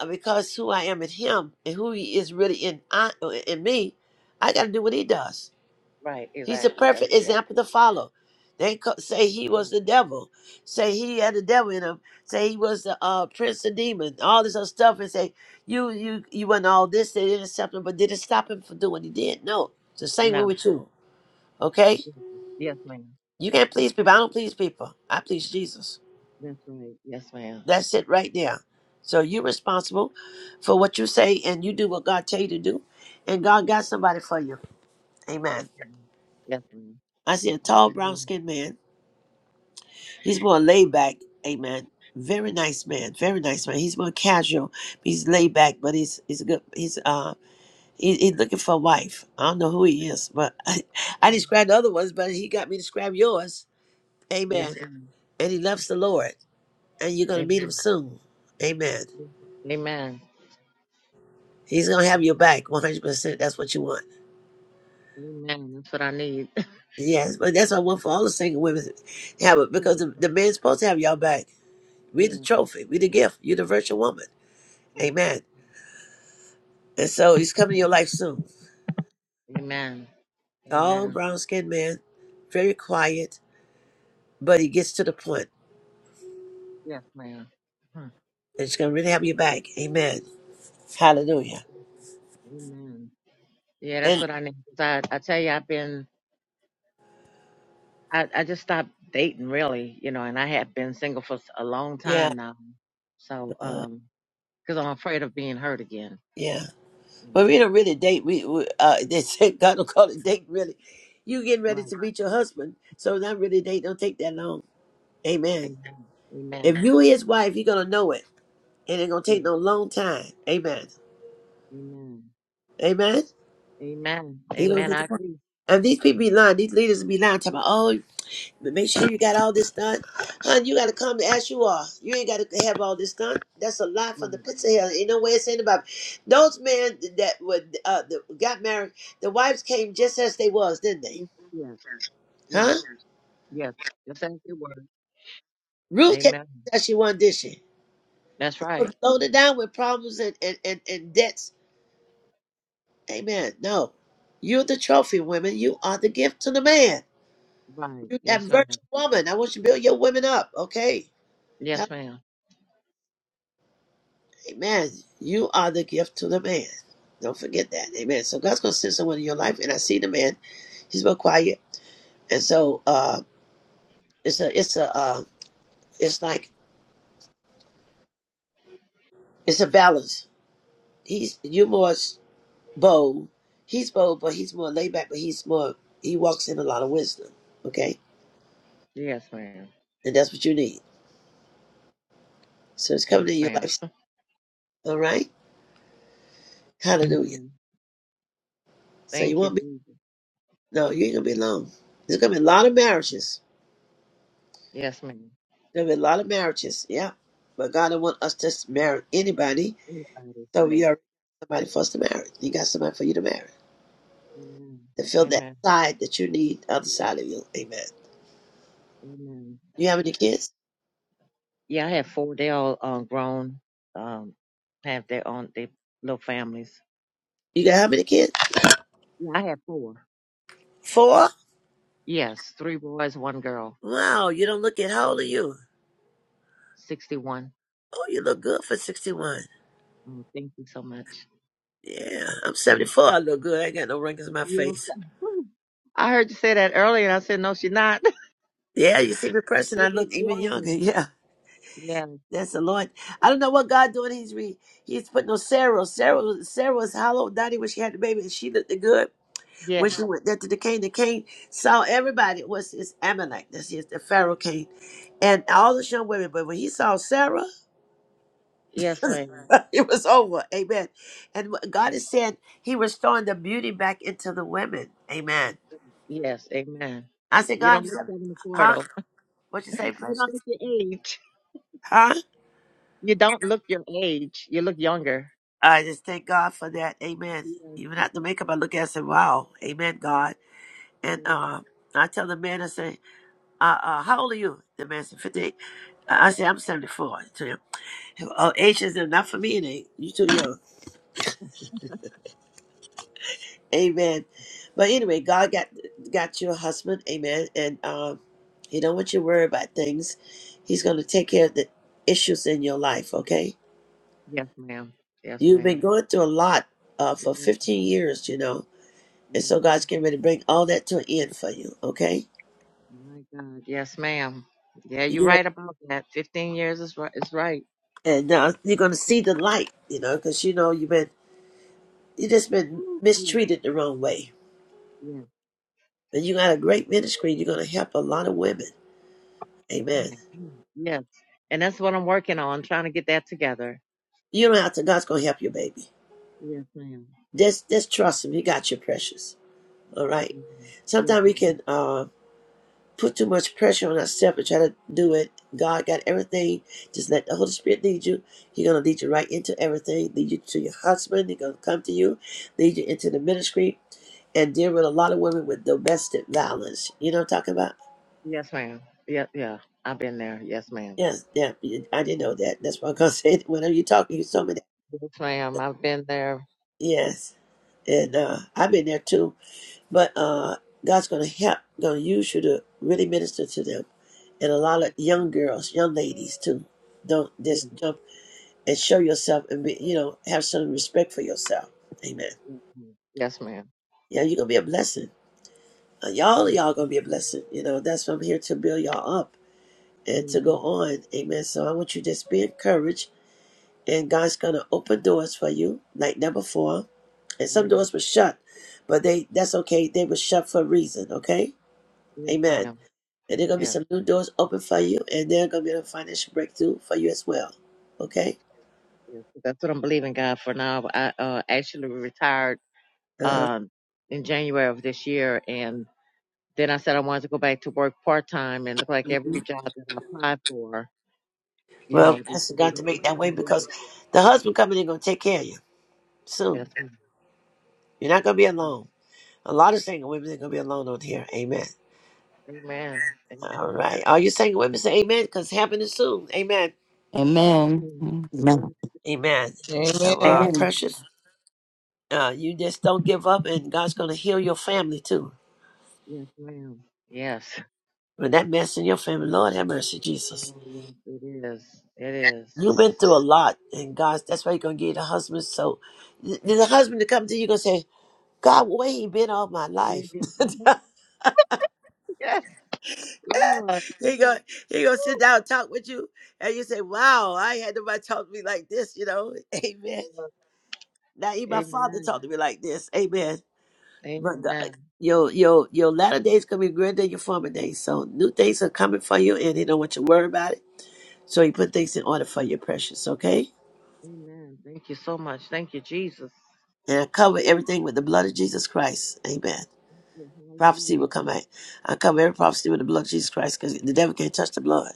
[SPEAKER 1] uh, because who I am in Him and who He is really in I, uh, in me, I got to do what He does.
[SPEAKER 13] Right.
[SPEAKER 1] He's the
[SPEAKER 13] Exactly.
[SPEAKER 1] perfect
[SPEAKER 13] That's yes.
[SPEAKER 1] example to follow. They co- say he was
[SPEAKER 13] Right.
[SPEAKER 1] the devil, say he had the devil in him, say he was the uh, prince of demons, all this other stuff, and say you you you wasn't all this, they didn't accept him, but did it stop him from doing what he did? No, it's the same way
[SPEAKER 13] No.
[SPEAKER 1] with you. Okay,
[SPEAKER 13] Yes, yes, ma'am.
[SPEAKER 1] you can't please people. I don't please people. I please Jesus.
[SPEAKER 13] That's right. Yes, ma'am.
[SPEAKER 1] That's it right there. So you're responsible for what you say and you do what God tell you to do. And God got somebody for you.
[SPEAKER 13] Yes,
[SPEAKER 1] Amen.
[SPEAKER 13] ma'am. Yes, ma'am.
[SPEAKER 1] I see a tall
[SPEAKER 13] Yes,
[SPEAKER 1] brown
[SPEAKER 13] ma'am.
[SPEAKER 1] skinned man. He's more laid back. Amen. Very nice man. Very nice man. He's more casual. He's laid back, but he's he's a good he's uh he, he's looking for a wife. I don't know who he is, but [laughs] I, I described the other ones, but he got me to describe yours. Amen.
[SPEAKER 13] Yes, ma'am.
[SPEAKER 1] And he loves the Lord. And you're gonna
[SPEAKER 13] Amen.
[SPEAKER 1] meet him soon. Amen.
[SPEAKER 13] Amen.
[SPEAKER 1] He's gonna have your back 100%. That's what you want.
[SPEAKER 13] Amen. That's what I need. [laughs]
[SPEAKER 1] Yes, but that's what I want for all the single women. to Have it
[SPEAKER 13] Mm,
[SPEAKER 1] because the, the man's supposed to have y'all back. We
[SPEAKER 13] yeah,
[SPEAKER 1] the trophy, we the gift. You the virtual woman.
[SPEAKER 13] right.
[SPEAKER 1] Amen. And so he's coming to your life soon.
[SPEAKER 13] Amen.
[SPEAKER 1] Tall,
[SPEAKER 13] Amen.
[SPEAKER 1] brown skinned man, very quiet, but he gets to the point.
[SPEAKER 13] Yes, ma'am. Huh.
[SPEAKER 1] And he's gonna really have your back. Amen. Hallelujah.
[SPEAKER 13] Amen. Yeah, that's
[SPEAKER 1] And
[SPEAKER 13] what I need. 'Cause I, I tell you, I've been, I, I just stopped dating really, you know, and I have been single for s- a long
[SPEAKER 1] yeah,
[SPEAKER 13] time now. So,
[SPEAKER 1] uh,
[SPEAKER 13] um, cause I'm afraid of being hurt again,
[SPEAKER 1] yeah.
[SPEAKER 13] you
[SPEAKER 1] But
[SPEAKER 13] know.
[SPEAKER 1] we don't really date. We, we uh, they say [laughs] God don't call it date. Really, you getting ready
[SPEAKER 13] Right.
[SPEAKER 1] to meet your husband, so not really date. Don't take that long. Amen.
[SPEAKER 13] Amen.
[SPEAKER 1] If
[SPEAKER 13] Amen.
[SPEAKER 1] you his wife, you're gonna know it. And it's gonna
[SPEAKER 13] Yeah.
[SPEAKER 1] take no long time. Amen.
[SPEAKER 13] Amen.
[SPEAKER 1] Amen.
[SPEAKER 13] Amen.
[SPEAKER 1] He don't
[SPEAKER 13] Amen.
[SPEAKER 1] get
[SPEAKER 13] I
[SPEAKER 1] the point.
[SPEAKER 13] agree.
[SPEAKER 1] And these people be lying, these leaders be lying, talking about, oh, but make sure you got all this done. hun. you gotta come as you are. You ain't gotta have all this done. That's a lie from the
[SPEAKER 13] Right.
[SPEAKER 1] pits of hell. Ain't no way it's in the Bible. Those men that would uh that got married, the wives came just as they was, didn't they?
[SPEAKER 13] Yes. Yes.
[SPEAKER 1] Huh?
[SPEAKER 13] Yes. Just thank you, were.
[SPEAKER 1] Ruth came
[SPEAKER 13] Amen.
[SPEAKER 1] just as she was, did she?
[SPEAKER 13] That's
[SPEAKER 1] Was
[SPEAKER 13] right.
[SPEAKER 1] Loaded down with problems and, and, and, and debts Amen. No. You're the trophy women. You are the gift to the man.
[SPEAKER 13] Right.
[SPEAKER 1] You're that
[SPEAKER 13] Yes, ma'am.
[SPEAKER 1] virtue woman. I want you to build your women up. Okay.
[SPEAKER 13] Yes,
[SPEAKER 1] Hell,
[SPEAKER 13] ma'am.
[SPEAKER 1] Amen. You are the gift to the man. Don't forget that. Amen. So God's gonna send someone in your life, and I see the man. He's real quiet, and so uh, it's a, it's a, uh, it's like it's a balance. He's you're more s- bold. He's bold, but he's more laid back. But he's more. He walks in a lot of wisdom. Okay,
[SPEAKER 13] Yes, ma'am.
[SPEAKER 1] and that's what you need. So it's
[SPEAKER 13] Yes,
[SPEAKER 1] coming in your
[SPEAKER 13] ma'am.
[SPEAKER 1] life. All right.
[SPEAKER 13] Yes,
[SPEAKER 1] Hallelujah.
[SPEAKER 13] ma'am.
[SPEAKER 1] So you
[SPEAKER 13] Thank you,
[SPEAKER 1] won't be
[SPEAKER 13] Jesus.
[SPEAKER 1] no, you ain't gonna be alone. There's gonna be a lot of marriages.
[SPEAKER 13] Yes, ma'am.
[SPEAKER 1] There's gonna be a lot of marriages, yeah. But God don't want us to just marry anybody.
[SPEAKER 13] Everybody's
[SPEAKER 1] So we
[SPEAKER 13] right.
[SPEAKER 1] are somebody for us to marry. You got somebody for you to marry.
[SPEAKER 13] Amen.
[SPEAKER 1] To fill that
[SPEAKER 13] Amen.
[SPEAKER 1] side that you need, the other side of you. Amen.
[SPEAKER 13] Amen.
[SPEAKER 1] You have any kids?
[SPEAKER 13] Yeah, I have four. They all um grown, um, have their own they little families.
[SPEAKER 1] You got how many kids?
[SPEAKER 13] Yeah, I have four.
[SPEAKER 1] Four?
[SPEAKER 13] Yes, three boys, one girl.
[SPEAKER 1] Wow, you don't look it. How old are you?
[SPEAKER 13] Sixty-one.
[SPEAKER 1] Oh, you look good for sixty one.
[SPEAKER 13] Oh, thank you so much.
[SPEAKER 1] Yeah, I'm seventy four. I look good. I ain't got no wrinkles in my
[SPEAKER 13] Yes.
[SPEAKER 1] face.
[SPEAKER 13] [laughs] I heard you say that earlier, and I said no, she's not.
[SPEAKER 1] Yeah, you see me
[SPEAKER 13] [laughs]
[SPEAKER 1] pressing. I
[SPEAKER 13] You're
[SPEAKER 1] look even younger. [laughs]
[SPEAKER 13] young.
[SPEAKER 1] Yeah.
[SPEAKER 13] Yeah,
[SPEAKER 1] That's the Lord. I don't know what God doing. He's re, he's putting on Sarah. Sarah was- Sarah was hollow, naughty when she had the baby, and she looked good
[SPEAKER 13] yeah,
[SPEAKER 1] when she went there to the king. The king saw everybody It was his Ammonite. That's his the Pharaoh king, and all the young women. But when he saw Sarah,
[SPEAKER 13] yes, ma'am.
[SPEAKER 1] [laughs] it was over. Amen. And what God is saying He restoring the beauty back into the women. Amen.
[SPEAKER 13] Yes, amen.
[SPEAKER 1] I said,
[SPEAKER 13] You don't
[SPEAKER 1] God,
[SPEAKER 13] look 74
[SPEAKER 1] huh?
[SPEAKER 13] though. [laughs]
[SPEAKER 1] What you say,
[SPEAKER 13] You don't
[SPEAKER 1] precious?
[SPEAKER 13] look your age.
[SPEAKER 1] Huh?
[SPEAKER 13] You don't look your age. You look younger.
[SPEAKER 1] I just thank God for that. Amen.
[SPEAKER 13] Yes,
[SPEAKER 1] Even after makeup, I look at it and say, wow, amen, God. And
[SPEAKER 13] yeah.
[SPEAKER 1] uh, I tell the man, I say, uh, uh, how old are you? The man said, 58. I I say, I'm 74 to him. Oh, age is not for me, and ain't. You too young. Amen. But anyway, God got got you a husband. Amen. And um, he don't want you to worry about things. He's going to take care of the issues in your life, okay?
[SPEAKER 13] yes, ma'am. Yes,
[SPEAKER 1] You've been
[SPEAKER 13] ma'am.
[SPEAKER 1] going through a lot uh, for
[SPEAKER 13] Yes,
[SPEAKER 1] 15 years, you know. And
[SPEAKER 13] yes,
[SPEAKER 1] so
[SPEAKER 13] ma'am.
[SPEAKER 1] God's getting ready to bring all that to an end for you, okay?
[SPEAKER 13] My God. Yes, ma'am. Yeah,
[SPEAKER 1] You
[SPEAKER 13] you're
[SPEAKER 1] get ready-
[SPEAKER 13] right about that. 15 years is right. Is right.
[SPEAKER 1] And now you're going to see the light, you know, because you know you've been You just been
[SPEAKER 13] Woo, woo.
[SPEAKER 1] mistreated the wrong way.
[SPEAKER 13] Yes,
[SPEAKER 1] And you got a great ministry. You're gonna help a lot of women. Amen.
[SPEAKER 13] my God. yes. And that's what I'm working on, trying to get that together.
[SPEAKER 1] You don't have to. God's gonna help you, baby.
[SPEAKER 13] Yes, ma'am.
[SPEAKER 1] Just just trust Him. He got your precious. All right.
[SPEAKER 13] Amen. Yes,
[SPEAKER 1] Sometimes we
[SPEAKER 13] ma'am.
[SPEAKER 1] can uh, put too much pressure on ourselves and try to do it. God got everything. Just let the Holy Spirit lead you. He's gonna lead you right into everything. Lead you to your husband. He's gonna come to you. Lead you into the ministry and deal with a lot of women with domestic violence. You know what I'm talking about?
[SPEAKER 13] Yes, ma'am. Yeah, yeah. I've been there. Yes, ma'am.
[SPEAKER 1] Yes, yeah, you- I didn't know that. That's why I'm gonna [laughs] say it. whenever you're talking, you told me that.
[SPEAKER 13] Yes, ma'am. I've been there.
[SPEAKER 1] Yes, and
[SPEAKER 13] Mhm.
[SPEAKER 1] uh, I've been there too. But uh, God's gonna help, gonna use you to really minister to them, and a lot of young girls, young ladies too. Don't just jump and show yourself, and be, you know, have some respect for yourself. Amen.
[SPEAKER 13] Yes, ma'am. Yes, yes, ma'am.
[SPEAKER 1] Yeah, you're gonna be a blessing. Uh, y'all, y'all gonna be a blessing. You know, that's why I'm here to build y'all up
[SPEAKER 13] Yes, ma'am. Yes, yes,
[SPEAKER 1] and to go
[SPEAKER 13] Amen.
[SPEAKER 1] on. Amen. So I want you to just be encouraged, and God's gonna open doors for you like never before And some doors were shut, but they that's okay. They were shut for a reason, okay?
[SPEAKER 13] Yes, yes,
[SPEAKER 1] Amen.
[SPEAKER 13] ma'am.
[SPEAKER 1] And there are going to be
[SPEAKER 13] Yes,
[SPEAKER 1] some new doors open for you, and there are going to be a financial breakthrough for you as well, okay?
[SPEAKER 13] yes. That's what I'm believing God for now. I uh, actually retired
[SPEAKER 1] Uh,
[SPEAKER 13] um, in January of this year, and then I said I wanted to go back to work part time, and look like every
[SPEAKER 1] mhm.
[SPEAKER 13] job that I applied for, you
[SPEAKER 1] Well,
[SPEAKER 13] know, they
[SPEAKER 1] that God
[SPEAKER 13] said they
[SPEAKER 1] to
[SPEAKER 13] went with
[SPEAKER 1] make that way
[SPEAKER 13] somebody else.
[SPEAKER 1] because the husband coming in going to take care of you
[SPEAKER 13] Yes,
[SPEAKER 1] soon.
[SPEAKER 13] ma'am.
[SPEAKER 1] You're not going to be
[SPEAKER 13] Mm-hmm.
[SPEAKER 1] alone. A lot of single women are going to be alone on here. Amen.
[SPEAKER 13] Amen.
[SPEAKER 1] All
[SPEAKER 13] Amen.
[SPEAKER 1] right. All you single women say amen because it's happening soon. Amen.
[SPEAKER 11] Amen. Amen.
[SPEAKER 13] Amen.
[SPEAKER 1] Amen.
[SPEAKER 13] Amen.
[SPEAKER 1] So, uh,
[SPEAKER 16] Amen.
[SPEAKER 17] Amen.
[SPEAKER 1] precious, uh, you just don't give up, and God's going to heal your family too.
[SPEAKER 13] Yes, ma'am. Yes.
[SPEAKER 1] When that man's in your family, Lord have mercy, Jesus.
[SPEAKER 13] Oh, yes, it is. It is.
[SPEAKER 1] You've been
[SPEAKER 13] It's
[SPEAKER 1] through a lot, and God, that's why you're going to get a husband. So, th- there's a husband to come to you, going to say, God, where he been all my
[SPEAKER 13] really,
[SPEAKER 1] life?
[SPEAKER 13] oh, my-
[SPEAKER 1] [laughs]
[SPEAKER 13] yes, Lord,
[SPEAKER 1] he
[SPEAKER 13] please,
[SPEAKER 1] going he gonna sit down and talk with you, and you say, wow, I ain't had nobody talk to me like this, you know? [laughs] Amen.
[SPEAKER 13] Lord.
[SPEAKER 1] Now, even my father talked
[SPEAKER 13] Amen.
[SPEAKER 1] to me like this. Amen. But God.
[SPEAKER 13] Amen.
[SPEAKER 1] Your, your, your latter days going to be greater than your former days. So, new things are coming for you, and he don't want you to worry about it. So, he put things in order for you, precious, okay?
[SPEAKER 13] Amen. Thank you so much. Thank you, Jesus.
[SPEAKER 1] And I cover
[SPEAKER 13] Woo.
[SPEAKER 1] everything with the blood of Jesus Christ. Amen.
[SPEAKER 13] Yes,
[SPEAKER 1] Prophecy
[SPEAKER 13] Hallelujah.
[SPEAKER 1] will come
[SPEAKER 13] Thank-
[SPEAKER 1] out. I cover every prophecy with the blood of Jesus Christ because the devil can't touch the blood.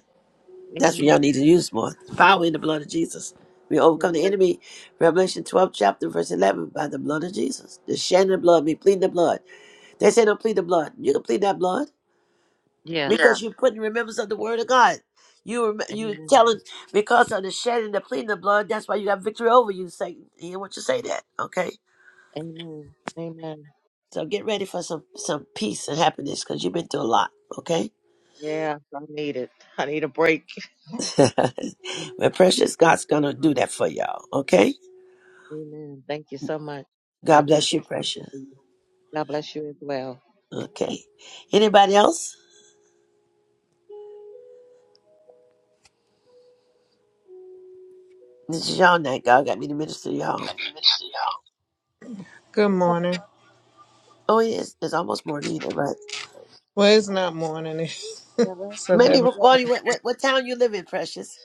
[SPEAKER 1] That's what y'all
[SPEAKER 13] Amen.
[SPEAKER 1] need to use more. Power in the blood of Jesus. We
[SPEAKER 13] Yes.
[SPEAKER 1] overcome the enemy. Revelation 12, chapter, verse 11, by the blood of Jesus. The shedding of blood, me pleading the blood. They say don't plead the blood. You can plead that blood because
[SPEAKER 13] Yes.
[SPEAKER 1] Yeah. you're putting remembrance of the word of God. You rem- you
[SPEAKER 13] Amen.
[SPEAKER 1] telling because of the shedding, the pleading the blood. That's why you got victory over you, Satan. He didn't want you to say that, okay?
[SPEAKER 13] Amen. Amen.
[SPEAKER 1] So get ready for some some peace and happiness because you've been through a lot. Okay,
[SPEAKER 13] Yes, I need it. I need a break.
[SPEAKER 1] [laughs] but precious God's gonna do that for y'all. Okay,
[SPEAKER 13] Amen. Thank you so much. I
[SPEAKER 1] God bless
[SPEAKER 13] appreciate
[SPEAKER 1] you, precious.
[SPEAKER 13] that. God bless you as well.
[SPEAKER 1] Okay, anybody else? This is y'all night. God got me to minister to y'all.
[SPEAKER 16] Good
[SPEAKER 18] It's a
[SPEAKER 16] morning.
[SPEAKER 1] Oh, it is. It's almost morning, ain't it, right?
[SPEAKER 16] Well, it's not morning. [laughs]
[SPEAKER 18] Apostle.
[SPEAKER 16] It's
[SPEAKER 1] Maybe
[SPEAKER 16] eleven.
[SPEAKER 18] Yeah.
[SPEAKER 1] Bonnie, what, what what town you live in, precious?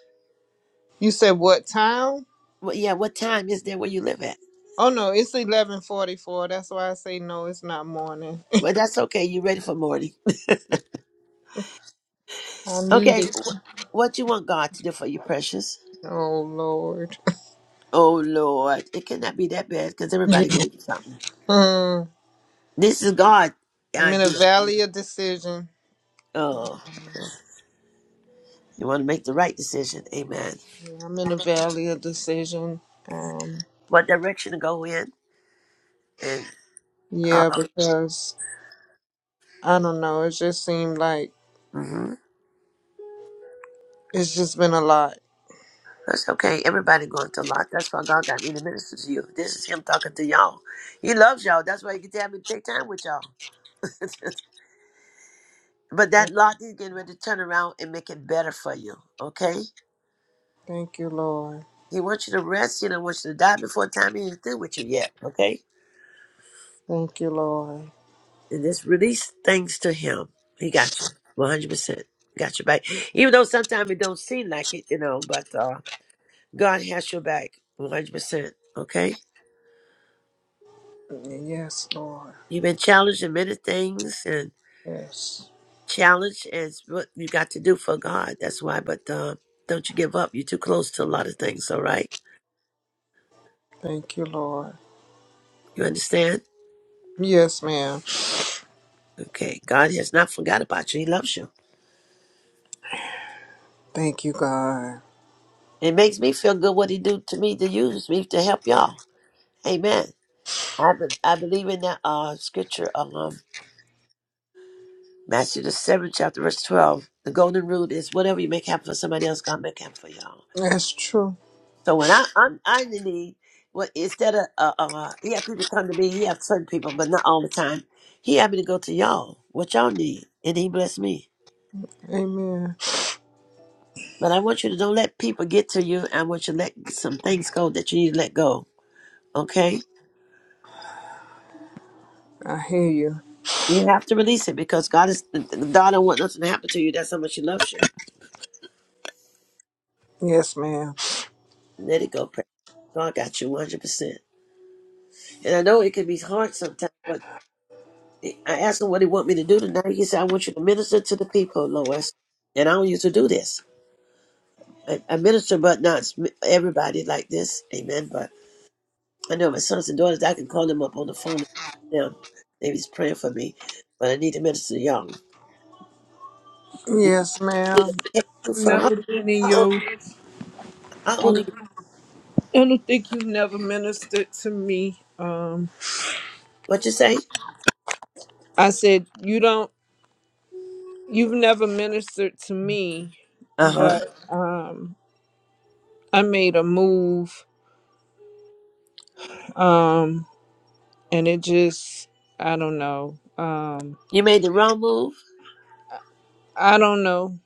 [SPEAKER 16] You said what time?
[SPEAKER 1] Well, yeah, what time is there where you live at?
[SPEAKER 16] Oh no, it's eleven forty-four. That's why I say no. It's not morning. [laughs]
[SPEAKER 1] Well, that's okay. You ready for morning?
[SPEAKER 16] I need
[SPEAKER 1] Okay,
[SPEAKER 16] it.
[SPEAKER 1] wh- what you want God to do for you, precious?
[SPEAKER 16] Oh Lord.
[SPEAKER 1] Oh Lord, it cannot be that bad because
[SPEAKER 16] [laughs]
[SPEAKER 1] everybody going through something.
[SPEAKER 16] Mm,
[SPEAKER 1] This is God's
[SPEAKER 16] I'm in a
[SPEAKER 1] idea.
[SPEAKER 16] valley of decision. Um,
[SPEAKER 1] Uh, you want to make the right decision. Amen.
[SPEAKER 16] yeah, I'm in a valley of decision. Um,
[SPEAKER 1] What direction to go in. And uh,
[SPEAKER 16] yeah, because I don't know. It just seemed like
[SPEAKER 1] hmm
[SPEAKER 16] it's just been a lot.
[SPEAKER 1] that's okay. Everybody going to lot. That's why God got me to minister to you. This is Him talking to y'all. He loves y'all. That's why He can tell me to take time with y'all. [laughs] but that lot He's getting ready to turn around and make it better for you. Okay?
[SPEAKER 16] Thank you, Lord.
[SPEAKER 1] He wants you to rest. He don't want you to die before time. He ain't through with you yet. Okay?
[SPEAKER 16] Thank you, Lord.
[SPEAKER 1] and just release things to him. He got you. 100%. Got your back. Even though sometimes it don't seem like it, you know, but uh, God has your back. 100%. Okay?
[SPEAKER 16] Yes, Lord.
[SPEAKER 1] You've been challenged in many things and
[SPEAKER 16] Yes.
[SPEAKER 1] challenged is what you got to do for God. That's why. But uh, don't you give up. You're too close to a lot of things. All right?
[SPEAKER 16] Thank you, Lord.
[SPEAKER 1] You understand?
[SPEAKER 16] Yes, ma'am.
[SPEAKER 1] Okay. God has not forgot about you. He loves you.
[SPEAKER 16] Thank you, God.
[SPEAKER 1] It makes me feel good what he do to me to use me to help y'all. Amen. I, be, I believe in that uh, scripture. Um, Matthew the seventh chapter, verse twelve. The golden rule is whatever you make happen for somebody else, God make happen for y'all.
[SPEAKER 16] That's true.
[SPEAKER 1] So when I I'm, I need well instead of uh, uh he have people come to me, he have certain people, but not all the time. He had me to go to y'all, what y'all need, and he blessed me.
[SPEAKER 16] Amen.
[SPEAKER 1] But I want you to don't let people get to you. I want you to let some things go that you need to let go. Okay,
[SPEAKER 16] I hear you.
[SPEAKER 1] you have to release it because God is God don't want nothing to happen to you. That's how much He loves you.
[SPEAKER 16] Yes, ma'am.
[SPEAKER 1] Let it go. pray. God got you one hundred percent. And I know it can be hard sometimes, but I asked him what he want me to do tonight. He said, I want you to minister to the people, Lois. And I don't usually do this. I, I minister, but not s- everybody like this. Amen. But I know my sons and daughters, I can call them up on the phone and them. They was praying for me. But I need to minister to y'all. You
[SPEAKER 16] Yes, ma'am.
[SPEAKER 1] can't do for how,
[SPEAKER 16] Never been in
[SPEAKER 1] how, old,
[SPEAKER 16] your.
[SPEAKER 1] how
[SPEAKER 16] I
[SPEAKER 1] old are you?
[SPEAKER 16] don't think you've never ministered to me. Um,
[SPEAKER 1] What you say?
[SPEAKER 16] I said you don't. You've never ministered to me,
[SPEAKER 1] Uh huh.
[SPEAKER 16] but um, I made a move. Um, and it just. I don't know. Um,
[SPEAKER 1] You made the wrong move.
[SPEAKER 16] I don't know.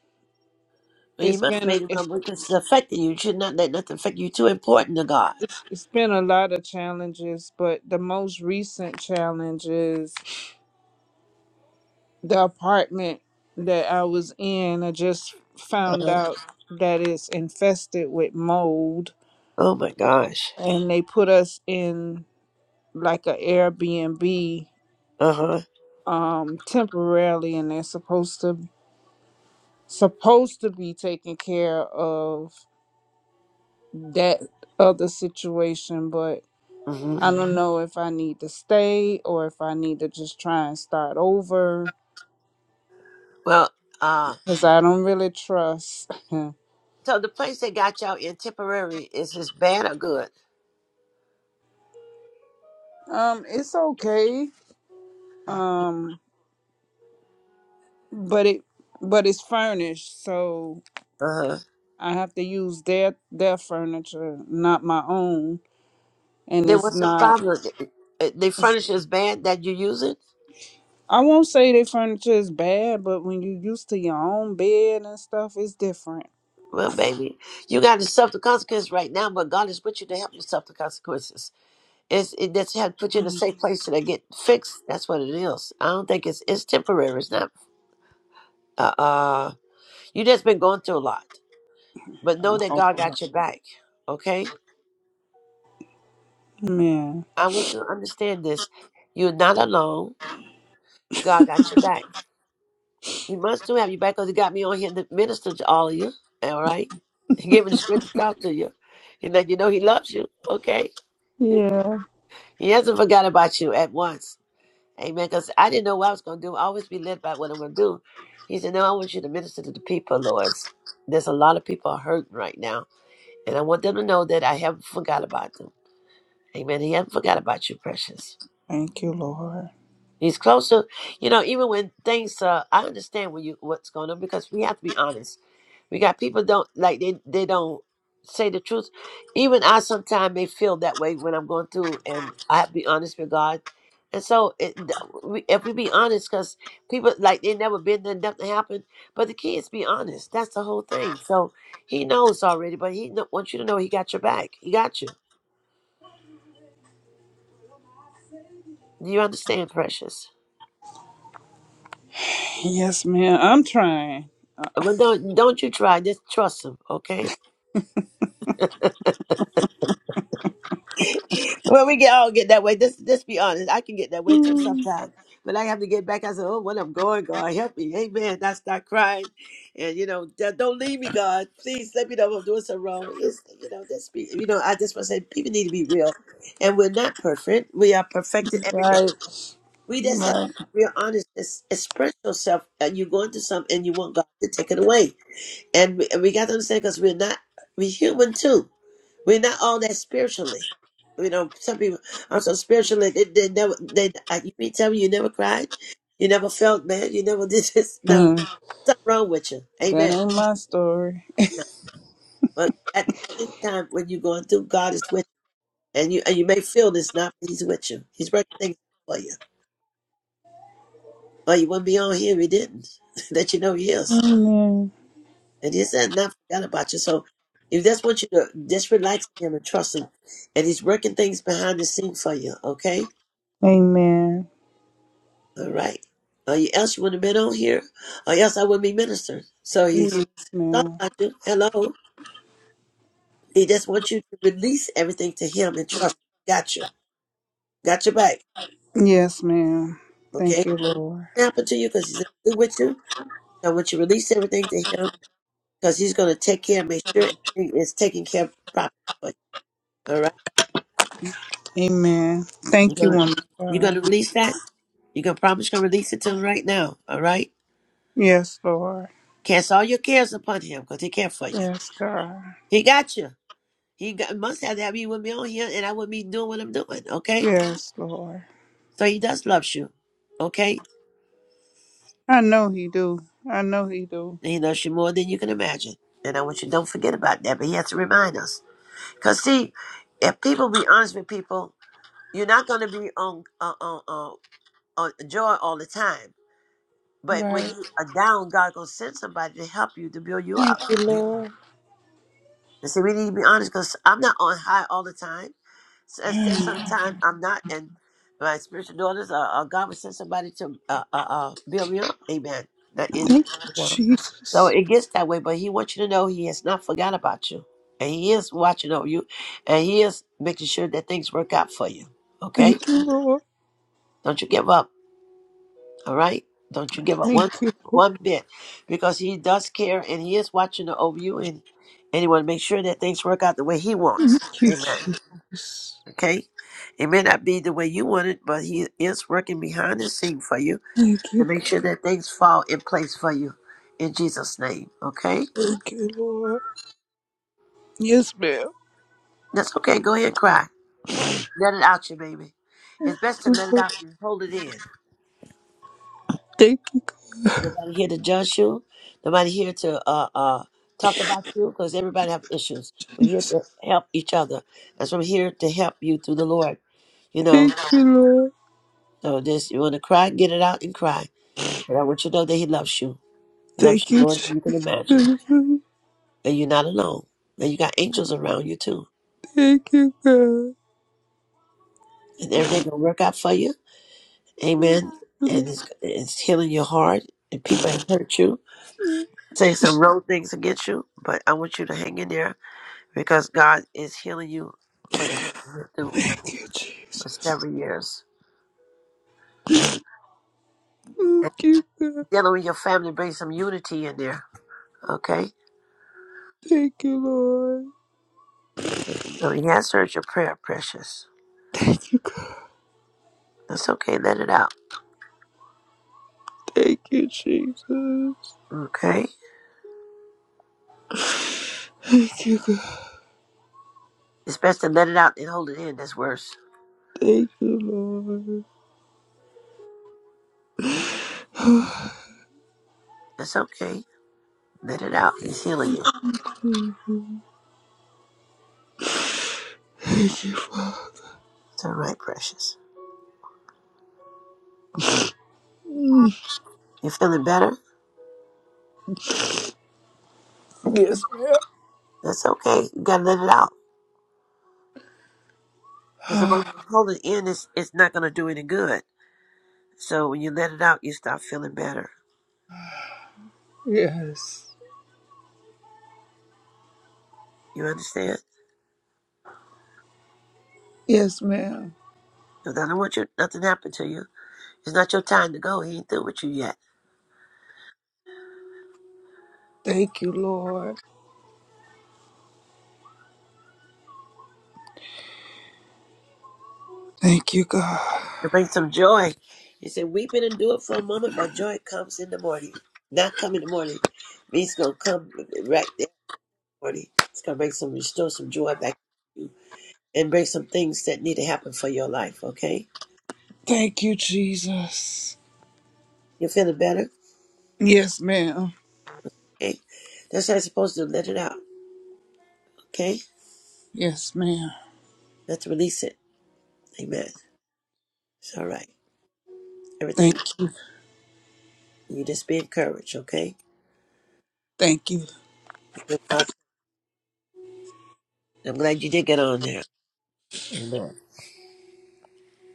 [SPEAKER 1] Well, you
[SPEAKER 16] It's
[SPEAKER 1] must have
[SPEAKER 16] been.
[SPEAKER 1] made the
[SPEAKER 16] it's.
[SPEAKER 1] wrong move because it's affecting you. You should not let nothing affect you. You're too important to God.
[SPEAKER 16] It's been a lot of challenges, but the most recent challenge is the apartment that I was in. I just
[SPEAKER 1] Uh
[SPEAKER 16] found
[SPEAKER 1] huh.
[SPEAKER 16] out that it's infested with mold,
[SPEAKER 1] Oh my gosh.
[SPEAKER 16] and they put us in like a Airbnb
[SPEAKER 1] Uh
[SPEAKER 16] um, temporarily, and they're supposed to supposed to be taking care of that other situation, but
[SPEAKER 1] huh.
[SPEAKER 16] I don't know if I need to stay or if I need to just try and start over
[SPEAKER 1] Well, uh,
[SPEAKER 16] because I don't really trust. [laughs] um,
[SPEAKER 1] so the place they got y'all in Tipperary is this bad or good?
[SPEAKER 16] it's okay. Um, but it but it's furnished, so
[SPEAKER 1] Uh huh.
[SPEAKER 16] I have to use their their furniture, not my own. And
[SPEAKER 1] Then
[SPEAKER 16] it's
[SPEAKER 1] what's the
[SPEAKER 16] not.
[SPEAKER 1] problem? Uh, The furniture is bad that you use it.
[SPEAKER 16] I won't say their furniture is bad, but when you used to your own bed and stuff, it's different.
[SPEAKER 1] Well, baby, you got to suffer the consequences right now, but God is with you to help you suffer the consequences. It's it, that's how to put you in a
[SPEAKER 16] Uh,
[SPEAKER 1] safe place so they get fixed. That's what it is. I don't think it's it's temporary. It's not. Uh, uh you just been going through a lot, but know that
[SPEAKER 16] oh,
[SPEAKER 1] God got your back. Okay,
[SPEAKER 16] man,
[SPEAKER 1] I want you to understand this. You're not alone. God got your back. You must do have you back because he got me on here to minister to all of you. All right. He gave me the script to talk to you. He let you know he loves you. Okay.
[SPEAKER 16] Yeah.
[SPEAKER 1] He hasn't forgot about you at once. Amen. Because I didn't know what I was going to do. I always be led by what I'm going to do. He said, No, I want you to minister to the people, Lord. There's a lot of people hurting right now. And I want them to know that I haven't forgot about them. Amen. He hasn't forgot about you, precious.
[SPEAKER 16] thank you, Lord.
[SPEAKER 1] He's closer. You know, even when things, uh, I understand when you, what's going on because we have to be honest We got people don't like they they don't say the truth. Even I sometimes may feel that way when I'm going through, and I have to be honest with God. And so, it, th- we- if we be honest, because people like they never been there, nothing happened. But the key is be honest. That's the whole thing. So He knows already, but He kn- wants you to know He got your back. He got you. Do you understand, precious?
[SPEAKER 16] Yes, man, I'm trying.
[SPEAKER 1] Well, don't don't you try. Just trust Him, okay? well, we get all get that way. This, this be honest, I can get that way too
[SPEAKER 16] Mm.
[SPEAKER 1] sometimes. But I have to get back. I say, "Oh, what I'm going, God, help me, Amen." I start crying, and you know, "D- don't leave me, God. Please let me know if I'm doing something wrong. It's, you know, that's be, you know, I just want to say, people need to be real, and we're not perfect. We are perfected every day.
[SPEAKER 16] Right,
[SPEAKER 1] We just have to
[SPEAKER 16] right.
[SPEAKER 1] be real honest, ex- express yourself, and you go into something and you want God to take it away. And we, and we got to understand because we're not, we're human too. We're not all that spiritually. You know, some people are so spiritually, they, they never, they, uh, you mean tell me you never cried? You never felt, man? You never [laughs] did this? No,
[SPEAKER 16] Mm,
[SPEAKER 1] something wrong with you.
[SPEAKER 16] that
[SPEAKER 1] Amen.
[SPEAKER 16] ain't my story.
[SPEAKER 1] No. But at the same time, when you're going through, God is with you. And you, and you may feel this not, but He's with you. He's working things for you. or you wouldn't be on here if you didn't. [laughs] that you know he is.
[SPEAKER 16] Amen.
[SPEAKER 1] And he said, not forgot about you. So if that's what you do, just relax him and trust him. And he's working things behind the scene for you, okay?
[SPEAKER 16] Amen.
[SPEAKER 1] All right. Or you else you wouldn't have been on here, or else I wouldn't be ministering. So he's
[SPEAKER 16] Yes,
[SPEAKER 1] thought
[SPEAKER 16] ma'am.
[SPEAKER 1] about you. Hello. He just wants you to release everything to him and trust him. Got you. Got your back.
[SPEAKER 16] Yes, ma'am.
[SPEAKER 1] Okay?
[SPEAKER 16] Thank you, Lord.
[SPEAKER 1] It happened to you because he's good with you. So I want you to release everything to him because he's going to take care and make sure everything is taken care of properly All right.
[SPEAKER 16] Amen.
[SPEAKER 1] You're
[SPEAKER 16] Thank you,
[SPEAKER 1] gonna
[SPEAKER 16] woman. of
[SPEAKER 1] you're gonna
[SPEAKER 16] God.
[SPEAKER 1] release that? You're gonna promise you're gonna release it to him right now. All right.
[SPEAKER 16] Yes, Lord.
[SPEAKER 1] Cast all your cares upon him because he cares for you.
[SPEAKER 16] Yes, God.
[SPEAKER 1] He got you. He got, must have to have you with me on here and I wouldn't be doing what I'm doing. Okay.
[SPEAKER 16] Yes, Lord.
[SPEAKER 1] So he does love you. Okay.
[SPEAKER 16] I know He do. I know He do.
[SPEAKER 1] And he loves you more than you can imagine. And I want you to don't forget about that. But he has to remind us. Cause see, if people be honest with people, you're not gonna be on on on, on, on joy all the time. But when
[SPEAKER 16] Right.
[SPEAKER 1] you are down, God gonna send somebody to help you to build you up.
[SPEAKER 16] Thank you, Lord.
[SPEAKER 1] And see, we need to be honest because I'm not on high all the time. So
[SPEAKER 16] [sighs]
[SPEAKER 1] I said
[SPEAKER 16] Thank
[SPEAKER 1] sometimes I'm not, and my spiritual daughters, uh, uh, God will send somebody to uh, uh, uh, build me up. Amen. Not in it.
[SPEAKER 16] you,
[SPEAKER 1] you know. So
[SPEAKER 16] Jesus.
[SPEAKER 1] it gets that way, but He wants you to know He has not forgot about you, and He is watching over you, and He is making sure that things work out for you.
[SPEAKER 16] Thank
[SPEAKER 1] Okay,
[SPEAKER 16] you, Lord.
[SPEAKER 1] don't you give up. All right? Don't you give up one
[SPEAKER 16] Thank you, Lord.
[SPEAKER 1] one bit because he does care and he is watching over you and and he want to make sure that things work out the way he wants.
[SPEAKER 16] Thank you,
[SPEAKER 1] Amen.
[SPEAKER 16] Jesus.
[SPEAKER 1] Okay? It may not be the way you want it, but he is working behind the scene for you
[SPEAKER 16] Thank
[SPEAKER 1] to
[SPEAKER 16] you,
[SPEAKER 1] make
[SPEAKER 16] God.
[SPEAKER 1] sure that things fall in place for you in Jesus' name. Okay?
[SPEAKER 16] Thank you, Lord. Yes, ma'am.
[SPEAKER 1] That's okay. Go ahead and cry. Let it out you, baby. It's best to
[SPEAKER 16] Thank
[SPEAKER 1] let it
[SPEAKER 16] you, God,
[SPEAKER 1] out and hold it in.
[SPEAKER 16] Thank you, God.
[SPEAKER 1] Nobody here to judge you. Nobody here to uh, uh, talk about you because everybody have issues. We're here
[SPEAKER 16] Jesus.
[SPEAKER 1] to help each other. That's why I'm here to help you through the Lord. You know,
[SPEAKER 16] Thank you, Lord.
[SPEAKER 1] so this you want to cry, get it out and cry. But I want you to know that He loves you, loves
[SPEAKER 16] Thank
[SPEAKER 1] you
[SPEAKER 16] you,
[SPEAKER 1] more than
[SPEAKER 16] Jesus.
[SPEAKER 1] you can imagine,
[SPEAKER 16] Thank
[SPEAKER 1] and you're not alone. And you got angels around you too,
[SPEAKER 16] you, God.
[SPEAKER 1] and everything gonna work out for you. Amen. And it's, it's healing your heart. And people have hurt you, say some wrong things against you, but I want you to hang in there because God is healing you for the hurt you went through
[SPEAKER 16] Thank you,
[SPEAKER 1] for
[SPEAKER 16] Jesus.
[SPEAKER 1] several years. And
[SPEAKER 16] Thank you, God.
[SPEAKER 1] dealing with your family brings some unity in there. Okay?
[SPEAKER 16] Thank you, Lord.
[SPEAKER 1] So he has heard your prayer, precious.
[SPEAKER 16] Thank you, God.
[SPEAKER 1] That's okay. Let it out.
[SPEAKER 16] Thank you, Jesus.
[SPEAKER 1] Okay?
[SPEAKER 16] Thank you, God.
[SPEAKER 1] It's best to let it out than hold it in. That's worse.
[SPEAKER 16] Thank you, Lord.
[SPEAKER 1] That's okay. Let it out. He's healing you.
[SPEAKER 16] [sighs] Thank you, Father.
[SPEAKER 1] It's all right, precious. You feeling better?
[SPEAKER 16] Yes, ma'am.
[SPEAKER 1] That's okay. You gotta let it out. Because the moment
[SPEAKER 16] [sighs]
[SPEAKER 1] you hold it in, it's, it's not gonna do any good. So when you let it out, you start feeling better.
[SPEAKER 16] Yes.
[SPEAKER 1] You understand?
[SPEAKER 16] Yes, ma'am.
[SPEAKER 1] Because I don't want you nothing happen to you. It's not your time to go. He ain't through with you yet.
[SPEAKER 16] Thank you, Lord. Thank you, God.
[SPEAKER 1] To bring some joy. He said, Weeping and do it for a moment, but joy comes in the morning. Not come in the morning. Means gonna come right there in the morning. It's gonna bring some restore some joy back to you and bring some things that need to happen for your life, okay?
[SPEAKER 16] Thank you, Jesus.
[SPEAKER 1] You're feeling better?
[SPEAKER 16] Yes, ma'am.
[SPEAKER 1] Okay. That's how you're supposed to let it out, okay?
[SPEAKER 16] Yes, ma'am.
[SPEAKER 1] Let's release it. Amen. It's all right.
[SPEAKER 16] Thank
[SPEAKER 1] Everything
[SPEAKER 16] you.
[SPEAKER 1] you just be encouraged, okay?
[SPEAKER 16] Thank you.
[SPEAKER 1] I'm glad you did get on there. Amen.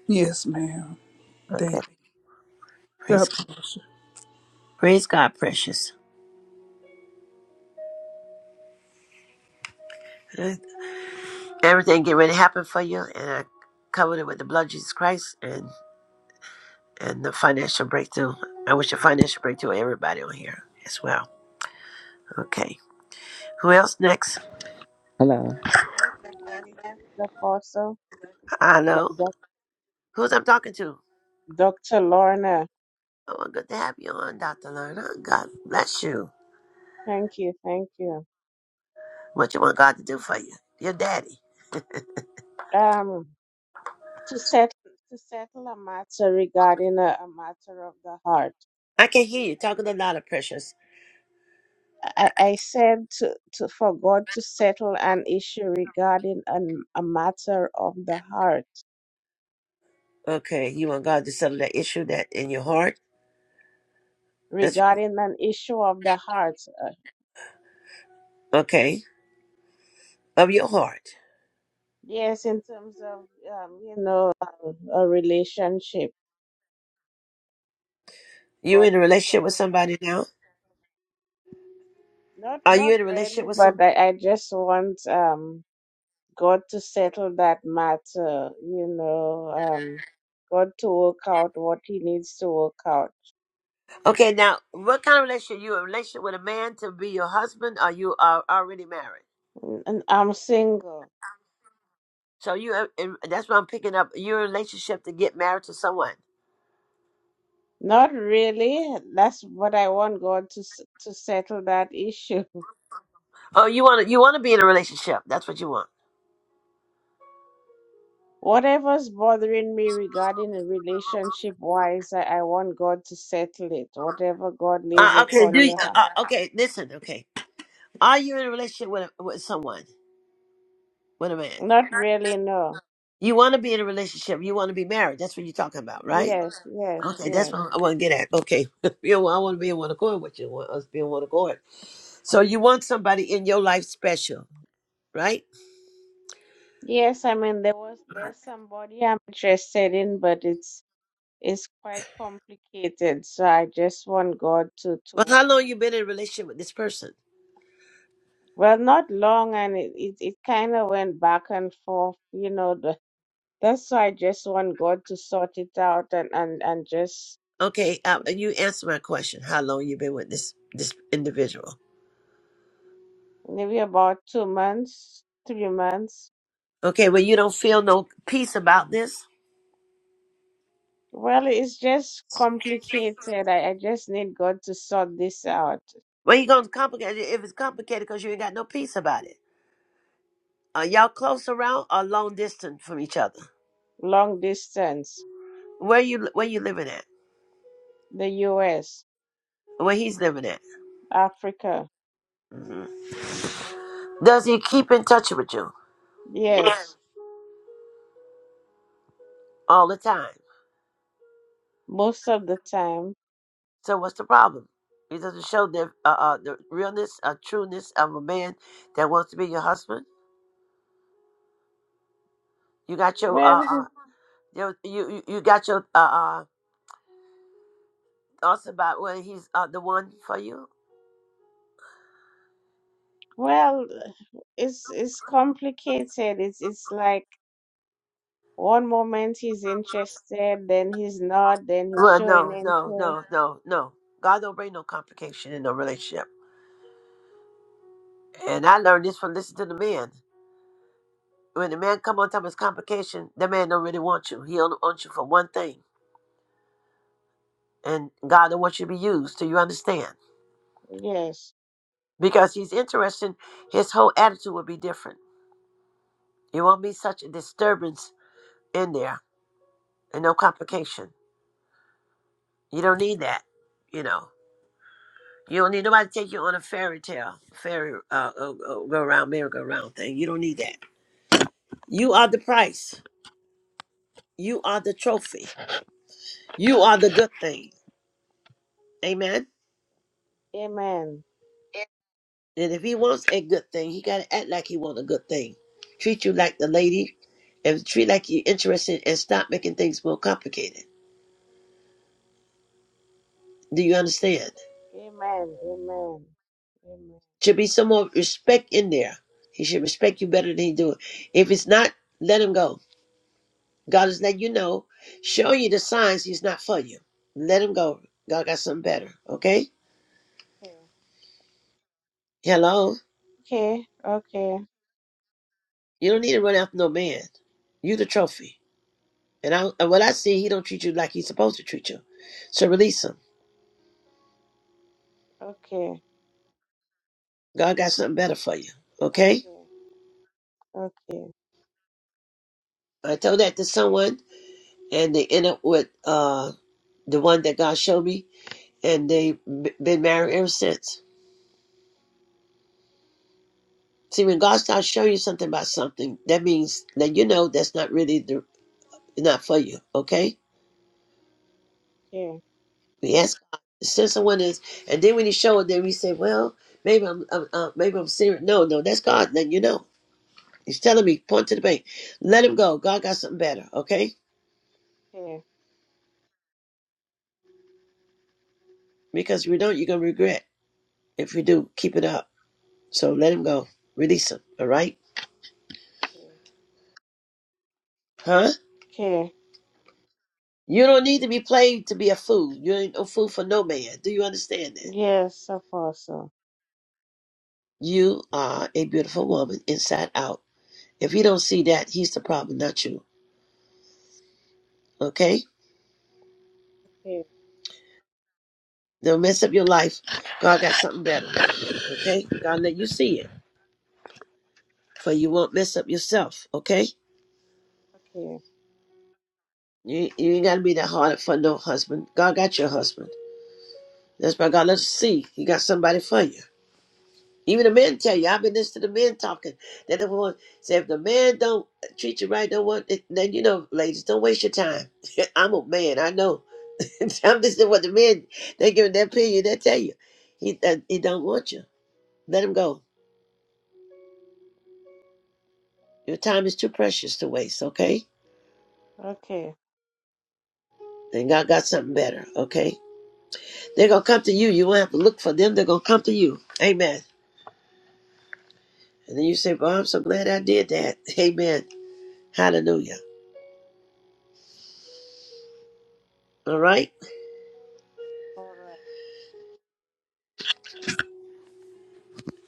[SPEAKER 16] Yes, ma'am. Thank
[SPEAKER 1] Okay.
[SPEAKER 16] you.
[SPEAKER 1] Praise God.
[SPEAKER 16] God bless you.
[SPEAKER 1] Praise God, precious. Everything get ready to happen for you, and I covered it with the blood of Jesus Christ and and the financial breakthrough. I wish a financial breakthrough to everybody on here as well. Okay, who else next?
[SPEAKER 19] Hello.
[SPEAKER 18] Can you pray for me, please, Apostle? Lo-
[SPEAKER 1] Hello,
[SPEAKER 18] Doc-
[SPEAKER 1] who's I'm talking to?
[SPEAKER 18] Dr. Lorna.
[SPEAKER 1] Oh, good to have you on, Doctor Lerner. God bless you.
[SPEAKER 18] Thank you. Thank you.
[SPEAKER 1] What you want God to do for you? Your daddy.
[SPEAKER 18] Um, to set to settle a matter regarding a, a matter of the heart.
[SPEAKER 1] I can hear you talking a lot of precious.
[SPEAKER 18] I, I said to, to for God to settle an issue regarding an, a matter of the heart,
[SPEAKER 1] Okay, you want God to settle that issue that in your heart. That's
[SPEAKER 18] regarding an issue of the heart. Uh,
[SPEAKER 1] okay of your heart.
[SPEAKER 18] yes, in terms of um, you know um, a relationship.
[SPEAKER 1] You
[SPEAKER 18] God
[SPEAKER 1] in a
[SPEAKER 18] to
[SPEAKER 1] relationship with
[SPEAKER 18] settle
[SPEAKER 1] somebody now?
[SPEAKER 18] Not
[SPEAKER 1] Are
[SPEAKER 18] not
[SPEAKER 1] you in a relationship
[SPEAKER 18] really,
[SPEAKER 1] with
[SPEAKER 18] but
[SPEAKER 1] some?
[SPEAKER 18] I, I just want um God to settle that matter, you know, um God to work out what he needs to work out.
[SPEAKER 1] Okay, now what kind of relationship? You in a relationship with a man to be your husband, or you are already married?
[SPEAKER 18] Mm, And I'm single.
[SPEAKER 1] So you, are in, that's what I'm picking up. You're in a relationship to get married to someone.
[SPEAKER 18] Not really. That's what I want God to s- to settle that issue. [laughs]
[SPEAKER 1] Oh, you want to you want to be in a relationship. That's what you want.
[SPEAKER 18] Whatever's bothering me regarding a relationship wise, I, I want God to settle it. Whatever God lays
[SPEAKER 1] Uh, okay,
[SPEAKER 18] upon
[SPEAKER 1] do you,
[SPEAKER 18] your
[SPEAKER 1] uh,
[SPEAKER 18] heart.
[SPEAKER 1] uh, okay. Listen, okay. Are you in a relationship with a, with someone with a man?
[SPEAKER 18] Not really, no.
[SPEAKER 1] You want to be in a relationship. You want to be married. That's what you're talking about, right?
[SPEAKER 18] Yes, yes,
[SPEAKER 1] Okay,
[SPEAKER 18] yes.
[SPEAKER 1] that's what I want to get at. Okay, [laughs] you know, I want to be in one accord with you. I want us to be in one accord. So you want somebody in your life special, right?
[SPEAKER 18] Yes, I mean there was
[SPEAKER 1] Right.
[SPEAKER 18] there's somebody I'm interested in, but it's it's quite complicated. So I just want God to
[SPEAKER 1] Well,
[SPEAKER 18] to
[SPEAKER 1] how long you been in a relationship with this person?
[SPEAKER 18] well, not long, and it it, it kind of went back and forth, you know. The, that's why I just want God to sort it out and and and just
[SPEAKER 1] Okay, uh, you answer my question. How long you been with this this individual?
[SPEAKER 18] maybe about two months, three months.
[SPEAKER 1] Okay, well you don't feel no peace about this.
[SPEAKER 18] Well, it's just complicated. I, I just need God to sort this out.
[SPEAKER 1] Well, you gonna complicate it if it's complicated because you ain't got no peace about it. Are y'all close around or long distance from each other?
[SPEAKER 18] Long distance.
[SPEAKER 1] Where you where you living at?
[SPEAKER 18] the US,
[SPEAKER 1] where he's living at.
[SPEAKER 18] Africa.
[SPEAKER 1] hmm Does he keep in touch with you? Yeah.
[SPEAKER 18] Yes,
[SPEAKER 1] All the time.
[SPEAKER 18] most of the time.
[SPEAKER 1] So what's the problem? He doesn't show the uh, uh the realness, uh, trueness of a man that wants to be your husband. You got your uh,
[SPEAKER 18] Well,
[SPEAKER 1] uh your, you you you got your uh, uh thoughts about whether he's uh, the one for you.
[SPEAKER 18] well, it's it's complicated. It's it's like one moment he's interested, then he's not, then he's
[SPEAKER 1] Well,
[SPEAKER 18] showing
[SPEAKER 1] no, no,
[SPEAKER 18] interest.
[SPEAKER 1] no, no, no. God don't bring no complication in no relationship. And I learned this from listening to the man. When the man come on top of his complication, the man don't really want you. He only wants you for one thing. and God will want you to be used. Do you understand?
[SPEAKER 18] Yes.
[SPEAKER 1] Because he's interested, his whole attitude will be different. It won't be such a disturbance in there and no complication. You don't need that, you know. You don't need nobody to take you on a fairy tale, fairy uh, uh, uh, go around, merry-go round thing. You don't need that. You are the price. You are the trophy. You are the good thing. Amen.
[SPEAKER 18] Amen.
[SPEAKER 1] And if he wants a good thing, he gotta act like he want a good thing. Treat you like the lady, and treat like you're interested, and stop making things more complicated. Do you understand?
[SPEAKER 18] Amen. Amen. Amen.
[SPEAKER 1] Should be some more respect in there. He should respect you better than he do. If it's not, let him go. God is letting you know, show you the signs he's not for you. Let him go. God got something better. Okay? Hello.
[SPEAKER 18] Okay. Okay.
[SPEAKER 1] You don't need to run after no man. You the trophy. And I, and what I see, he don't treat you like he's supposed to treat you. So release him.
[SPEAKER 18] Okay.
[SPEAKER 1] God got something better for you. Okay?
[SPEAKER 18] Okay. Okay. Okay.
[SPEAKER 1] I told that to someone, and they ended up with uh, the one that God showed me, and they've been married ever since. See, when God starts showing you something about something, that means that you know that's not really the, not for you. Okay? We ask God to send someone is, and then when He show it, then we say, well, maybe I'm, I'm uh, maybe I'm serious. No, no, that's God. Then you know. He's telling me, point to the bank. Let him go. God got something better, okay?
[SPEAKER 18] Okay.
[SPEAKER 1] Because if we don't, you're gonna regret. If we do, keep it up. So let him go. Release him. All right?
[SPEAKER 18] Okay.
[SPEAKER 1] Huh?
[SPEAKER 18] Okay.
[SPEAKER 1] You don't need to be played to be a fool. You ain't no fool for no man. Do you understand that?
[SPEAKER 18] Yes, apostle.
[SPEAKER 1] You are a beautiful woman inside out. If he don't see that, he's the problem, not you. Okay?
[SPEAKER 18] Okay.
[SPEAKER 1] Don't mess up your life. God got something better. Okay? God let you see it. For you won't mess up yourself. Okay?
[SPEAKER 18] Okay.
[SPEAKER 1] You, you ain't got to be that hard for no husband. God got your husband. That's why God let us see. He got somebody for you. Even the men tell you, I've been listening to the men talking. They're the one say if the man don't treat you right, don't want it, then you know, ladies, don't waste your time. [laughs] I'm a man, I know. [laughs] I'm listening to what the men they give their opinion, they tell you. He uh, he don't want you. Let him go. Your time is too precious to waste, okay?
[SPEAKER 18] Okay.
[SPEAKER 1] And God got something better, okay? They're gonna come to you. You won't have to look for them, they're gonna come to you. Amen. And then you say, Well, I'm so glad I did that. [laughs] Amen. Hallelujah. All right?
[SPEAKER 18] All right.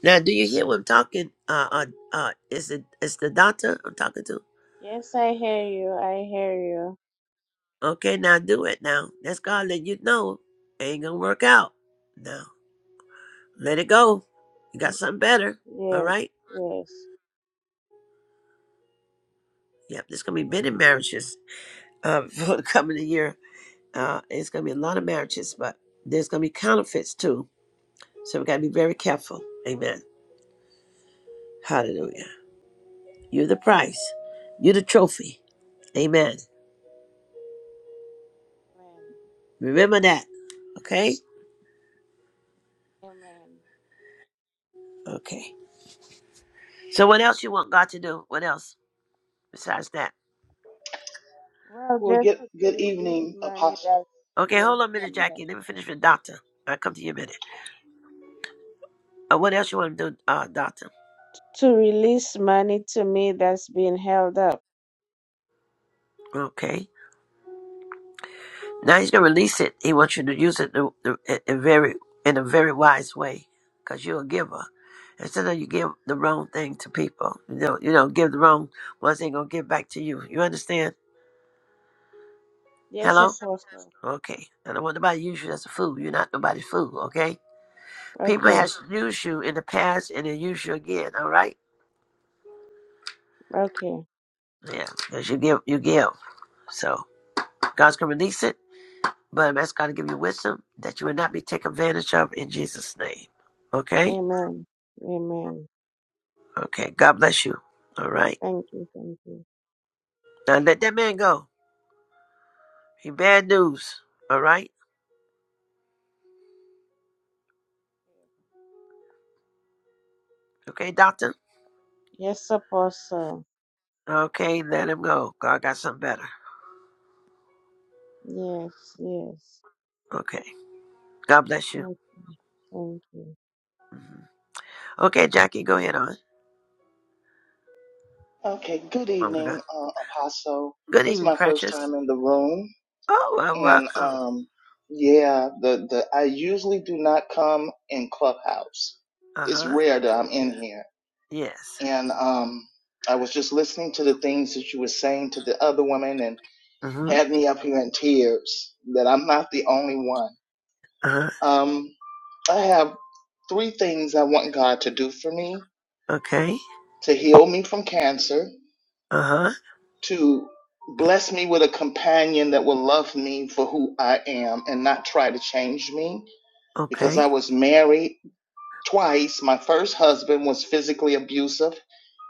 [SPEAKER 1] Now, do you hear what I'm talking? Uh, uh, uh, is it is the doctor I'm talking to?
[SPEAKER 18] Yes, I hear you. I hear you.
[SPEAKER 1] Okay, now do it now. That's God let you know it ain't gonna work out. No, let it go. You got
[SPEAKER 18] Mm,
[SPEAKER 1] something better. All
[SPEAKER 18] Yes,
[SPEAKER 1] right.
[SPEAKER 18] yes.
[SPEAKER 1] Yep, there's gonna be many marriages uh, [laughs] for the coming of the year. Uh, it's gonna be a lot of marriages, but there's gonna be counterfeits too. So we gotta be very careful. Amen. Hallelujah. You're the prize. You're the trophy. Amen.
[SPEAKER 18] Amen.
[SPEAKER 1] Remember that. Okay.
[SPEAKER 18] Amen. Amen.
[SPEAKER 1] Okay. So what else you want God to do? What else besides that?
[SPEAKER 18] Well,
[SPEAKER 20] Well,
[SPEAKER 18] just
[SPEAKER 20] good
[SPEAKER 18] to release
[SPEAKER 20] evening,
[SPEAKER 18] money
[SPEAKER 20] Apostle.
[SPEAKER 18] that's
[SPEAKER 1] Okay,
[SPEAKER 18] been
[SPEAKER 1] hold on a minute,
[SPEAKER 18] held up.
[SPEAKER 1] Jackie. Let me finish with Doctor. I'll come to you in a minute. Uh, what else you want to do, uh, Doctor?
[SPEAKER 18] To release money to me that's been held up.
[SPEAKER 1] Okay. Now he's gonna release it. He wants you to use it the, the, in in very in a very wise way, cause you're a giver. Instead of you give the wrong thing to people, you don't, you don't give the wrong ones ain't gonna give back to you. You understand?
[SPEAKER 18] Yes,
[SPEAKER 1] Hello.
[SPEAKER 18] Apostle.
[SPEAKER 1] Okay. I don't want nobody to use you as a fool. You're not nobody's fool. Okay. People
[SPEAKER 18] Okay.
[SPEAKER 1] has used you in the past and they use you again. All right.
[SPEAKER 18] Okay.
[SPEAKER 1] Yeah, because you give, you give. So God's gonna release it, but I'm asking God to give you wisdom that you will not be taken advantage of in Jesus' name. Okay,
[SPEAKER 18] Amen. Amen.
[SPEAKER 1] okay. God bless you. All right.
[SPEAKER 18] Thank you. Thank you.
[SPEAKER 1] Now let that man go. He bad news. All right. Okay, doctor.
[SPEAKER 18] Yes, Apostle.
[SPEAKER 1] Okay, let him go. God got something better.
[SPEAKER 18] Yes. Yes.
[SPEAKER 1] Okay. God bless you.
[SPEAKER 18] Yes. Thank you.
[SPEAKER 1] Mhm. Okay, Jackie, go ahead on.
[SPEAKER 20] Okay, good
[SPEAKER 1] Oh my God.
[SPEAKER 20] evening, uh, Apostle.
[SPEAKER 1] Good
[SPEAKER 20] It's
[SPEAKER 1] evening,
[SPEAKER 20] my first
[SPEAKER 1] precious.
[SPEAKER 20] time in the room,
[SPEAKER 1] Oh, well,
[SPEAKER 20] and
[SPEAKER 1] welcome.
[SPEAKER 20] um, yeah, the the I usually do not come in Clubhouse.
[SPEAKER 1] Uh
[SPEAKER 20] It's
[SPEAKER 1] huh.
[SPEAKER 20] rare that I'm in here,
[SPEAKER 1] Yes.
[SPEAKER 20] and um, I was just listening to the things that you were saying to the other women, and
[SPEAKER 1] Mhm.
[SPEAKER 20] had me up here in tears that I'm not the only one.
[SPEAKER 1] Uh huh.
[SPEAKER 20] Um, I have three things I want God to do for me:
[SPEAKER 1] Okay.
[SPEAKER 20] to heal me from cancer,
[SPEAKER 1] Uh huh.
[SPEAKER 20] to bless me with a companion that will love me for who I am and not try to change me because
[SPEAKER 1] Okay.
[SPEAKER 20] I was married twice. My first husband was physically abusive,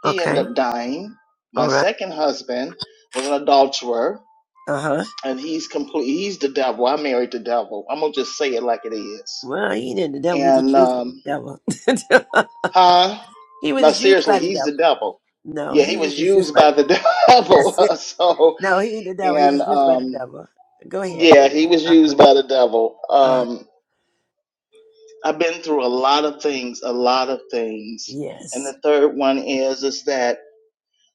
[SPEAKER 20] he
[SPEAKER 1] Okay.
[SPEAKER 20] ended up dying. My
[SPEAKER 1] All right.
[SPEAKER 20] second husband was an adulterer
[SPEAKER 1] Uh huh.
[SPEAKER 20] and he's complete he's the devil. I married the devil. I'm gonna just say it like it is.
[SPEAKER 1] Well, he didn't. The devil. He was
[SPEAKER 20] And
[SPEAKER 1] used by
[SPEAKER 20] um
[SPEAKER 1] the devil.
[SPEAKER 20] huh?
[SPEAKER 1] [laughs] he was
[SPEAKER 20] No,
[SPEAKER 1] just used
[SPEAKER 20] seriously,
[SPEAKER 1] by the
[SPEAKER 20] he's
[SPEAKER 1] devil.
[SPEAKER 20] the devil.
[SPEAKER 1] No,
[SPEAKER 20] Yeah, he
[SPEAKER 1] he was
[SPEAKER 20] was
[SPEAKER 1] just used
[SPEAKER 20] used
[SPEAKER 1] by the
[SPEAKER 20] by the
[SPEAKER 1] devil.
[SPEAKER 20] [laughs]
[SPEAKER 1] [laughs]
[SPEAKER 20] devil.
[SPEAKER 1] That's it.
[SPEAKER 20] [laughs] so
[SPEAKER 1] No, he ain't the devil. He
[SPEAKER 20] and
[SPEAKER 1] just used by the
[SPEAKER 20] um
[SPEAKER 1] devil. Go ahead.
[SPEAKER 20] Yeah, he was used by the devil.
[SPEAKER 1] Uh,
[SPEAKER 20] Um, I've been through a lot of things, a lot of things. And
[SPEAKER 1] yes.
[SPEAKER 20] the third one is is that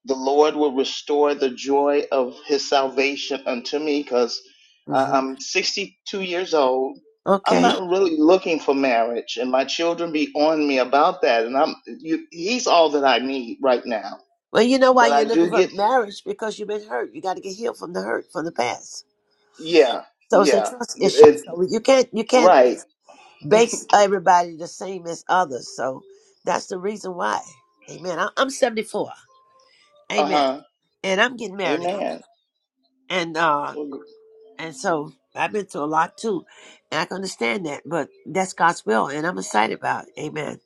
[SPEAKER 20] the Lord will restore the joy of His salvation unto me, because
[SPEAKER 1] hmm
[SPEAKER 20] I'm 62 years old. I'm
[SPEAKER 1] Okay.
[SPEAKER 20] not really looking for marriage, and my children be on me about that. And I'm you, He's all that I need right now.
[SPEAKER 1] Well, you know why
[SPEAKER 20] But I
[SPEAKER 1] you're looking
[SPEAKER 20] do
[SPEAKER 1] for
[SPEAKER 20] get,
[SPEAKER 1] marriage because you've been hurt. You got to get healed from the hurt from the past.
[SPEAKER 20] yeah,
[SPEAKER 1] So it's a
[SPEAKER 20] yeah,
[SPEAKER 1] trust issue.
[SPEAKER 20] it,
[SPEAKER 1] So you can't you can't
[SPEAKER 20] right,
[SPEAKER 1] base everybody the same as others. So that's the reason why. Amen. I, I'm 74.
[SPEAKER 20] uh
[SPEAKER 1] Amen.
[SPEAKER 20] huh,
[SPEAKER 1] And I'm getting married.
[SPEAKER 20] Amen,
[SPEAKER 1] and uh and so I've been through a lot too, and I can understand that. But that's God's will, and I'm excited about it. Amen.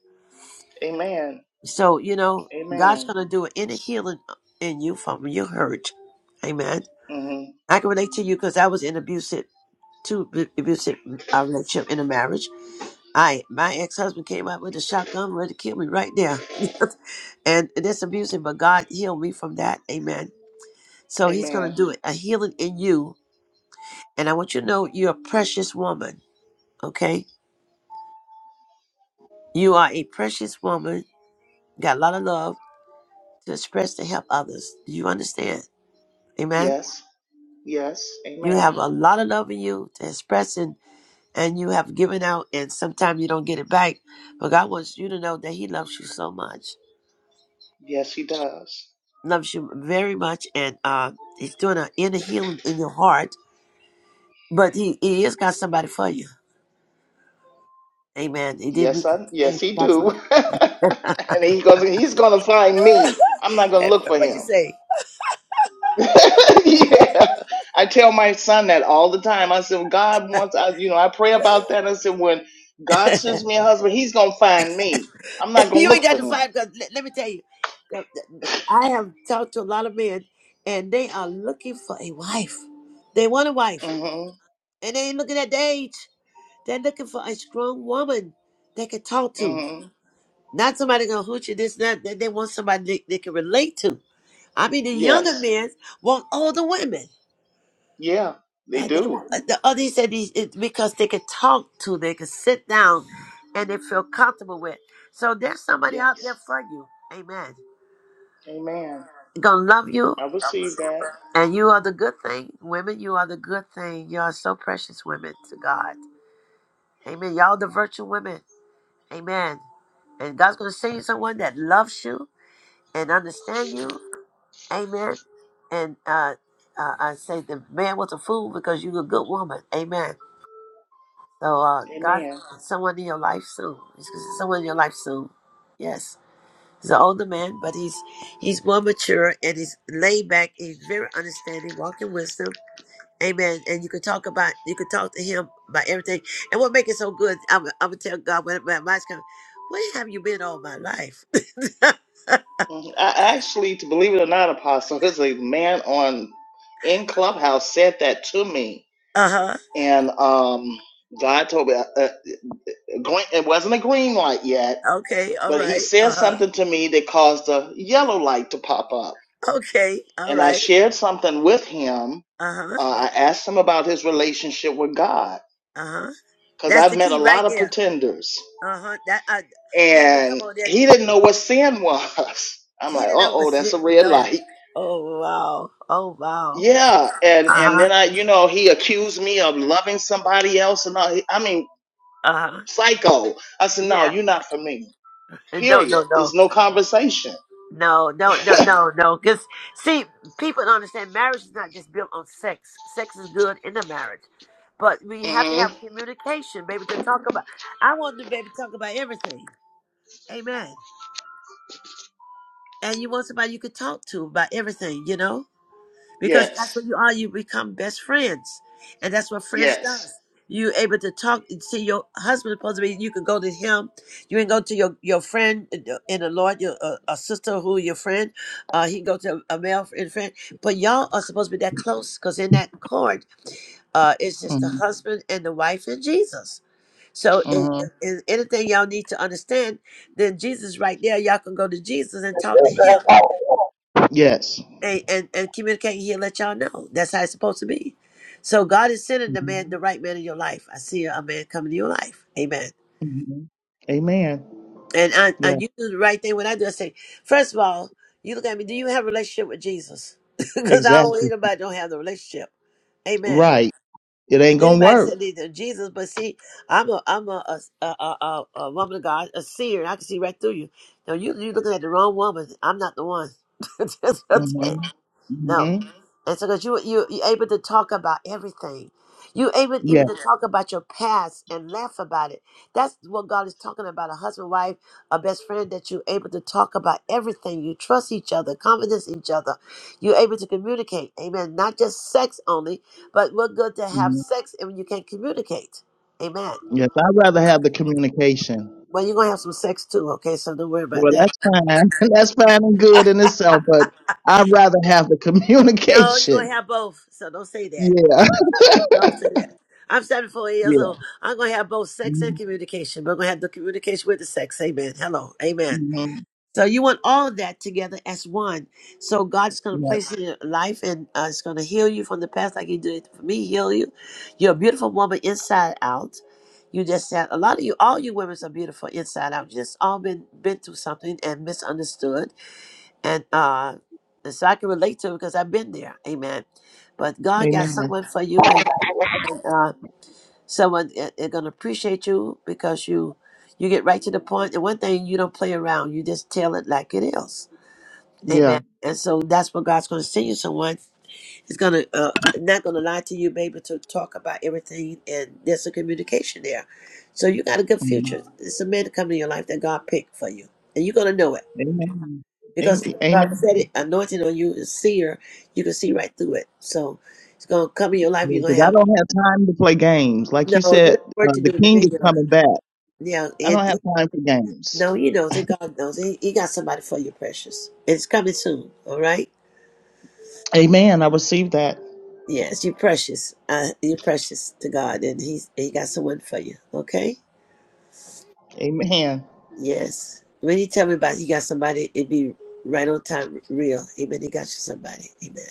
[SPEAKER 20] Amen.
[SPEAKER 1] So you know, God's
[SPEAKER 20] Amen.
[SPEAKER 1] gonna do an inner healing uh, in you from your hurt. Amen.
[SPEAKER 20] hmm
[SPEAKER 1] I can relate to you because I was in abusive, two ab- abusive uh, relationship in a marriage. I my ex husband came out with a shotgun, ready to kill me right there, and that's abusing. But God healed me from that. Amen. So He's gonna
[SPEAKER 20] Amen.
[SPEAKER 1] do it, a healing in you, and I want you to know you're a precious woman. Okay You are a precious woman, got a lot of love to express to help others. Do you understand? Amen.
[SPEAKER 20] Yes. Yes.
[SPEAKER 1] You
[SPEAKER 20] Amen.
[SPEAKER 1] have a lot of love in you to express and, and you have given out and sometimes you don't get it back. But God wants you to know that He loves you so much.
[SPEAKER 20] Yes, he does.
[SPEAKER 1] Loves you very much and uh He's doing an inner healing in your heart. But He, he has got somebody for you. Amen. He did me
[SPEAKER 20] Yes, I. Yes, he
[SPEAKER 1] that's what
[SPEAKER 20] do. [laughs] and he goes. He's gonna find me. I'm not gonna look
[SPEAKER 1] [laughs]
[SPEAKER 20] for
[SPEAKER 1] what you
[SPEAKER 20] him.
[SPEAKER 1] say.
[SPEAKER 20] [laughs] yeah. I tell my son that all the time. I said, God wants. I, you know, I pray about that. I said, when
[SPEAKER 1] [laughs]
[SPEAKER 20] God sends me a husband, he's gonna find me. I'm not
[SPEAKER 1] [laughs]
[SPEAKER 20] gonna
[SPEAKER 1] you ain't
[SPEAKER 20] look
[SPEAKER 1] got
[SPEAKER 20] for
[SPEAKER 1] to
[SPEAKER 20] him.
[SPEAKER 1] fight because let, let me tell you, the- the- I have talked to a lot of men, and they are looking for a wife. They want a wife,
[SPEAKER 20] Mm-hmm.
[SPEAKER 1] and they ain't looking at their age. They're looking for a strong woman they can talk to,
[SPEAKER 20] Mm-hmm.
[SPEAKER 1] not somebody gonna hoot you this that. They, they want somebody they, they can relate to. I mean, the younger
[SPEAKER 20] Yes.
[SPEAKER 1] men want older women.
[SPEAKER 20] Yeah. They
[SPEAKER 1] Uh, they want
[SPEAKER 20] do.
[SPEAKER 1] uh, the other he said these it's because they can talk to, they can sit down, and they feel comfortable with. So there's somebody out there
[SPEAKER 20] Yes.
[SPEAKER 1] for you. Amen.
[SPEAKER 20] Amen.
[SPEAKER 1] gonna love you
[SPEAKER 20] I receive that.
[SPEAKER 1] and you are the good thing women you are the good thing you are so precious women to god amen y'all the virtue women amen and god's gonna send you someone that loves you and understand you amen and uh, uh i say the man was a fool because you're a good woman amen so uh god
[SPEAKER 20] Amen.
[SPEAKER 1] someone in your life soon he's gonna send someone in your life soon yes he's an older man but he's he's more mature and he's laid back he's very understanding walking wisdom Amen. And you can talk about, you can talk to him about everything. And what makes it so good, I'm, I'm gonna tell God when my mind's coming. Where have you been all my life? [laughs] uh
[SPEAKER 20] Mhm. I actually, to believe it or not, Apostle, [laughs] there's a man on in Clubhouse said that to me,
[SPEAKER 1] huh.
[SPEAKER 20] and um, God told me uh, uh, green, it wasn't a green light yet,
[SPEAKER 1] Okay. All
[SPEAKER 20] but He
[SPEAKER 1] right.
[SPEAKER 20] said
[SPEAKER 1] Uh huh.
[SPEAKER 20] something to me that caused a yellow light to pop up,
[SPEAKER 1] Okay. All
[SPEAKER 20] and I
[SPEAKER 1] right.
[SPEAKER 20] shared something with him.
[SPEAKER 1] Uh huh.
[SPEAKER 20] Uh, I asked him about his relationship with God
[SPEAKER 1] Uh huh.
[SPEAKER 20] because
[SPEAKER 1] That's
[SPEAKER 20] I've
[SPEAKER 1] the
[SPEAKER 20] met a
[SPEAKER 1] key right
[SPEAKER 20] lot of
[SPEAKER 1] there.
[SPEAKER 20] pretenders,
[SPEAKER 1] Uh huh. That I, you had to come
[SPEAKER 20] and
[SPEAKER 1] on there.
[SPEAKER 20] he didn't know what sin was. [laughs] I'm
[SPEAKER 1] He
[SPEAKER 20] like,
[SPEAKER 1] didn't
[SPEAKER 20] uh
[SPEAKER 1] know
[SPEAKER 20] oh,
[SPEAKER 1] what's
[SPEAKER 20] that's
[SPEAKER 1] here.
[SPEAKER 20] a red
[SPEAKER 1] No.
[SPEAKER 20] light.
[SPEAKER 1] Oh wow. Oh wow.
[SPEAKER 20] Yeah, and
[SPEAKER 1] Uh
[SPEAKER 20] and
[SPEAKER 1] huh.
[SPEAKER 20] then I, you know, he accused me of loving somebody else, and all. I mean,
[SPEAKER 1] Uh huh.
[SPEAKER 20] psycho. I said, no,
[SPEAKER 1] Yeah.
[SPEAKER 20] you're not for me.
[SPEAKER 1] No.
[SPEAKER 20] Period.
[SPEAKER 1] No. No.
[SPEAKER 20] It's no conversation.
[SPEAKER 1] No, no, no, no, no. Because see, people don't understand marriage is not just built on sex. Sex is good in a marriage, but we have to
[SPEAKER 20] hmm
[SPEAKER 1] have communication, baby, to talk about. I want the baby to talk about everything. Amen. And you want somebody you could talk to about everything, you know because that's what
[SPEAKER 20] Yes.
[SPEAKER 1] you are. You become best friends, and that's what friends
[SPEAKER 20] Yes.
[SPEAKER 1] does. You able to talk. See, your husband is supposed to be. You can go to him. You can go to your your friend in the Lord, your uh, a sister who your friend. Uh, he can go to a male friend, friend. But y'all are supposed to be that close, because in that court, uh, it's just the
[SPEAKER 20] Mhm.
[SPEAKER 1] husband and the wife and Jesus. So, in,
[SPEAKER 20] Mhm.
[SPEAKER 1] in anything y'all need to understand, then Jesus right there, y'all can go to Jesus and talk to him
[SPEAKER 20] Yes.
[SPEAKER 1] and, and, and communicating, he'll let y'all know. That's how it's supposed to be. So God is sending the man,
[SPEAKER 20] Mhm.
[SPEAKER 1] the right man in your life. I see a man coming to your life. Amen.
[SPEAKER 20] Mhm. Amen.
[SPEAKER 1] And I,
[SPEAKER 20] Yeah.
[SPEAKER 1] and you do the right thing when I do. I say, first of all, you look at me. Do you have a relationship with Jesus? [laughs] Because I don't want
[SPEAKER 20] Exactly.
[SPEAKER 1] anybody don't have the relationship. Amen.
[SPEAKER 20] Right. It
[SPEAKER 1] And
[SPEAKER 20] ain't gonna
[SPEAKER 1] anybody said
[SPEAKER 20] work.
[SPEAKER 1] need to Jesus, but see, I'm a I'm a a, a, a, a woman of God, a seer. and I can see right through you. No, you you looking at the wrong woman. I'm not the one. [laughs] Just-
[SPEAKER 20] Mhm.
[SPEAKER 1] no,
[SPEAKER 20] hmm
[SPEAKER 1] and so because you you you are able to talk about everything, you able
[SPEAKER 20] Yeah.
[SPEAKER 1] even to talk about your past and laugh about it. That's what God is talking about: a husband, wife, a best friend that you are able to talk about everything. You trust each other, confidence each other. You're able to communicate. Amen. Not just sex only, but we're good to have
[SPEAKER 20] Mhm.
[SPEAKER 1] sex if you can not communicate. Amen.
[SPEAKER 20] Yes. I'd rather have the communication.
[SPEAKER 1] Well, you're gonna have some sex too, okay? So don't worry about
[SPEAKER 20] Well,
[SPEAKER 1] that.
[SPEAKER 20] that's fine. [laughs] That's fine and
[SPEAKER 1] [laughs]
[SPEAKER 20] good in itself, but I'd rather have the
[SPEAKER 1] no, you're
[SPEAKER 20] communication.
[SPEAKER 1] gonna have both. So don't say that.
[SPEAKER 20] Yeah.
[SPEAKER 1] Don't
[SPEAKER 20] [laughs]
[SPEAKER 1] say that. I'm 74 years
[SPEAKER 20] yeah.
[SPEAKER 1] old. I'm gonna have both sex and
[SPEAKER 20] Mhm.
[SPEAKER 1] communication. But I'm gonna have the communication with the sex. Amen. Hello. Amen.
[SPEAKER 20] Mhm.
[SPEAKER 1] So you want all of that together as one. So God's going to
[SPEAKER 20] Yeah.
[SPEAKER 1] place it in your life and uh, it's going to heal you from the past like he did for me, heal you. You're a beautiful woman inside out. You just said a lot of you, all you women are beautiful inside out. Just all been been through something and misunderstood. And uh and so I can relate to it because I've been there. Amen. But God got
[SPEAKER 20] Amen.
[SPEAKER 1] someone for you and, and uh someone that- they're gonna appreciate you because you you get right to the point and one thing you don't play around, you just tell it like it is.
[SPEAKER 20] Yeah.
[SPEAKER 1] Amen. And so that's what God's going to send you someone. He's going to, uh, not going to lie to you, baby, to talk about everything. And there's a communication there. So you got a good
[SPEAKER 20] Mhm.
[SPEAKER 1] future. It's a man to come in your life that God picked for you. And you're going to know it
[SPEAKER 20] Amen.
[SPEAKER 1] because
[SPEAKER 20] Am-
[SPEAKER 1] the
[SPEAKER 20] Amen.
[SPEAKER 1] prophetic anointing on you is seer. You can see right through it. So it's going to come in your life. You're going
[SPEAKER 20] Because
[SPEAKER 1] to
[SPEAKER 20] I
[SPEAKER 1] have,
[SPEAKER 20] don't have time to play games. Like
[SPEAKER 1] no,
[SPEAKER 20] you
[SPEAKER 1] you
[SPEAKER 20] said,
[SPEAKER 1] got work
[SPEAKER 20] uh,
[SPEAKER 1] to do
[SPEAKER 20] the
[SPEAKER 1] in the
[SPEAKER 20] king is
[SPEAKER 1] vineyard.
[SPEAKER 20] coming back.
[SPEAKER 1] Yeah.
[SPEAKER 20] I don't
[SPEAKER 1] And he-
[SPEAKER 20] have time for games.
[SPEAKER 1] no, he knows it. God knows it. He he got somebody for you, precious. It's coming soon. All right.
[SPEAKER 20] Amen. I receive that.
[SPEAKER 1] Yes, you're precious. Uh, you're precious to God, and He's He got someone for you. Okay.
[SPEAKER 20] Amen.
[SPEAKER 1] Yes. When He tell me about you got somebody, it be right on time, real. Amen. He got you somebody. Amen.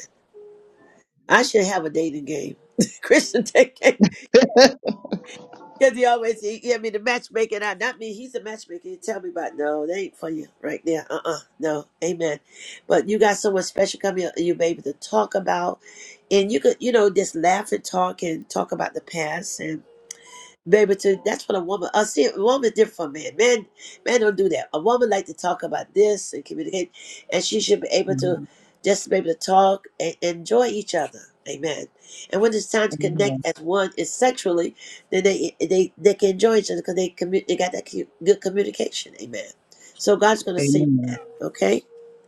[SPEAKER 1] I should have a dating game, [laughs] Christian dating game, because he always he, he had me the matchmaker. and I, not me. He's a matchmaker. He tell me about no, they ain't for you right there. Uh uh No. Amen. But you got someone special coming, up, you baby, to talk about, and you could you know just laugh and talk and talk about the past and Baby, to that's what a woman. I see a woman different from men. Men, men don't do that. A woman like to talk about this and communicate, and she should be able to
[SPEAKER 20] Mhm.
[SPEAKER 1] just be able to talk and enjoy each other. Amen. And when it's time to
[SPEAKER 20] Amen.
[SPEAKER 1] connect as one is sexually, then they they they can enjoy each other because they commu- they got that cu- good communication. Amen. So God's gonna see.
[SPEAKER 20] Amen.
[SPEAKER 1] Okay.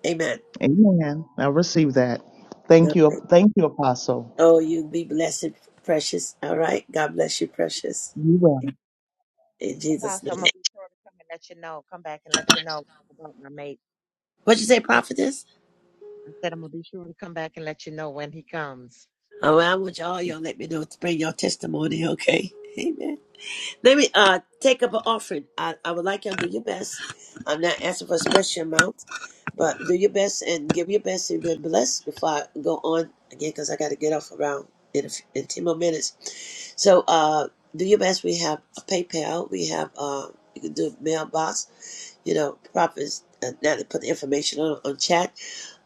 [SPEAKER 1] Amen.
[SPEAKER 20] Amen. I receive that. Thank
[SPEAKER 1] All right.
[SPEAKER 20] you. Thank you, Apostle.
[SPEAKER 1] Oh, you be blessed, precious. All right. God bless you, precious.
[SPEAKER 20] You
[SPEAKER 1] In Jesus'
[SPEAKER 13] Apostle, I'm gonna
[SPEAKER 1] name.
[SPEAKER 13] be sure to come and let you know. Come back and let you know about my mate.
[SPEAKER 1] What you say, prophetess?
[SPEAKER 13] I said I'm gonna be sure to come back and let you know when he comes.
[SPEAKER 1] All right, I want y'all, y'all let me know to bring your testimony, okay? Amen. Let me uh take up an offering. I, I would like y'all to do your best. I'm not asking for a special amount, but do your best and give your best and be blessed before I go on again because I got to get off around in, a, f- in 10 more minutes. So uh do your best. We have a PayPal. We have, uh, you can do mailbox, you know, prophets. Uh, now they put the information on, on chat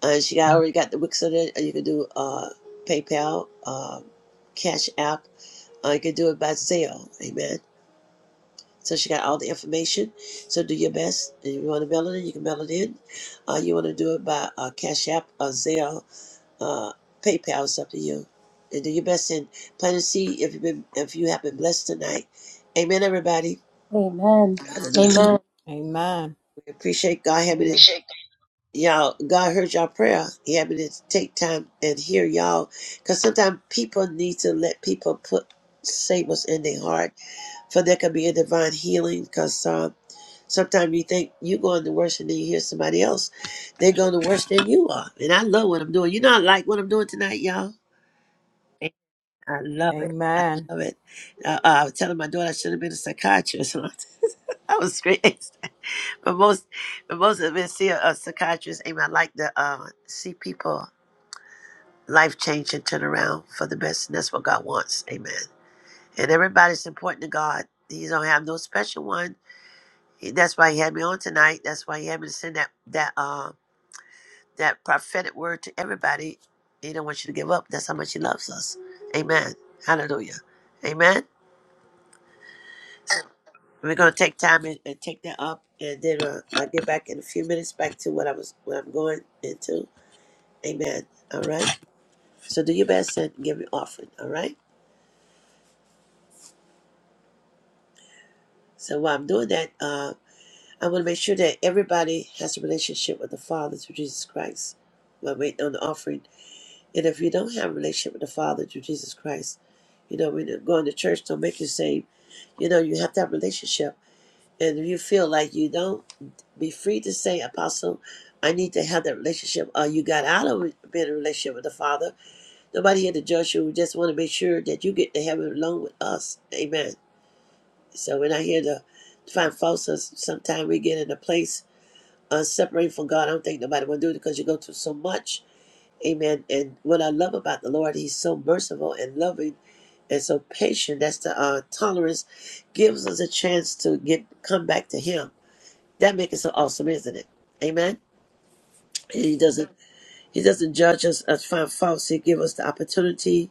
[SPEAKER 1] and she got, already got the Wix on it. you can do uh, PayPal, uh, Cash App, or you can do it by Zelle. Amen. So she got all the information. So do your best. And if you want to mail it in, you can mail it in. Uh, you want to do it by uh, Cash App or Zelle, uh, PayPal is up to you. And do your best and plan to see if you've been if you have been blessed tonight. Amen, everybody.
[SPEAKER 2] Amen.
[SPEAKER 1] Hallelujah.
[SPEAKER 2] Amen.
[SPEAKER 21] Amen.
[SPEAKER 1] We appreciate God having it.
[SPEAKER 20] Amen.
[SPEAKER 1] y'all god heard y'all prayer he happened to take time and hear y'all because sometimes people need to let people put say what's in their heart for there could be a divine healing because uh, sometimes you think you're going to worse and then you hear somebody else they're going to worse than you are and i love what i'm doing you know i like what i'm doing tonight y'all And i love it
[SPEAKER 21] Amen.
[SPEAKER 1] love it uh, uh, i was telling my daughter i should have been a psychiatrist [laughs] I was crazy. But most, but most of it, see a, a psychiatrist, and I like to uh, see people. life change and turn around for the best. And that's what God wants. Amen. And everybody's important to God. He don't have no special one. He, that's why he had me on tonight. That's why he had me to send that that uh, that prophetic word to everybody. He don't want you to give up. That's how much he loves us. Amen. Hallelujah. Amen. We're gonna take time and, and take that up, and then uh, I'll get back in a few minutes back to what I was what I'm going into. Amen. All right. So do your best and give your offering. All right. So while I'm doing that, uh. I want to make sure that everybody has a relationship with the Father through Jesus Christ. We're waiting on the offering. And if you don't have a relationship with the Father through Jesus Christ, you know, when you're going to church don't make you saved. You know, you have to have a relationship. And if you feel like you don't, be free to say, Apostle, I need to have that relationship. Or you got out of it, being in a relationship with the Father. Nobody here to judge you. We just want to make sure that you get to heaven alone with us. Amen. So we're not here to find faults. Sometimes we get in a place uh, separated from God. I don't think nobody will do it because you go through so much. Amen. And what I love about the Lord, He's so merciful and loving and so patient. That's the uh, tolerance gives us a chance to get come back to Him. That makes it so awesome, isn't it? Amen. And he doesn't. He doesn't judge us as find faults. He gives us the opportunity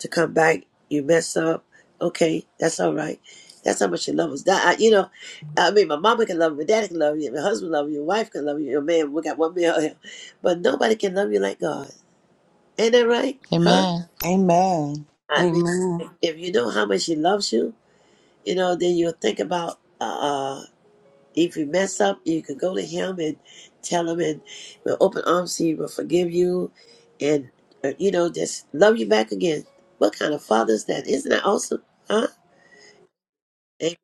[SPEAKER 1] to come back. You mess up. Okay, that's all right. That's how much you love us. That I, you know, I mean, my mama can love you, my daddy can love you, my husband love you, your wife can love you, your man. We got one man here, but nobody can love you like God. Ain't that right? Huh?
[SPEAKER 3] Amen. Amen. Amen.
[SPEAKER 1] I mean,
[SPEAKER 6] Amen.
[SPEAKER 1] if you know how much He loves you, you know, then you'll think about uh, uh, if you mess up, you can go to Him and tell Him, and with open arms, He will forgive you, and uh, you know, just love you back again. What kind of father is that? Isn't that awesome? Huh? Amen.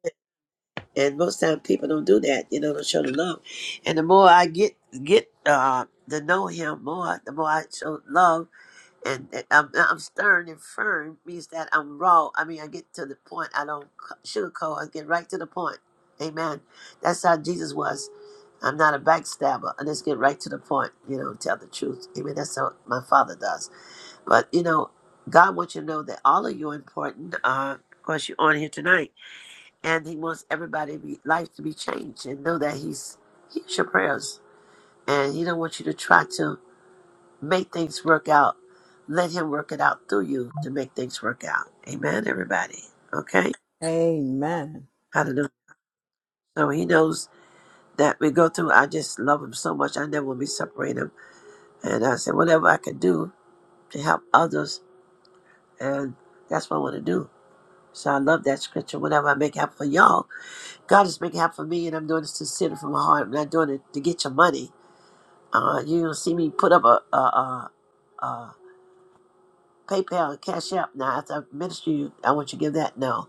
[SPEAKER 1] And most time people don't do that. You know, don't show the love. And the more I get get uh, to know him more, the more I show love. And and I'm, I'm stern and firm means that I'm raw. I mean, I get to the point. I don't c- sugarcoat. I get right to the point. Amen. That's how Jesus was. I'm not a backstabber. I just get right to the point. You know, tell the truth. Amen. That's how my father does. But you know, God wants you to know that all of you are important. Uh, of course, you're on here tonight and he wants everybody's life to be changed and know that he's hears your prayers and he don't want you to try to make things work out let him work it out through you to make things work out amen everybody okay
[SPEAKER 21] Amen.
[SPEAKER 1] hallelujah so he knows that we go through i just love him so much i never want to be separated him and i said whatever i can do to help others and that's what i want to do so I love that scripture. Whatever I make it happen for y'all, God is making it happen for me, and I'm doing it sincerely from my heart. I'm not doing it to get your money. Uh, you're gonna see me put up a a, a, a PayPal and Cash App now after I minister you. I want you to give that. No,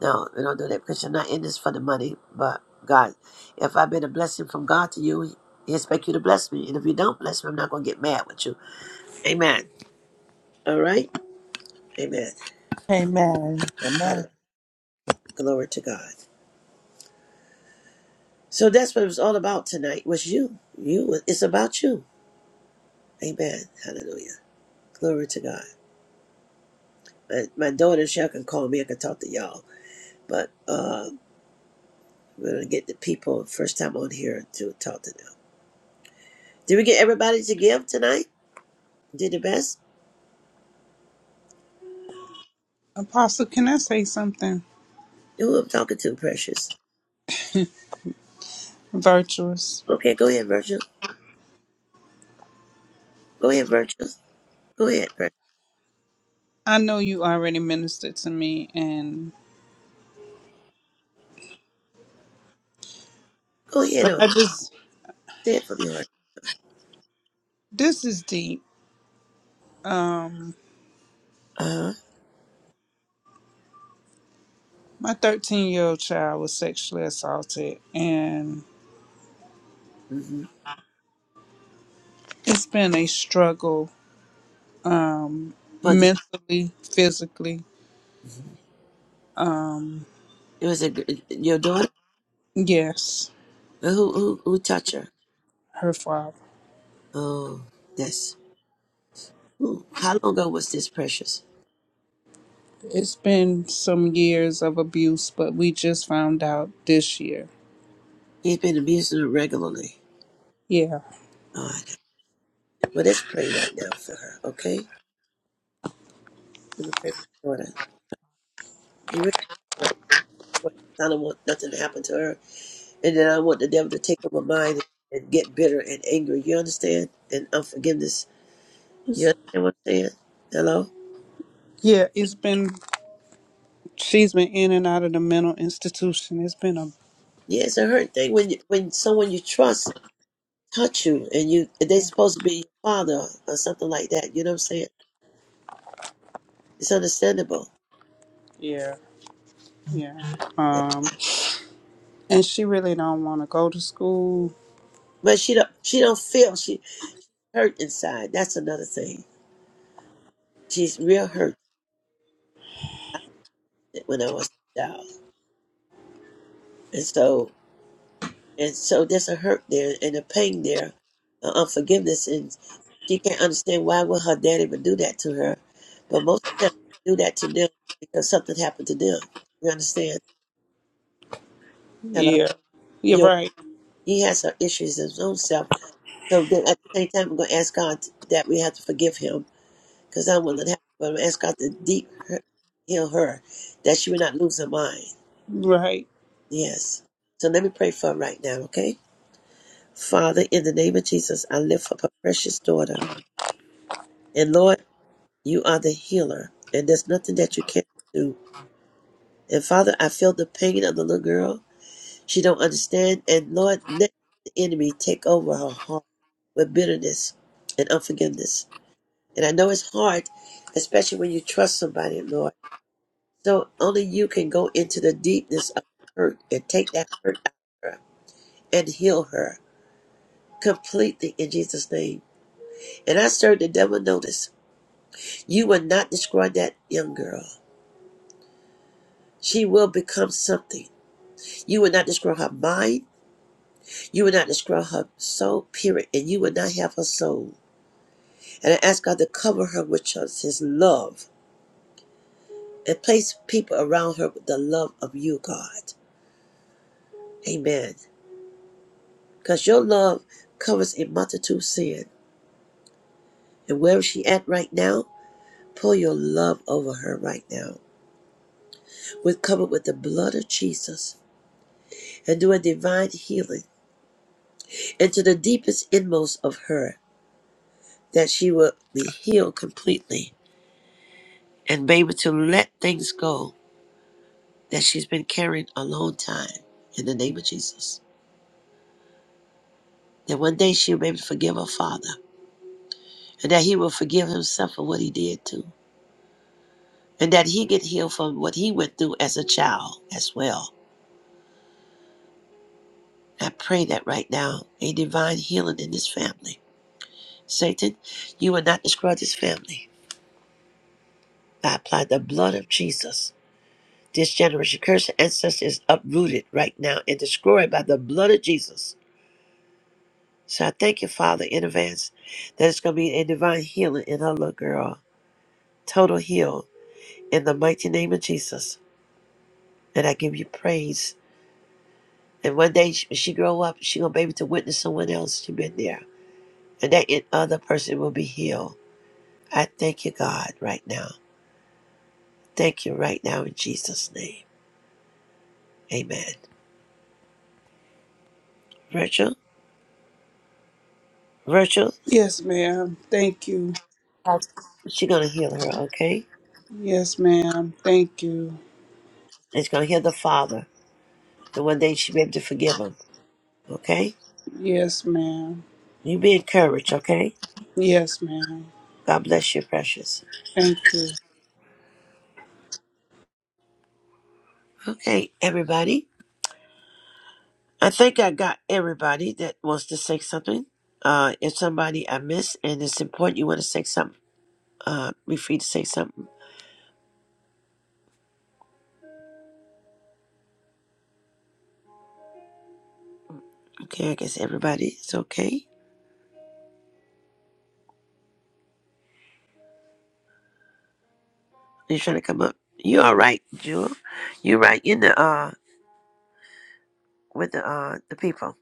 [SPEAKER 1] no, we don't do that because you're not in this for the money. But God, if I've been a blessing from God to you, He expect you to bless me. And if you don't bless me, I'm not gonna get mad with you. Amen. All right. Amen.
[SPEAKER 3] Amen. Amen.
[SPEAKER 1] Hallelujah. Glory to God. So that's what it was all about tonight. Was you? You? It's about you. Amen. Hallelujah. Glory to God. My, my daughter, she can call me. I can talk to y'all. But uh, We're gonna get the people first time on here to talk to them. Did we get everybody to give tonight? Did the best?
[SPEAKER 16] Apostle, can I say something
[SPEAKER 1] Who I'm talking to, Precious?
[SPEAKER 16] virtuous?
[SPEAKER 1] Okay, go ahead, Virgil. Go ahead, Virgil. Go ahead, Precious.
[SPEAKER 16] I know you already ministered to me and
[SPEAKER 1] Go ahead
[SPEAKER 16] but
[SPEAKER 1] on.
[SPEAKER 16] I just
[SPEAKER 1] Say it from your heart.
[SPEAKER 16] this is deep. Um
[SPEAKER 1] Uh huh.
[SPEAKER 16] my 13 year old child was sexually assaulted and
[SPEAKER 1] Mm-hmm.
[SPEAKER 16] it's been a struggle um
[SPEAKER 1] But the,
[SPEAKER 16] mentally, physically. Um
[SPEAKER 1] it was a gr- your daughter.
[SPEAKER 16] yes,
[SPEAKER 1] Who who who touched her?
[SPEAKER 16] her father.
[SPEAKER 1] Oh, that's. Who, how long ago was this, Precious?
[SPEAKER 16] It's been some years of abuse, but we just found out this year.
[SPEAKER 1] He's been abusing her regularly.
[SPEAKER 16] Yeah.
[SPEAKER 1] Oh, I know. Well, let's pray right now for her. Okay. Let me pray for your daughter. You really I don't want nothing to happen to her. And then I want the devil to take over mine mind and get bitter and angry. You understand? And unforgiveness. You
[SPEAKER 16] It's-
[SPEAKER 1] understand what I'm saying? Hello?
[SPEAKER 16] yeah, it's been She's been in and out of the mental institution. It's been a
[SPEAKER 1] Yeah, it's a hurt thing when you, when someone you trust touch you and you and they supposed to be your father or something like that. You know what I'm saying? It's understandable.
[SPEAKER 16] yeah, yeah.
[SPEAKER 1] Yeah.
[SPEAKER 16] Um, and she really don't want to go to school.
[SPEAKER 1] But she don't she don't feel she hurt inside. That's another thing. She's real hurt I felt it when I was a child. And so And so there's a hurt there and a pain there, uh, unforgiveness, and she can't understand why would her daddy would do that to her. But most of the time, they do that to them because something happened to them. You understand? Hello,
[SPEAKER 16] Yeah, you're
[SPEAKER 1] you.
[SPEAKER 16] right,
[SPEAKER 1] He has some issues in his own self. So then at the same time, we're going to ask God that we have to forgive him because I don't want that to happen. But I'm going to ask God to deep hurt, heal her, that she would not lose her mind.
[SPEAKER 16] right.
[SPEAKER 1] Yes. So let me pray for her right now, okay? Father, in the name of Jesus, I lift up her precious daughter. And Lord, you are the healer, and there's nothing that you can't do. And Father, I feel the pain of the little girl. She don't understand. And Lord, let the enemy take over her heart with bitterness and unforgiveness. And I know it's hard, especially when you trust somebody, Lord. So only you can go into the deepness of hurt and take that hurt out of her and heal her completely in Jesus' name. And I serve the devil notice. You will not destroy that young girl. She will become something. You would not destroy her mind. You would not destroy her soul, period. And you would not have her soul. And I ask God to cover her with just his love and place people around her with the love of you, God. Amen. Because your love covers a multitude of sin. And wherever she at right now, pour your love over her right now. We're covered with the blood of Jesus and do a divine healing into the deepest inmost of her that she will be healed completely and be able to let things go that she's been carrying a long time in the name of Jesus. That one day she'll be able to forgive her father and that he will forgive himself for what he did too. And that he get healed from what he went through as a child as well. I pray that right now, a divine healing in this family. Satan, you will not destroy this family. I apply the blood of Jesus. This generation curse and ancestor is uprooted right now and destroyed by the blood of Jesus. So I thank you, Father, in advance that it's going to be a divine healing in her little girl. Total heal in the mighty name of Jesus. And I give you praise. And one day sh- when she grow up, she going to be able to witness someone else she been there. And that in- other person will be healed. I thank you, God, right now. Thank you right now in Jesus' name. Amen. Virtual, virtual,
[SPEAKER 16] Yes, ma'am. Thank you.
[SPEAKER 1] she going to heal her, okay?
[SPEAKER 16] Yes, ma'am. Thank you.
[SPEAKER 1] And she's going to heal the Father. And one day she be able to forgive him, okay?
[SPEAKER 16] Yes, ma'am.
[SPEAKER 1] You be encouraged, okay?
[SPEAKER 16] Yes, ma'am.
[SPEAKER 1] God bless you, precious.
[SPEAKER 16] Thank you.
[SPEAKER 1] Okay, everybody. I think I got everybody that wants to say something. Uh, if somebody I miss and it's important, you want to say something, uh, be free to say something. Okay, I guess everybody is okay. You're trying to come up. You all right, Jewel? You right in the uh with the uh the people.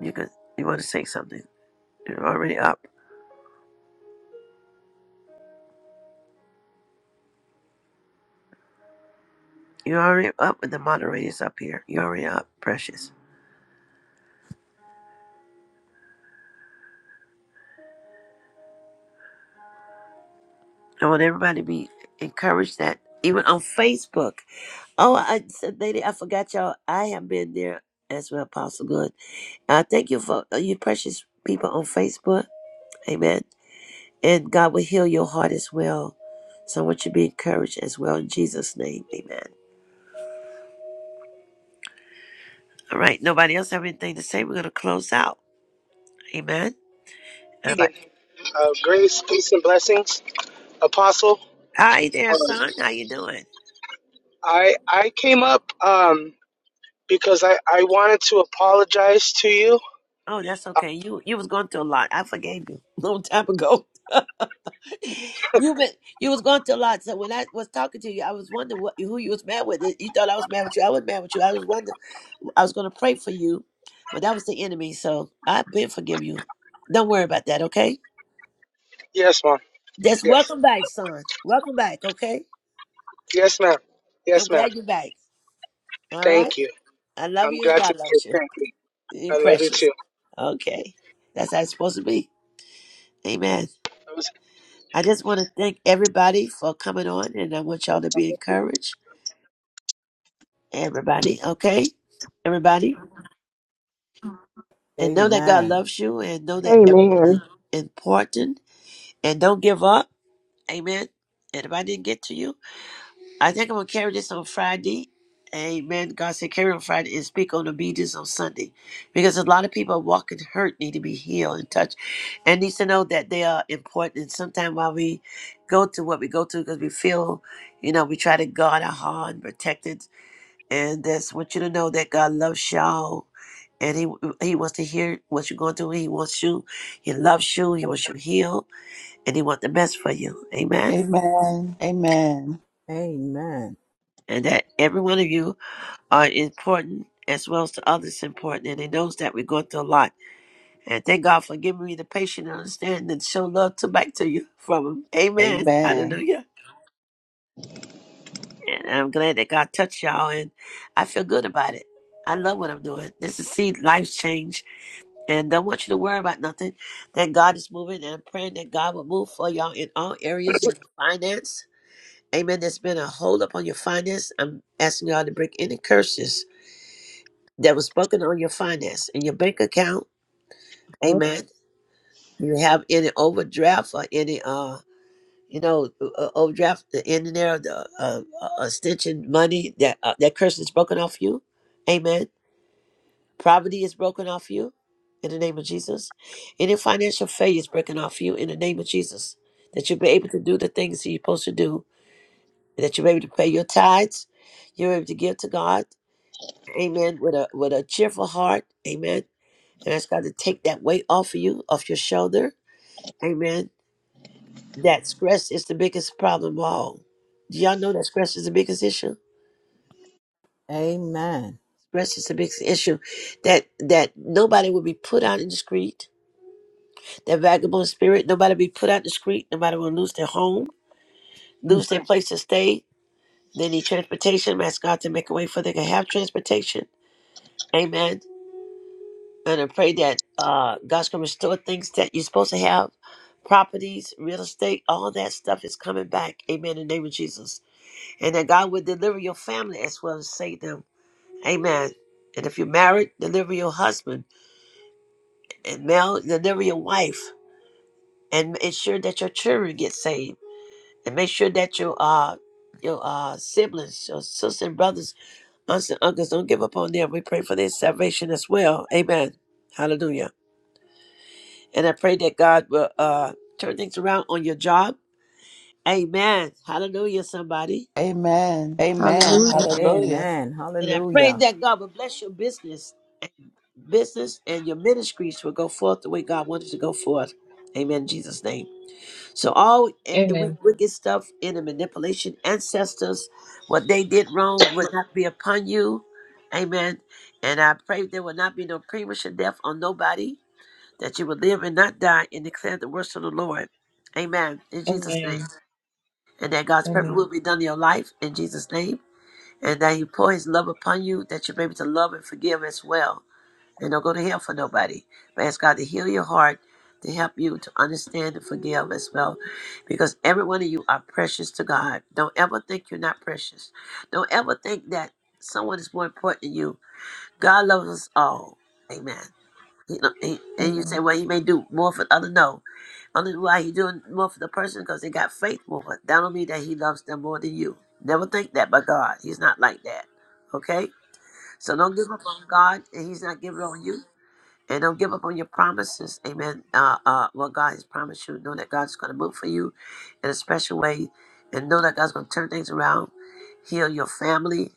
[SPEAKER 1] You could you want to say something. You're already up. You're already up with the moderators up here. You're already up, precious. I want everybody to be encouraged that even on Facebook. Oh, I said, lady, I forgot y'all. I have been there as well, Apostle Good. I thank you for uh, you precious people on Facebook. Amen. And God will heal your heart as well. So I want you to be encouraged as well in Jesus' name. Amen. All right. Nobody else have anything to say? We're gonna close out. Amen. All right.
[SPEAKER 22] evening. Uh, grace, peace, and blessings, Apostle.
[SPEAKER 1] Hi there,
[SPEAKER 22] Um,
[SPEAKER 1] son. How you doing?
[SPEAKER 22] I I came up um, because I I wanted to apologize to you.
[SPEAKER 1] Oh, that's
[SPEAKER 22] Um,
[SPEAKER 1] okay. You you was going through a lot. I forgave you [laughs] a long time ago. You been you was going through a lot. So when I was talking to you, I was wondering what who you was mad with. You thought I was mad with you. I was mad with you. I was wondering. I was going to pray for you, but that was the enemy. So I've been forgive you. Don't worry about that. Okay.
[SPEAKER 22] yes, ma'am.
[SPEAKER 1] Just
[SPEAKER 22] Yes,
[SPEAKER 1] welcome back, son. Welcome back. Okay.
[SPEAKER 22] yes, ma'am.
[SPEAKER 1] I'm
[SPEAKER 22] Yes, ma'am.
[SPEAKER 1] glad you're back. All right.
[SPEAKER 22] Thank you.
[SPEAKER 1] I love
[SPEAKER 22] I'm
[SPEAKER 1] you and
[SPEAKER 22] glad to
[SPEAKER 1] God
[SPEAKER 22] be here.
[SPEAKER 1] loves you.
[SPEAKER 22] Thank you.
[SPEAKER 1] You're
[SPEAKER 22] I love you
[SPEAKER 1] precious.
[SPEAKER 22] too.
[SPEAKER 1] Okay. That's how it's supposed to be. Amen.
[SPEAKER 22] I
[SPEAKER 1] I just want to thank everybody for coming on, and I want y'all to be encouraged. Everybody, okay? Everybody. And know that God
[SPEAKER 21] Amen.
[SPEAKER 1] loves you and know that everyone's
[SPEAKER 14] Amen.
[SPEAKER 1] important and don't give up. Amen. And if I didn't get to you, I think I'm going to carry this on Friday. Amen. God said carry on Friday and speak on obedience on Sunday because a lot of people are walking hurt, need to be healed and touched, and needs to know that they are important. And sometimes while we go through what we go through because we feel, you know, we try to guard our heart and protect it and that's want you to know that God loves y'all, and He He wants to hear what you're going through. He wants you, He loves you, He wants you healed, and He wants the best for you. Amen.
[SPEAKER 21] Amen.
[SPEAKER 1] And that every one of you are important as well as to others important, and He knows that we're going through a lot. And thank God for giving me the patience and understanding and show love to back to you [laughs] from Him.
[SPEAKER 3] Amen.
[SPEAKER 1] Amen.
[SPEAKER 3] Amen.
[SPEAKER 1] Hallelujah. And I'm glad that God touched y'all, and I feel good about it. I love what I'm doing. This is see life change And don't want you to worry about nothing. That God is moving, and I'm praying that God will move for y'all in all areas in your finance. Amen. There's been a hold up on your finance. I'm asking y'all to break any curses that was spoken on your finance in your bank account.
[SPEAKER 22] was,
[SPEAKER 1] Amen. You have any overdraft or any uh you know uh, overdraft in there the uh, uh, extension money that uh, that curse is broken off you. Amen. Poverty is broken off you in the name of Jesus. Any financial failure is broken off you in the name of Jesus. That you'll be able to do the things that you're supposed to do. That you're able to pay your tithes. You're able to give to God. Amen. With a with a cheerful heart. Amen. And ask God to take that weight off of you, off your shoulder. Amen. That stress is the biggest problem of all. Do y'all know that stress is the biggest issue?
[SPEAKER 21] Amen.
[SPEAKER 1] Stress is the biggest issue. That that nobody will be put out in the street That vagabond spirit, nobody be put out the street, nobody will lose their home, lose their place to stay. They need transportation. i God to make a way for they can have transportation. Amen. And I pray that uh, God's going to restore things that you're supposed to have properties, real estate, all that stuff is coming back. Amen. In the name of Jesus. And that God will deliver your family as well as save them. Amen. And if you're married, deliver your husband. And male, deliver your wife. And ensure that your children get saved. and make sure that your uh your uh siblings, your sisters and brothers, aunts and uncles don't give up on them. We pray for their salvation as well. Amen. Hallelujah. And I pray that God will uh turn things around on your job. Amen. Hallelujah, somebody.
[SPEAKER 3] Amen. Amen.
[SPEAKER 2] Hallelujah.
[SPEAKER 23] Amen.
[SPEAKER 3] Hallelujah.
[SPEAKER 21] Amen.
[SPEAKER 1] And I pray
[SPEAKER 21] Hallelujah.
[SPEAKER 1] that God will bless your business and business and your ministries will go forth the way God wanted to go forth. Amen. In Jesus' name. So all eh, eh, we
[SPEAKER 23] Amen.
[SPEAKER 1] wicked stuff in the manipulation ancestors, what they did wrong would not be upon you. Amen. And I pray there will not be no premature death on nobody, that you will live and not die and declare the works of the Lord. Amen. In Jesus' name.
[SPEAKER 23] Amen.
[SPEAKER 1] And that God's perfect will
[SPEAKER 23] Amen.
[SPEAKER 1] be done in your life in Jesus' name. And that He pour His love upon you, that you're able to love and forgive as well and don't go to hell for nobody. But ask God to heal your heart, to help you to understand and forgive as well, because every one of you are precious to God. Don't ever think you're not precious. Don't ever think that someone is more important than you. God loves us all. Amen. You know, he, and you say,
[SPEAKER 23] Amen.
[SPEAKER 1] well, he may do more for the other. No. Only why he doing more for the person because they got faith more. That don't mean that he loves them more than you. Never think that by God. He's not like that. Okay? So don't give up on God and he's not giving up on you and don't give up on your promises. Amen. Uh, uh, what God has promised you, know that God's going to move for you in a special way, and know that God's going to turn things around, heal your family,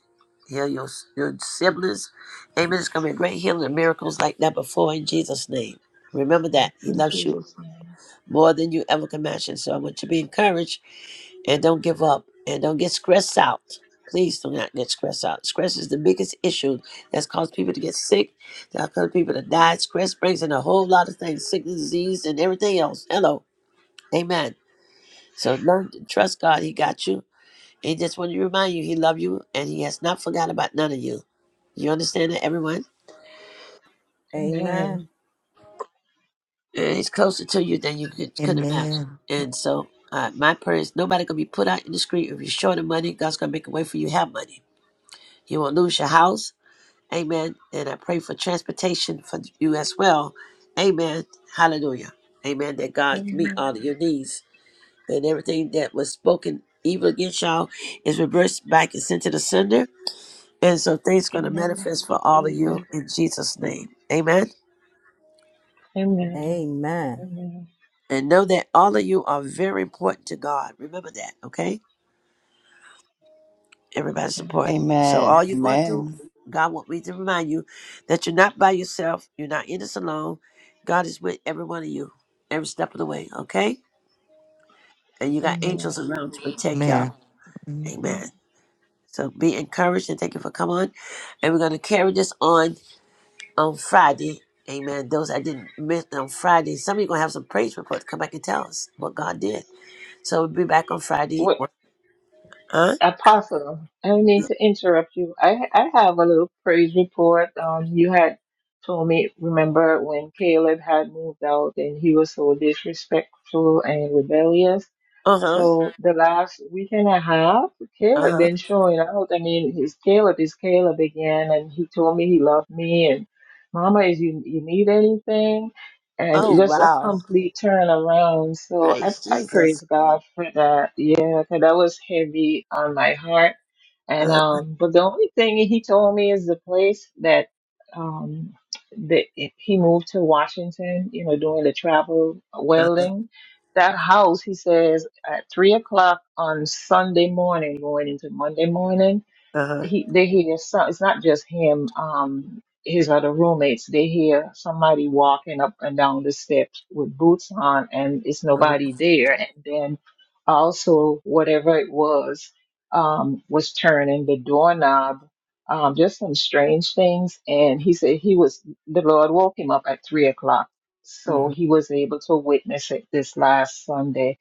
[SPEAKER 1] heal your your siblings. Amen. It's going to be great healing and miracles like that before in Jesus' name. Remember that He
[SPEAKER 23] In
[SPEAKER 1] loves you
[SPEAKER 23] Jesus' name.
[SPEAKER 1] more than you ever can imagine. So I want you to be encouraged and don't give up and don't get stressed out. Please do not get stressed out. Stress is the biggest issue that's caused people to get sick, that caused people to die. Stress brings in a whole lot of things, sickness, disease, and everything else. Hello. Amen. So learn to trust God. He got you. He just wanted to remind you He loves you and He has not forgotten about none of you. You understand that, everyone?
[SPEAKER 23] Amen.
[SPEAKER 21] Amen.
[SPEAKER 1] and he's closer to you than you could, could imagine.
[SPEAKER 11] Amen.
[SPEAKER 1] And so, uh, my prayer is nobody gonna be put out in the street if you're short of money. God's gonna make a way for you to have money. You won't lose your house, amen. And I pray for transportation for you as well, amen. Hallelujah, amen. That God meet
[SPEAKER 23] Amen.
[SPEAKER 1] all of your needs and everything that was spoken evil against y'all is reversed back and sent to the sender. And so things gonna
[SPEAKER 23] Amen.
[SPEAKER 1] manifest
[SPEAKER 23] In
[SPEAKER 1] for all of you
[SPEAKER 23] Jesus.
[SPEAKER 1] in Jesus' name, amen.
[SPEAKER 23] Amen.
[SPEAKER 21] Amen.
[SPEAKER 23] Amen.
[SPEAKER 1] And know that all of you are very important to God. Remember that, okay? Everybody's
[SPEAKER 23] Amen.
[SPEAKER 1] important. So
[SPEAKER 3] Amen.
[SPEAKER 1] all you're going through,
[SPEAKER 3] Amen.
[SPEAKER 1] God wants me to remind you that you're not by yourself. You're not in this alone. God is with every one of you, every step of the way, okay? And you got angels
[SPEAKER 23] Amen.
[SPEAKER 1] around to protect
[SPEAKER 11] Amen.
[SPEAKER 1] y'all.
[SPEAKER 11] Mhm.
[SPEAKER 1] Amen. So be encouraged and thank you for coming on. And we're going to carry this on on Friday. Amen. Those I didn't miss on Friday, some of you going to have some praise reports. Come back and tell us what God did. So we'll be back on Friday.
[SPEAKER 23] What
[SPEAKER 1] Huh?
[SPEAKER 23] apostle? I don't mean to interrupt you. I I have a little praise report. Um, you had told me remember when Caleb had moved out and he was so disrespectful and rebellious
[SPEAKER 1] Uh huh.
[SPEAKER 23] So the last week and a half,
[SPEAKER 1] Uh
[SPEAKER 23] Caleb
[SPEAKER 1] huh.
[SPEAKER 23] been showing out. I mean, his Caleb is Caleb again, and he told me he loved me and Mama, is you you need anything? And
[SPEAKER 1] Oh
[SPEAKER 23] it's just a
[SPEAKER 1] wow.
[SPEAKER 23] complete turnaround. So I,
[SPEAKER 1] Praise
[SPEAKER 23] I
[SPEAKER 1] Jesus.
[SPEAKER 23] praise God for that. Yeah, 'cause that was heavy on my heart. And
[SPEAKER 1] Uh
[SPEAKER 23] um, but the only thing he told me is the place that um that he moved to Washington. You know, doing the travel uh,
[SPEAKER 1] huh.
[SPEAKER 23] welding that house, he says, at three o'clock on Sunday morning, going into Monday morning,
[SPEAKER 1] Uh
[SPEAKER 23] he they hear some it's not just him um his other roommates they hear somebody walking up and down the steps with boots on and it's
[SPEAKER 1] huh.
[SPEAKER 23] nobody there and then also whatever it was um was turning the doorknob um just some strange things and he said he was the lord woke him up at three o'clock so
[SPEAKER 1] hmm
[SPEAKER 23] he was able to witness it this last sunday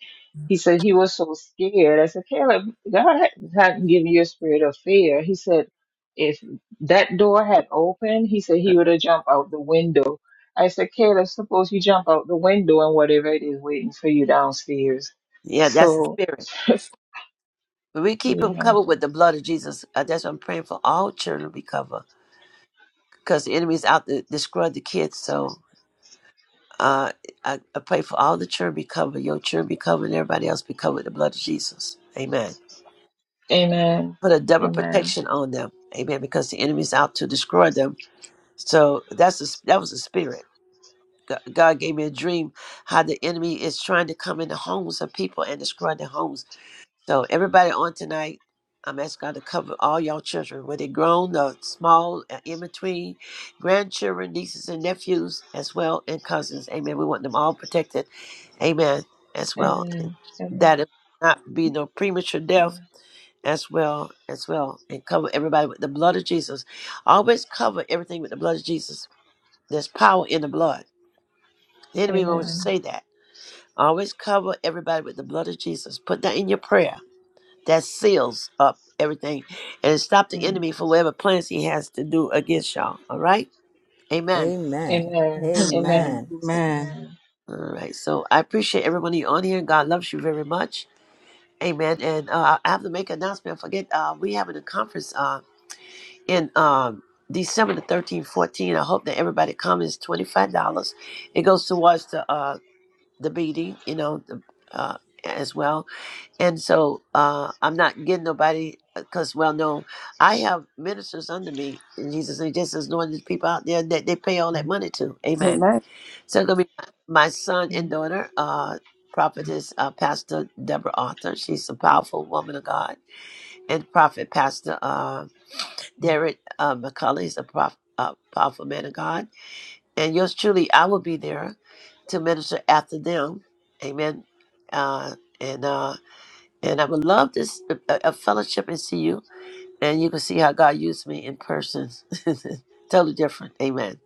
[SPEAKER 23] he said he was so scared. I said, Caleb, God hadn't given you a spirit of fear. He said, if that door had opened, he said he would have jumped out the window. I said, Caleb, suppose you jump out the window and whatever it is waiting for you downstairs.
[SPEAKER 1] Yeah, that's the
[SPEAKER 23] So,
[SPEAKER 1] spirit.
[SPEAKER 23] [laughs] just,
[SPEAKER 1] But we keep
[SPEAKER 23] you
[SPEAKER 1] them
[SPEAKER 23] know,
[SPEAKER 1] covered with the blood of Jesus. Uh, that's what I'm praying for. All children to be covered because the enemy's out to destroy the kids. So uh, I, I pray for all the children be covered. Your children be covered. And everybody else be covered with the blood of Jesus. Amen.
[SPEAKER 23] amen,
[SPEAKER 1] Put a double
[SPEAKER 23] amen,
[SPEAKER 1] protection on them. Amen. Because the enemy's out to destroy them. So that's the, that was the spirit. G- God gave me a dream how the enemy is trying to come into homes of people and destroy their homes. So everybody on tonight, I'm asking God to cover all y'all children, whether grown or small, uh, in between, grandchildren, nieces and nephews, as well, and cousins. Amen. We want them all protected. Amen. As well. And
[SPEAKER 23] amen, amen,
[SPEAKER 1] That it not be no premature death as well, as well. And cover everybody with the blood of Jesus. Always cover everything with the blood of Jesus. There's power in the blood. The enemy wants to
[SPEAKER 23] amen,
[SPEAKER 1] say that. Always cover everybody with the blood of Jesus. Put that in your prayer. That seals up everything and stop the
[SPEAKER 23] amen,
[SPEAKER 1] enemy for whatever plans he has to do against y'all. All right? Amen.
[SPEAKER 21] Amen.
[SPEAKER 23] amen,
[SPEAKER 6] Amen.
[SPEAKER 23] amen,
[SPEAKER 21] Amen.
[SPEAKER 6] Amen.
[SPEAKER 23] amen,
[SPEAKER 1] All right. So I appreciate everyone you on here. God loves you very much. Amen. And uh, I have to make an announcement. I forget, uh, we having a conference uh, in um, December the 13th, 14. I hope that everybody comes. It's $25. It goes towards the, uh, the meeting, you know, the, uh, as well and so uh, I'm not getting nobody because, well, no, I have ministers under me in Jesus' name, just as knowing these people out there that they pay all that money to. Amen.
[SPEAKER 2] Amen.
[SPEAKER 1] So it's going to be my, my son and daughter, uh, prophetess, uh, Pastor Deborah Arthur. She's a powerful woman of God. And prophet, Pastor uh, Derek uh, McCullough. He's a prof, uh, powerful man of God. And yours truly, I will be there to minister after them. Amen. Uh, and uh, and I would love this a, a fellowship and see you. And you can see how God used me in person. [laughs] totally different. Amen.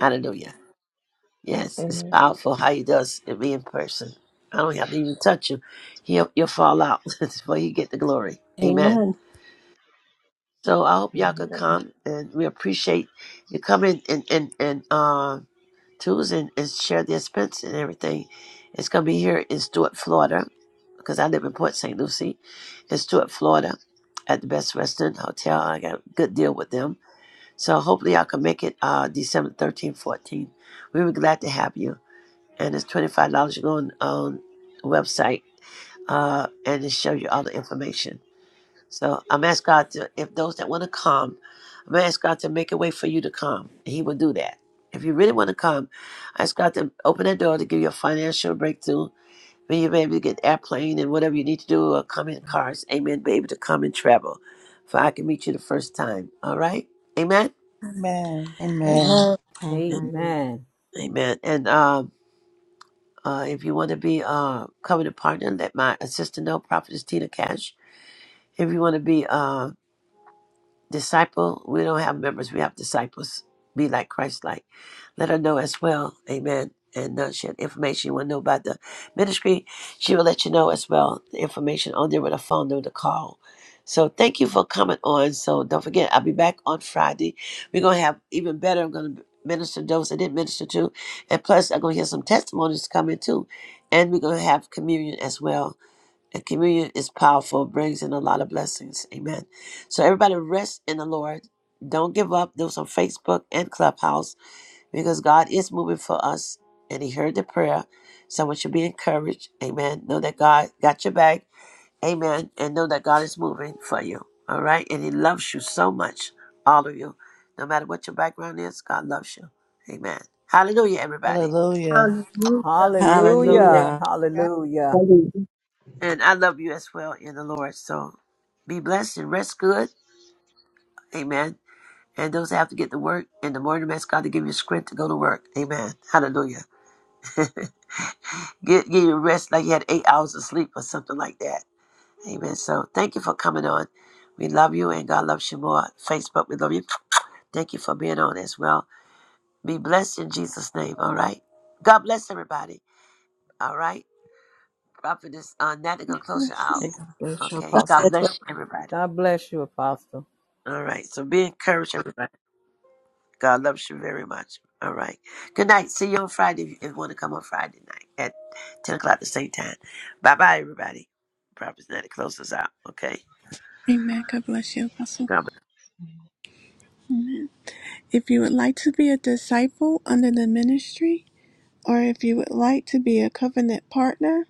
[SPEAKER 1] Hallelujah. Yes, it's
[SPEAKER 23] amen.
[SPEAKER 1] powerful how he does it be in person. I don't have to even touch you. He'll you'll fall out [laughs] before you get the glory. Amen.
[SPEAKER 2] Amen.
[SPEAKER 1] So I hope y'all could
[SPEAKER 23] amen.
[SPEAKER 1] come and we appreciate you coming and and, and uh Tools and and share the expense and everything. It's gonna be here in Stuart, Florida, because I live in Port St. Lucie, in Stuart, Florida, at the Best Western Hotel. I got a good deal with them, so hopefully I can make it uh, December 13th, 14th. We were glad to have you, and it's twenty five dollars. You go on, on the website uh, and it shows you all the information. So I'm asking God to, if those that want to come, I'm asking God to make a way for you to come. He will do that. If you really want to come, I ask God to open that door to give you a financial breakthrough. When you're able to get airplane and whatever you need to do, or come in cars. Amen. Be able to come and travel. For I can meet you the first time. All right. Amen.
[SPEAKER 3] Amen. Amen.
[SPEAKER 2] Amen.
[SPEAKER 6] Amen.
[SPEAKER 21] Amen.
[SPEAKER 1] Amen. And um, uh, if you want to be uh, covenant partner, let my assistant know, Prophetess Tina Cash. If you want to be uh, Disciple, we don't have members, we have disciples. Be like Christ like. Let her know as well. Amen. And uh, she had information you want to know about the ministry. She will let you know as well the information on there with a phone number to call. So thank you for coming on. So don't forget, I'll be back on Friday. We're gonna have even better. I'm gonna minister to those I didn't minister to, and plus I'm gonna hear some testimonies coming too, and we're gonna have communion as well. And communion is powerful, brings in a lot of blessings. Amen. So everybody rest in the Lord. Don't give up. Those on Facebook and Clubhouse because God is moving for us and He heard the prayer. Someone should be encouraged. Amen. Know that God got your back. Amen. And know that God is moving for you. All right. And He loves you so much, all of you. No matter what your background is, God loves you. Amen. Hallelujah, everybody.
[SPEAKER 3] Hallelujah.
[SPEAKER 2] Hallelujah.
[SPEAKER 23] Hallelujah.
[SPEAKER 21] Hallelujah.
[SPEAKER 6] Hallelujah.
[SPEAKER 14] God.
[SPEAKER 21] Hallelujah.
[SPEAKER 14] love you.
[SPEAKER 1] And I love you as well in the Lord. So be blessed and rest good. Amen And those that have to get to work in the morning, ask God to give you a strength to go to work. Amen. Hallelujah. [laughs] get, get your rest like you had eight hours of sleep or something like that. Amen. So thank you for coming on. We love you and God loves you more. Facebook, we love you. Thank you for being on as well. Be blessed in Jesus' name. All right. God bless everybody. All right. Prophetess, uh, Natalie, gonna
[SPEAKER 4] God
[SPEAKER 1] close it
[SPEAKER 4] Bless
[SPEAKER 1] out.
[SPEAKER 4] you.
[SPEAKER 6] May God bless your
[SPEAKER 1] Okay.
[SPEAKER 2] God
[SPEAKER 1] God
[SPEAKER 6] apostle.
[SPEAKER 2] bless you.
[SPEAKER 1] bless everybody.
[SPEAKER 21] God bless you, Apostle.
[SPEAKER 1] All right. So be encouraged, everybody. God loves you very much. All right. Good night. See you on Friday if you, if you want to come on Friday night at 10 o'clock the same time. Bye bye, everybody. Prophet's Night closes out. Okay.
[SPEAKER 4] Amen. God bless you,
[SPEAKER 1] God
[SPEAKER 4] Apostle.
[SPEAKER 1] bless.
[SPEAKER 4] If you would like to be a disciple under the ministry, or if you would like to be a covenant partner,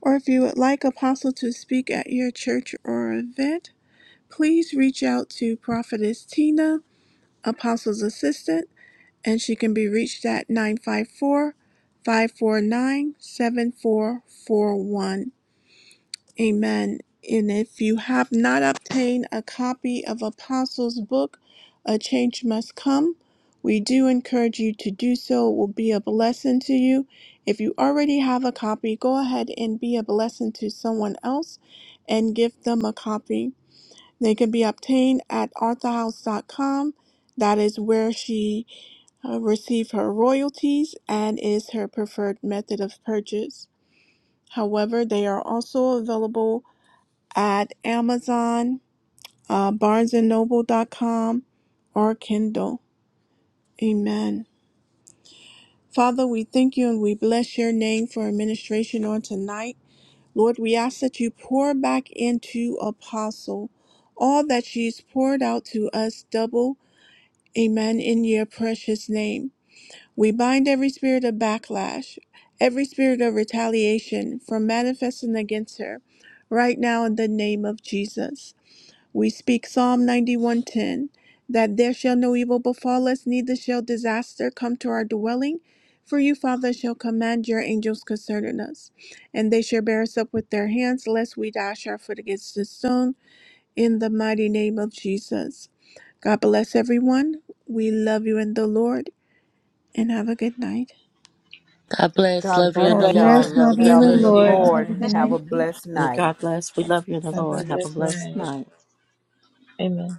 [SPEAKER 4] or if you would like Apostle to speak at your church or event, please reach out to Prophetess Tina, Apostle's assistant, and she can be reached at 954 549 7441. Amen. And if you have not obtained a copy of Apostles' book, A Change Must Come, we do encourage you to do so. It will be a blessing to you. If you already have a copy, go ahead and be a blessing to someone else and give them a copy. They can be obtained at arthurhouse.com. That is where she uh, received her royalties and is her preferred method of purchase. However, they are also available at Amazon, uh, barnesandnoble.com, or Kindle. Amen. Father, we thank you and we bless your name for administration on tonight. Lord, we ask that you pour back into Apostle all that she's poured out to us double. Amen. In your precious name. We bind every spirit of backlash, every spirit of retaliation from manifesting against her right now in the name of Jesus. We speak Psalm 91:10 that there shall no evil befall us, neither shall disaster come to our dwelling. For you, Father, shall command your angels concerning us, and they shall bear us up with their hands, lest we dash our foot against the stone. In the mighty name of Jesus. God bless everyone. We love you in the Lord, and have a good night.
[SPEAKER 3] God bless.
[SPEAKER 21] God
[SPEAKER 3] Love you
[SPEAKER 23] God
[SPEAKER 3] in
[SPEAKER 2] God
[SPEAKER 3] the
[SPEAKER 21] bless
[SPEAKER 23] bless.
[SPEAKER 21] y'all.
[SPEAKER 3] Lord.
[SPEAKER 2] bless.
[SPEAKER 3] Have a
[SPEAKER 21] Love
[SPEAKER 2] Love you
[SPEAKER 23] God
[SPEAKER 3] good
[SPEAKER 2] in
[SPEAKER 21] y'all in
[SPEAKER 2] the
[SPEAKER 23] bless
[SPEAKER 3] night.
[SPEAKER 21] the
[SPEAKER 23] you
[SPEAKER 2] Lord.
[SPEAKER 21] Lord.
[SPEAKER 2] Have a
[SPEAKER 23] all.
[SPEAKER 2] good
[SPEAKER 21] Have
[SPEAKER 2] night.
[SPEAKER 21] a blessed
[SPEAKER 6] May
[SPEAKER 21] night.
[SPEAKER 6] God bless. We love you in the
[SPEAKER 23] Have a
[SPEAKER 6] Lord. Have a
[SPEAKER 23] blessed
[SPEAKER 6] blessed
[SPEAKER 23] night.
[SPEAKER 6] night.
[SPEAKER 23] Amen.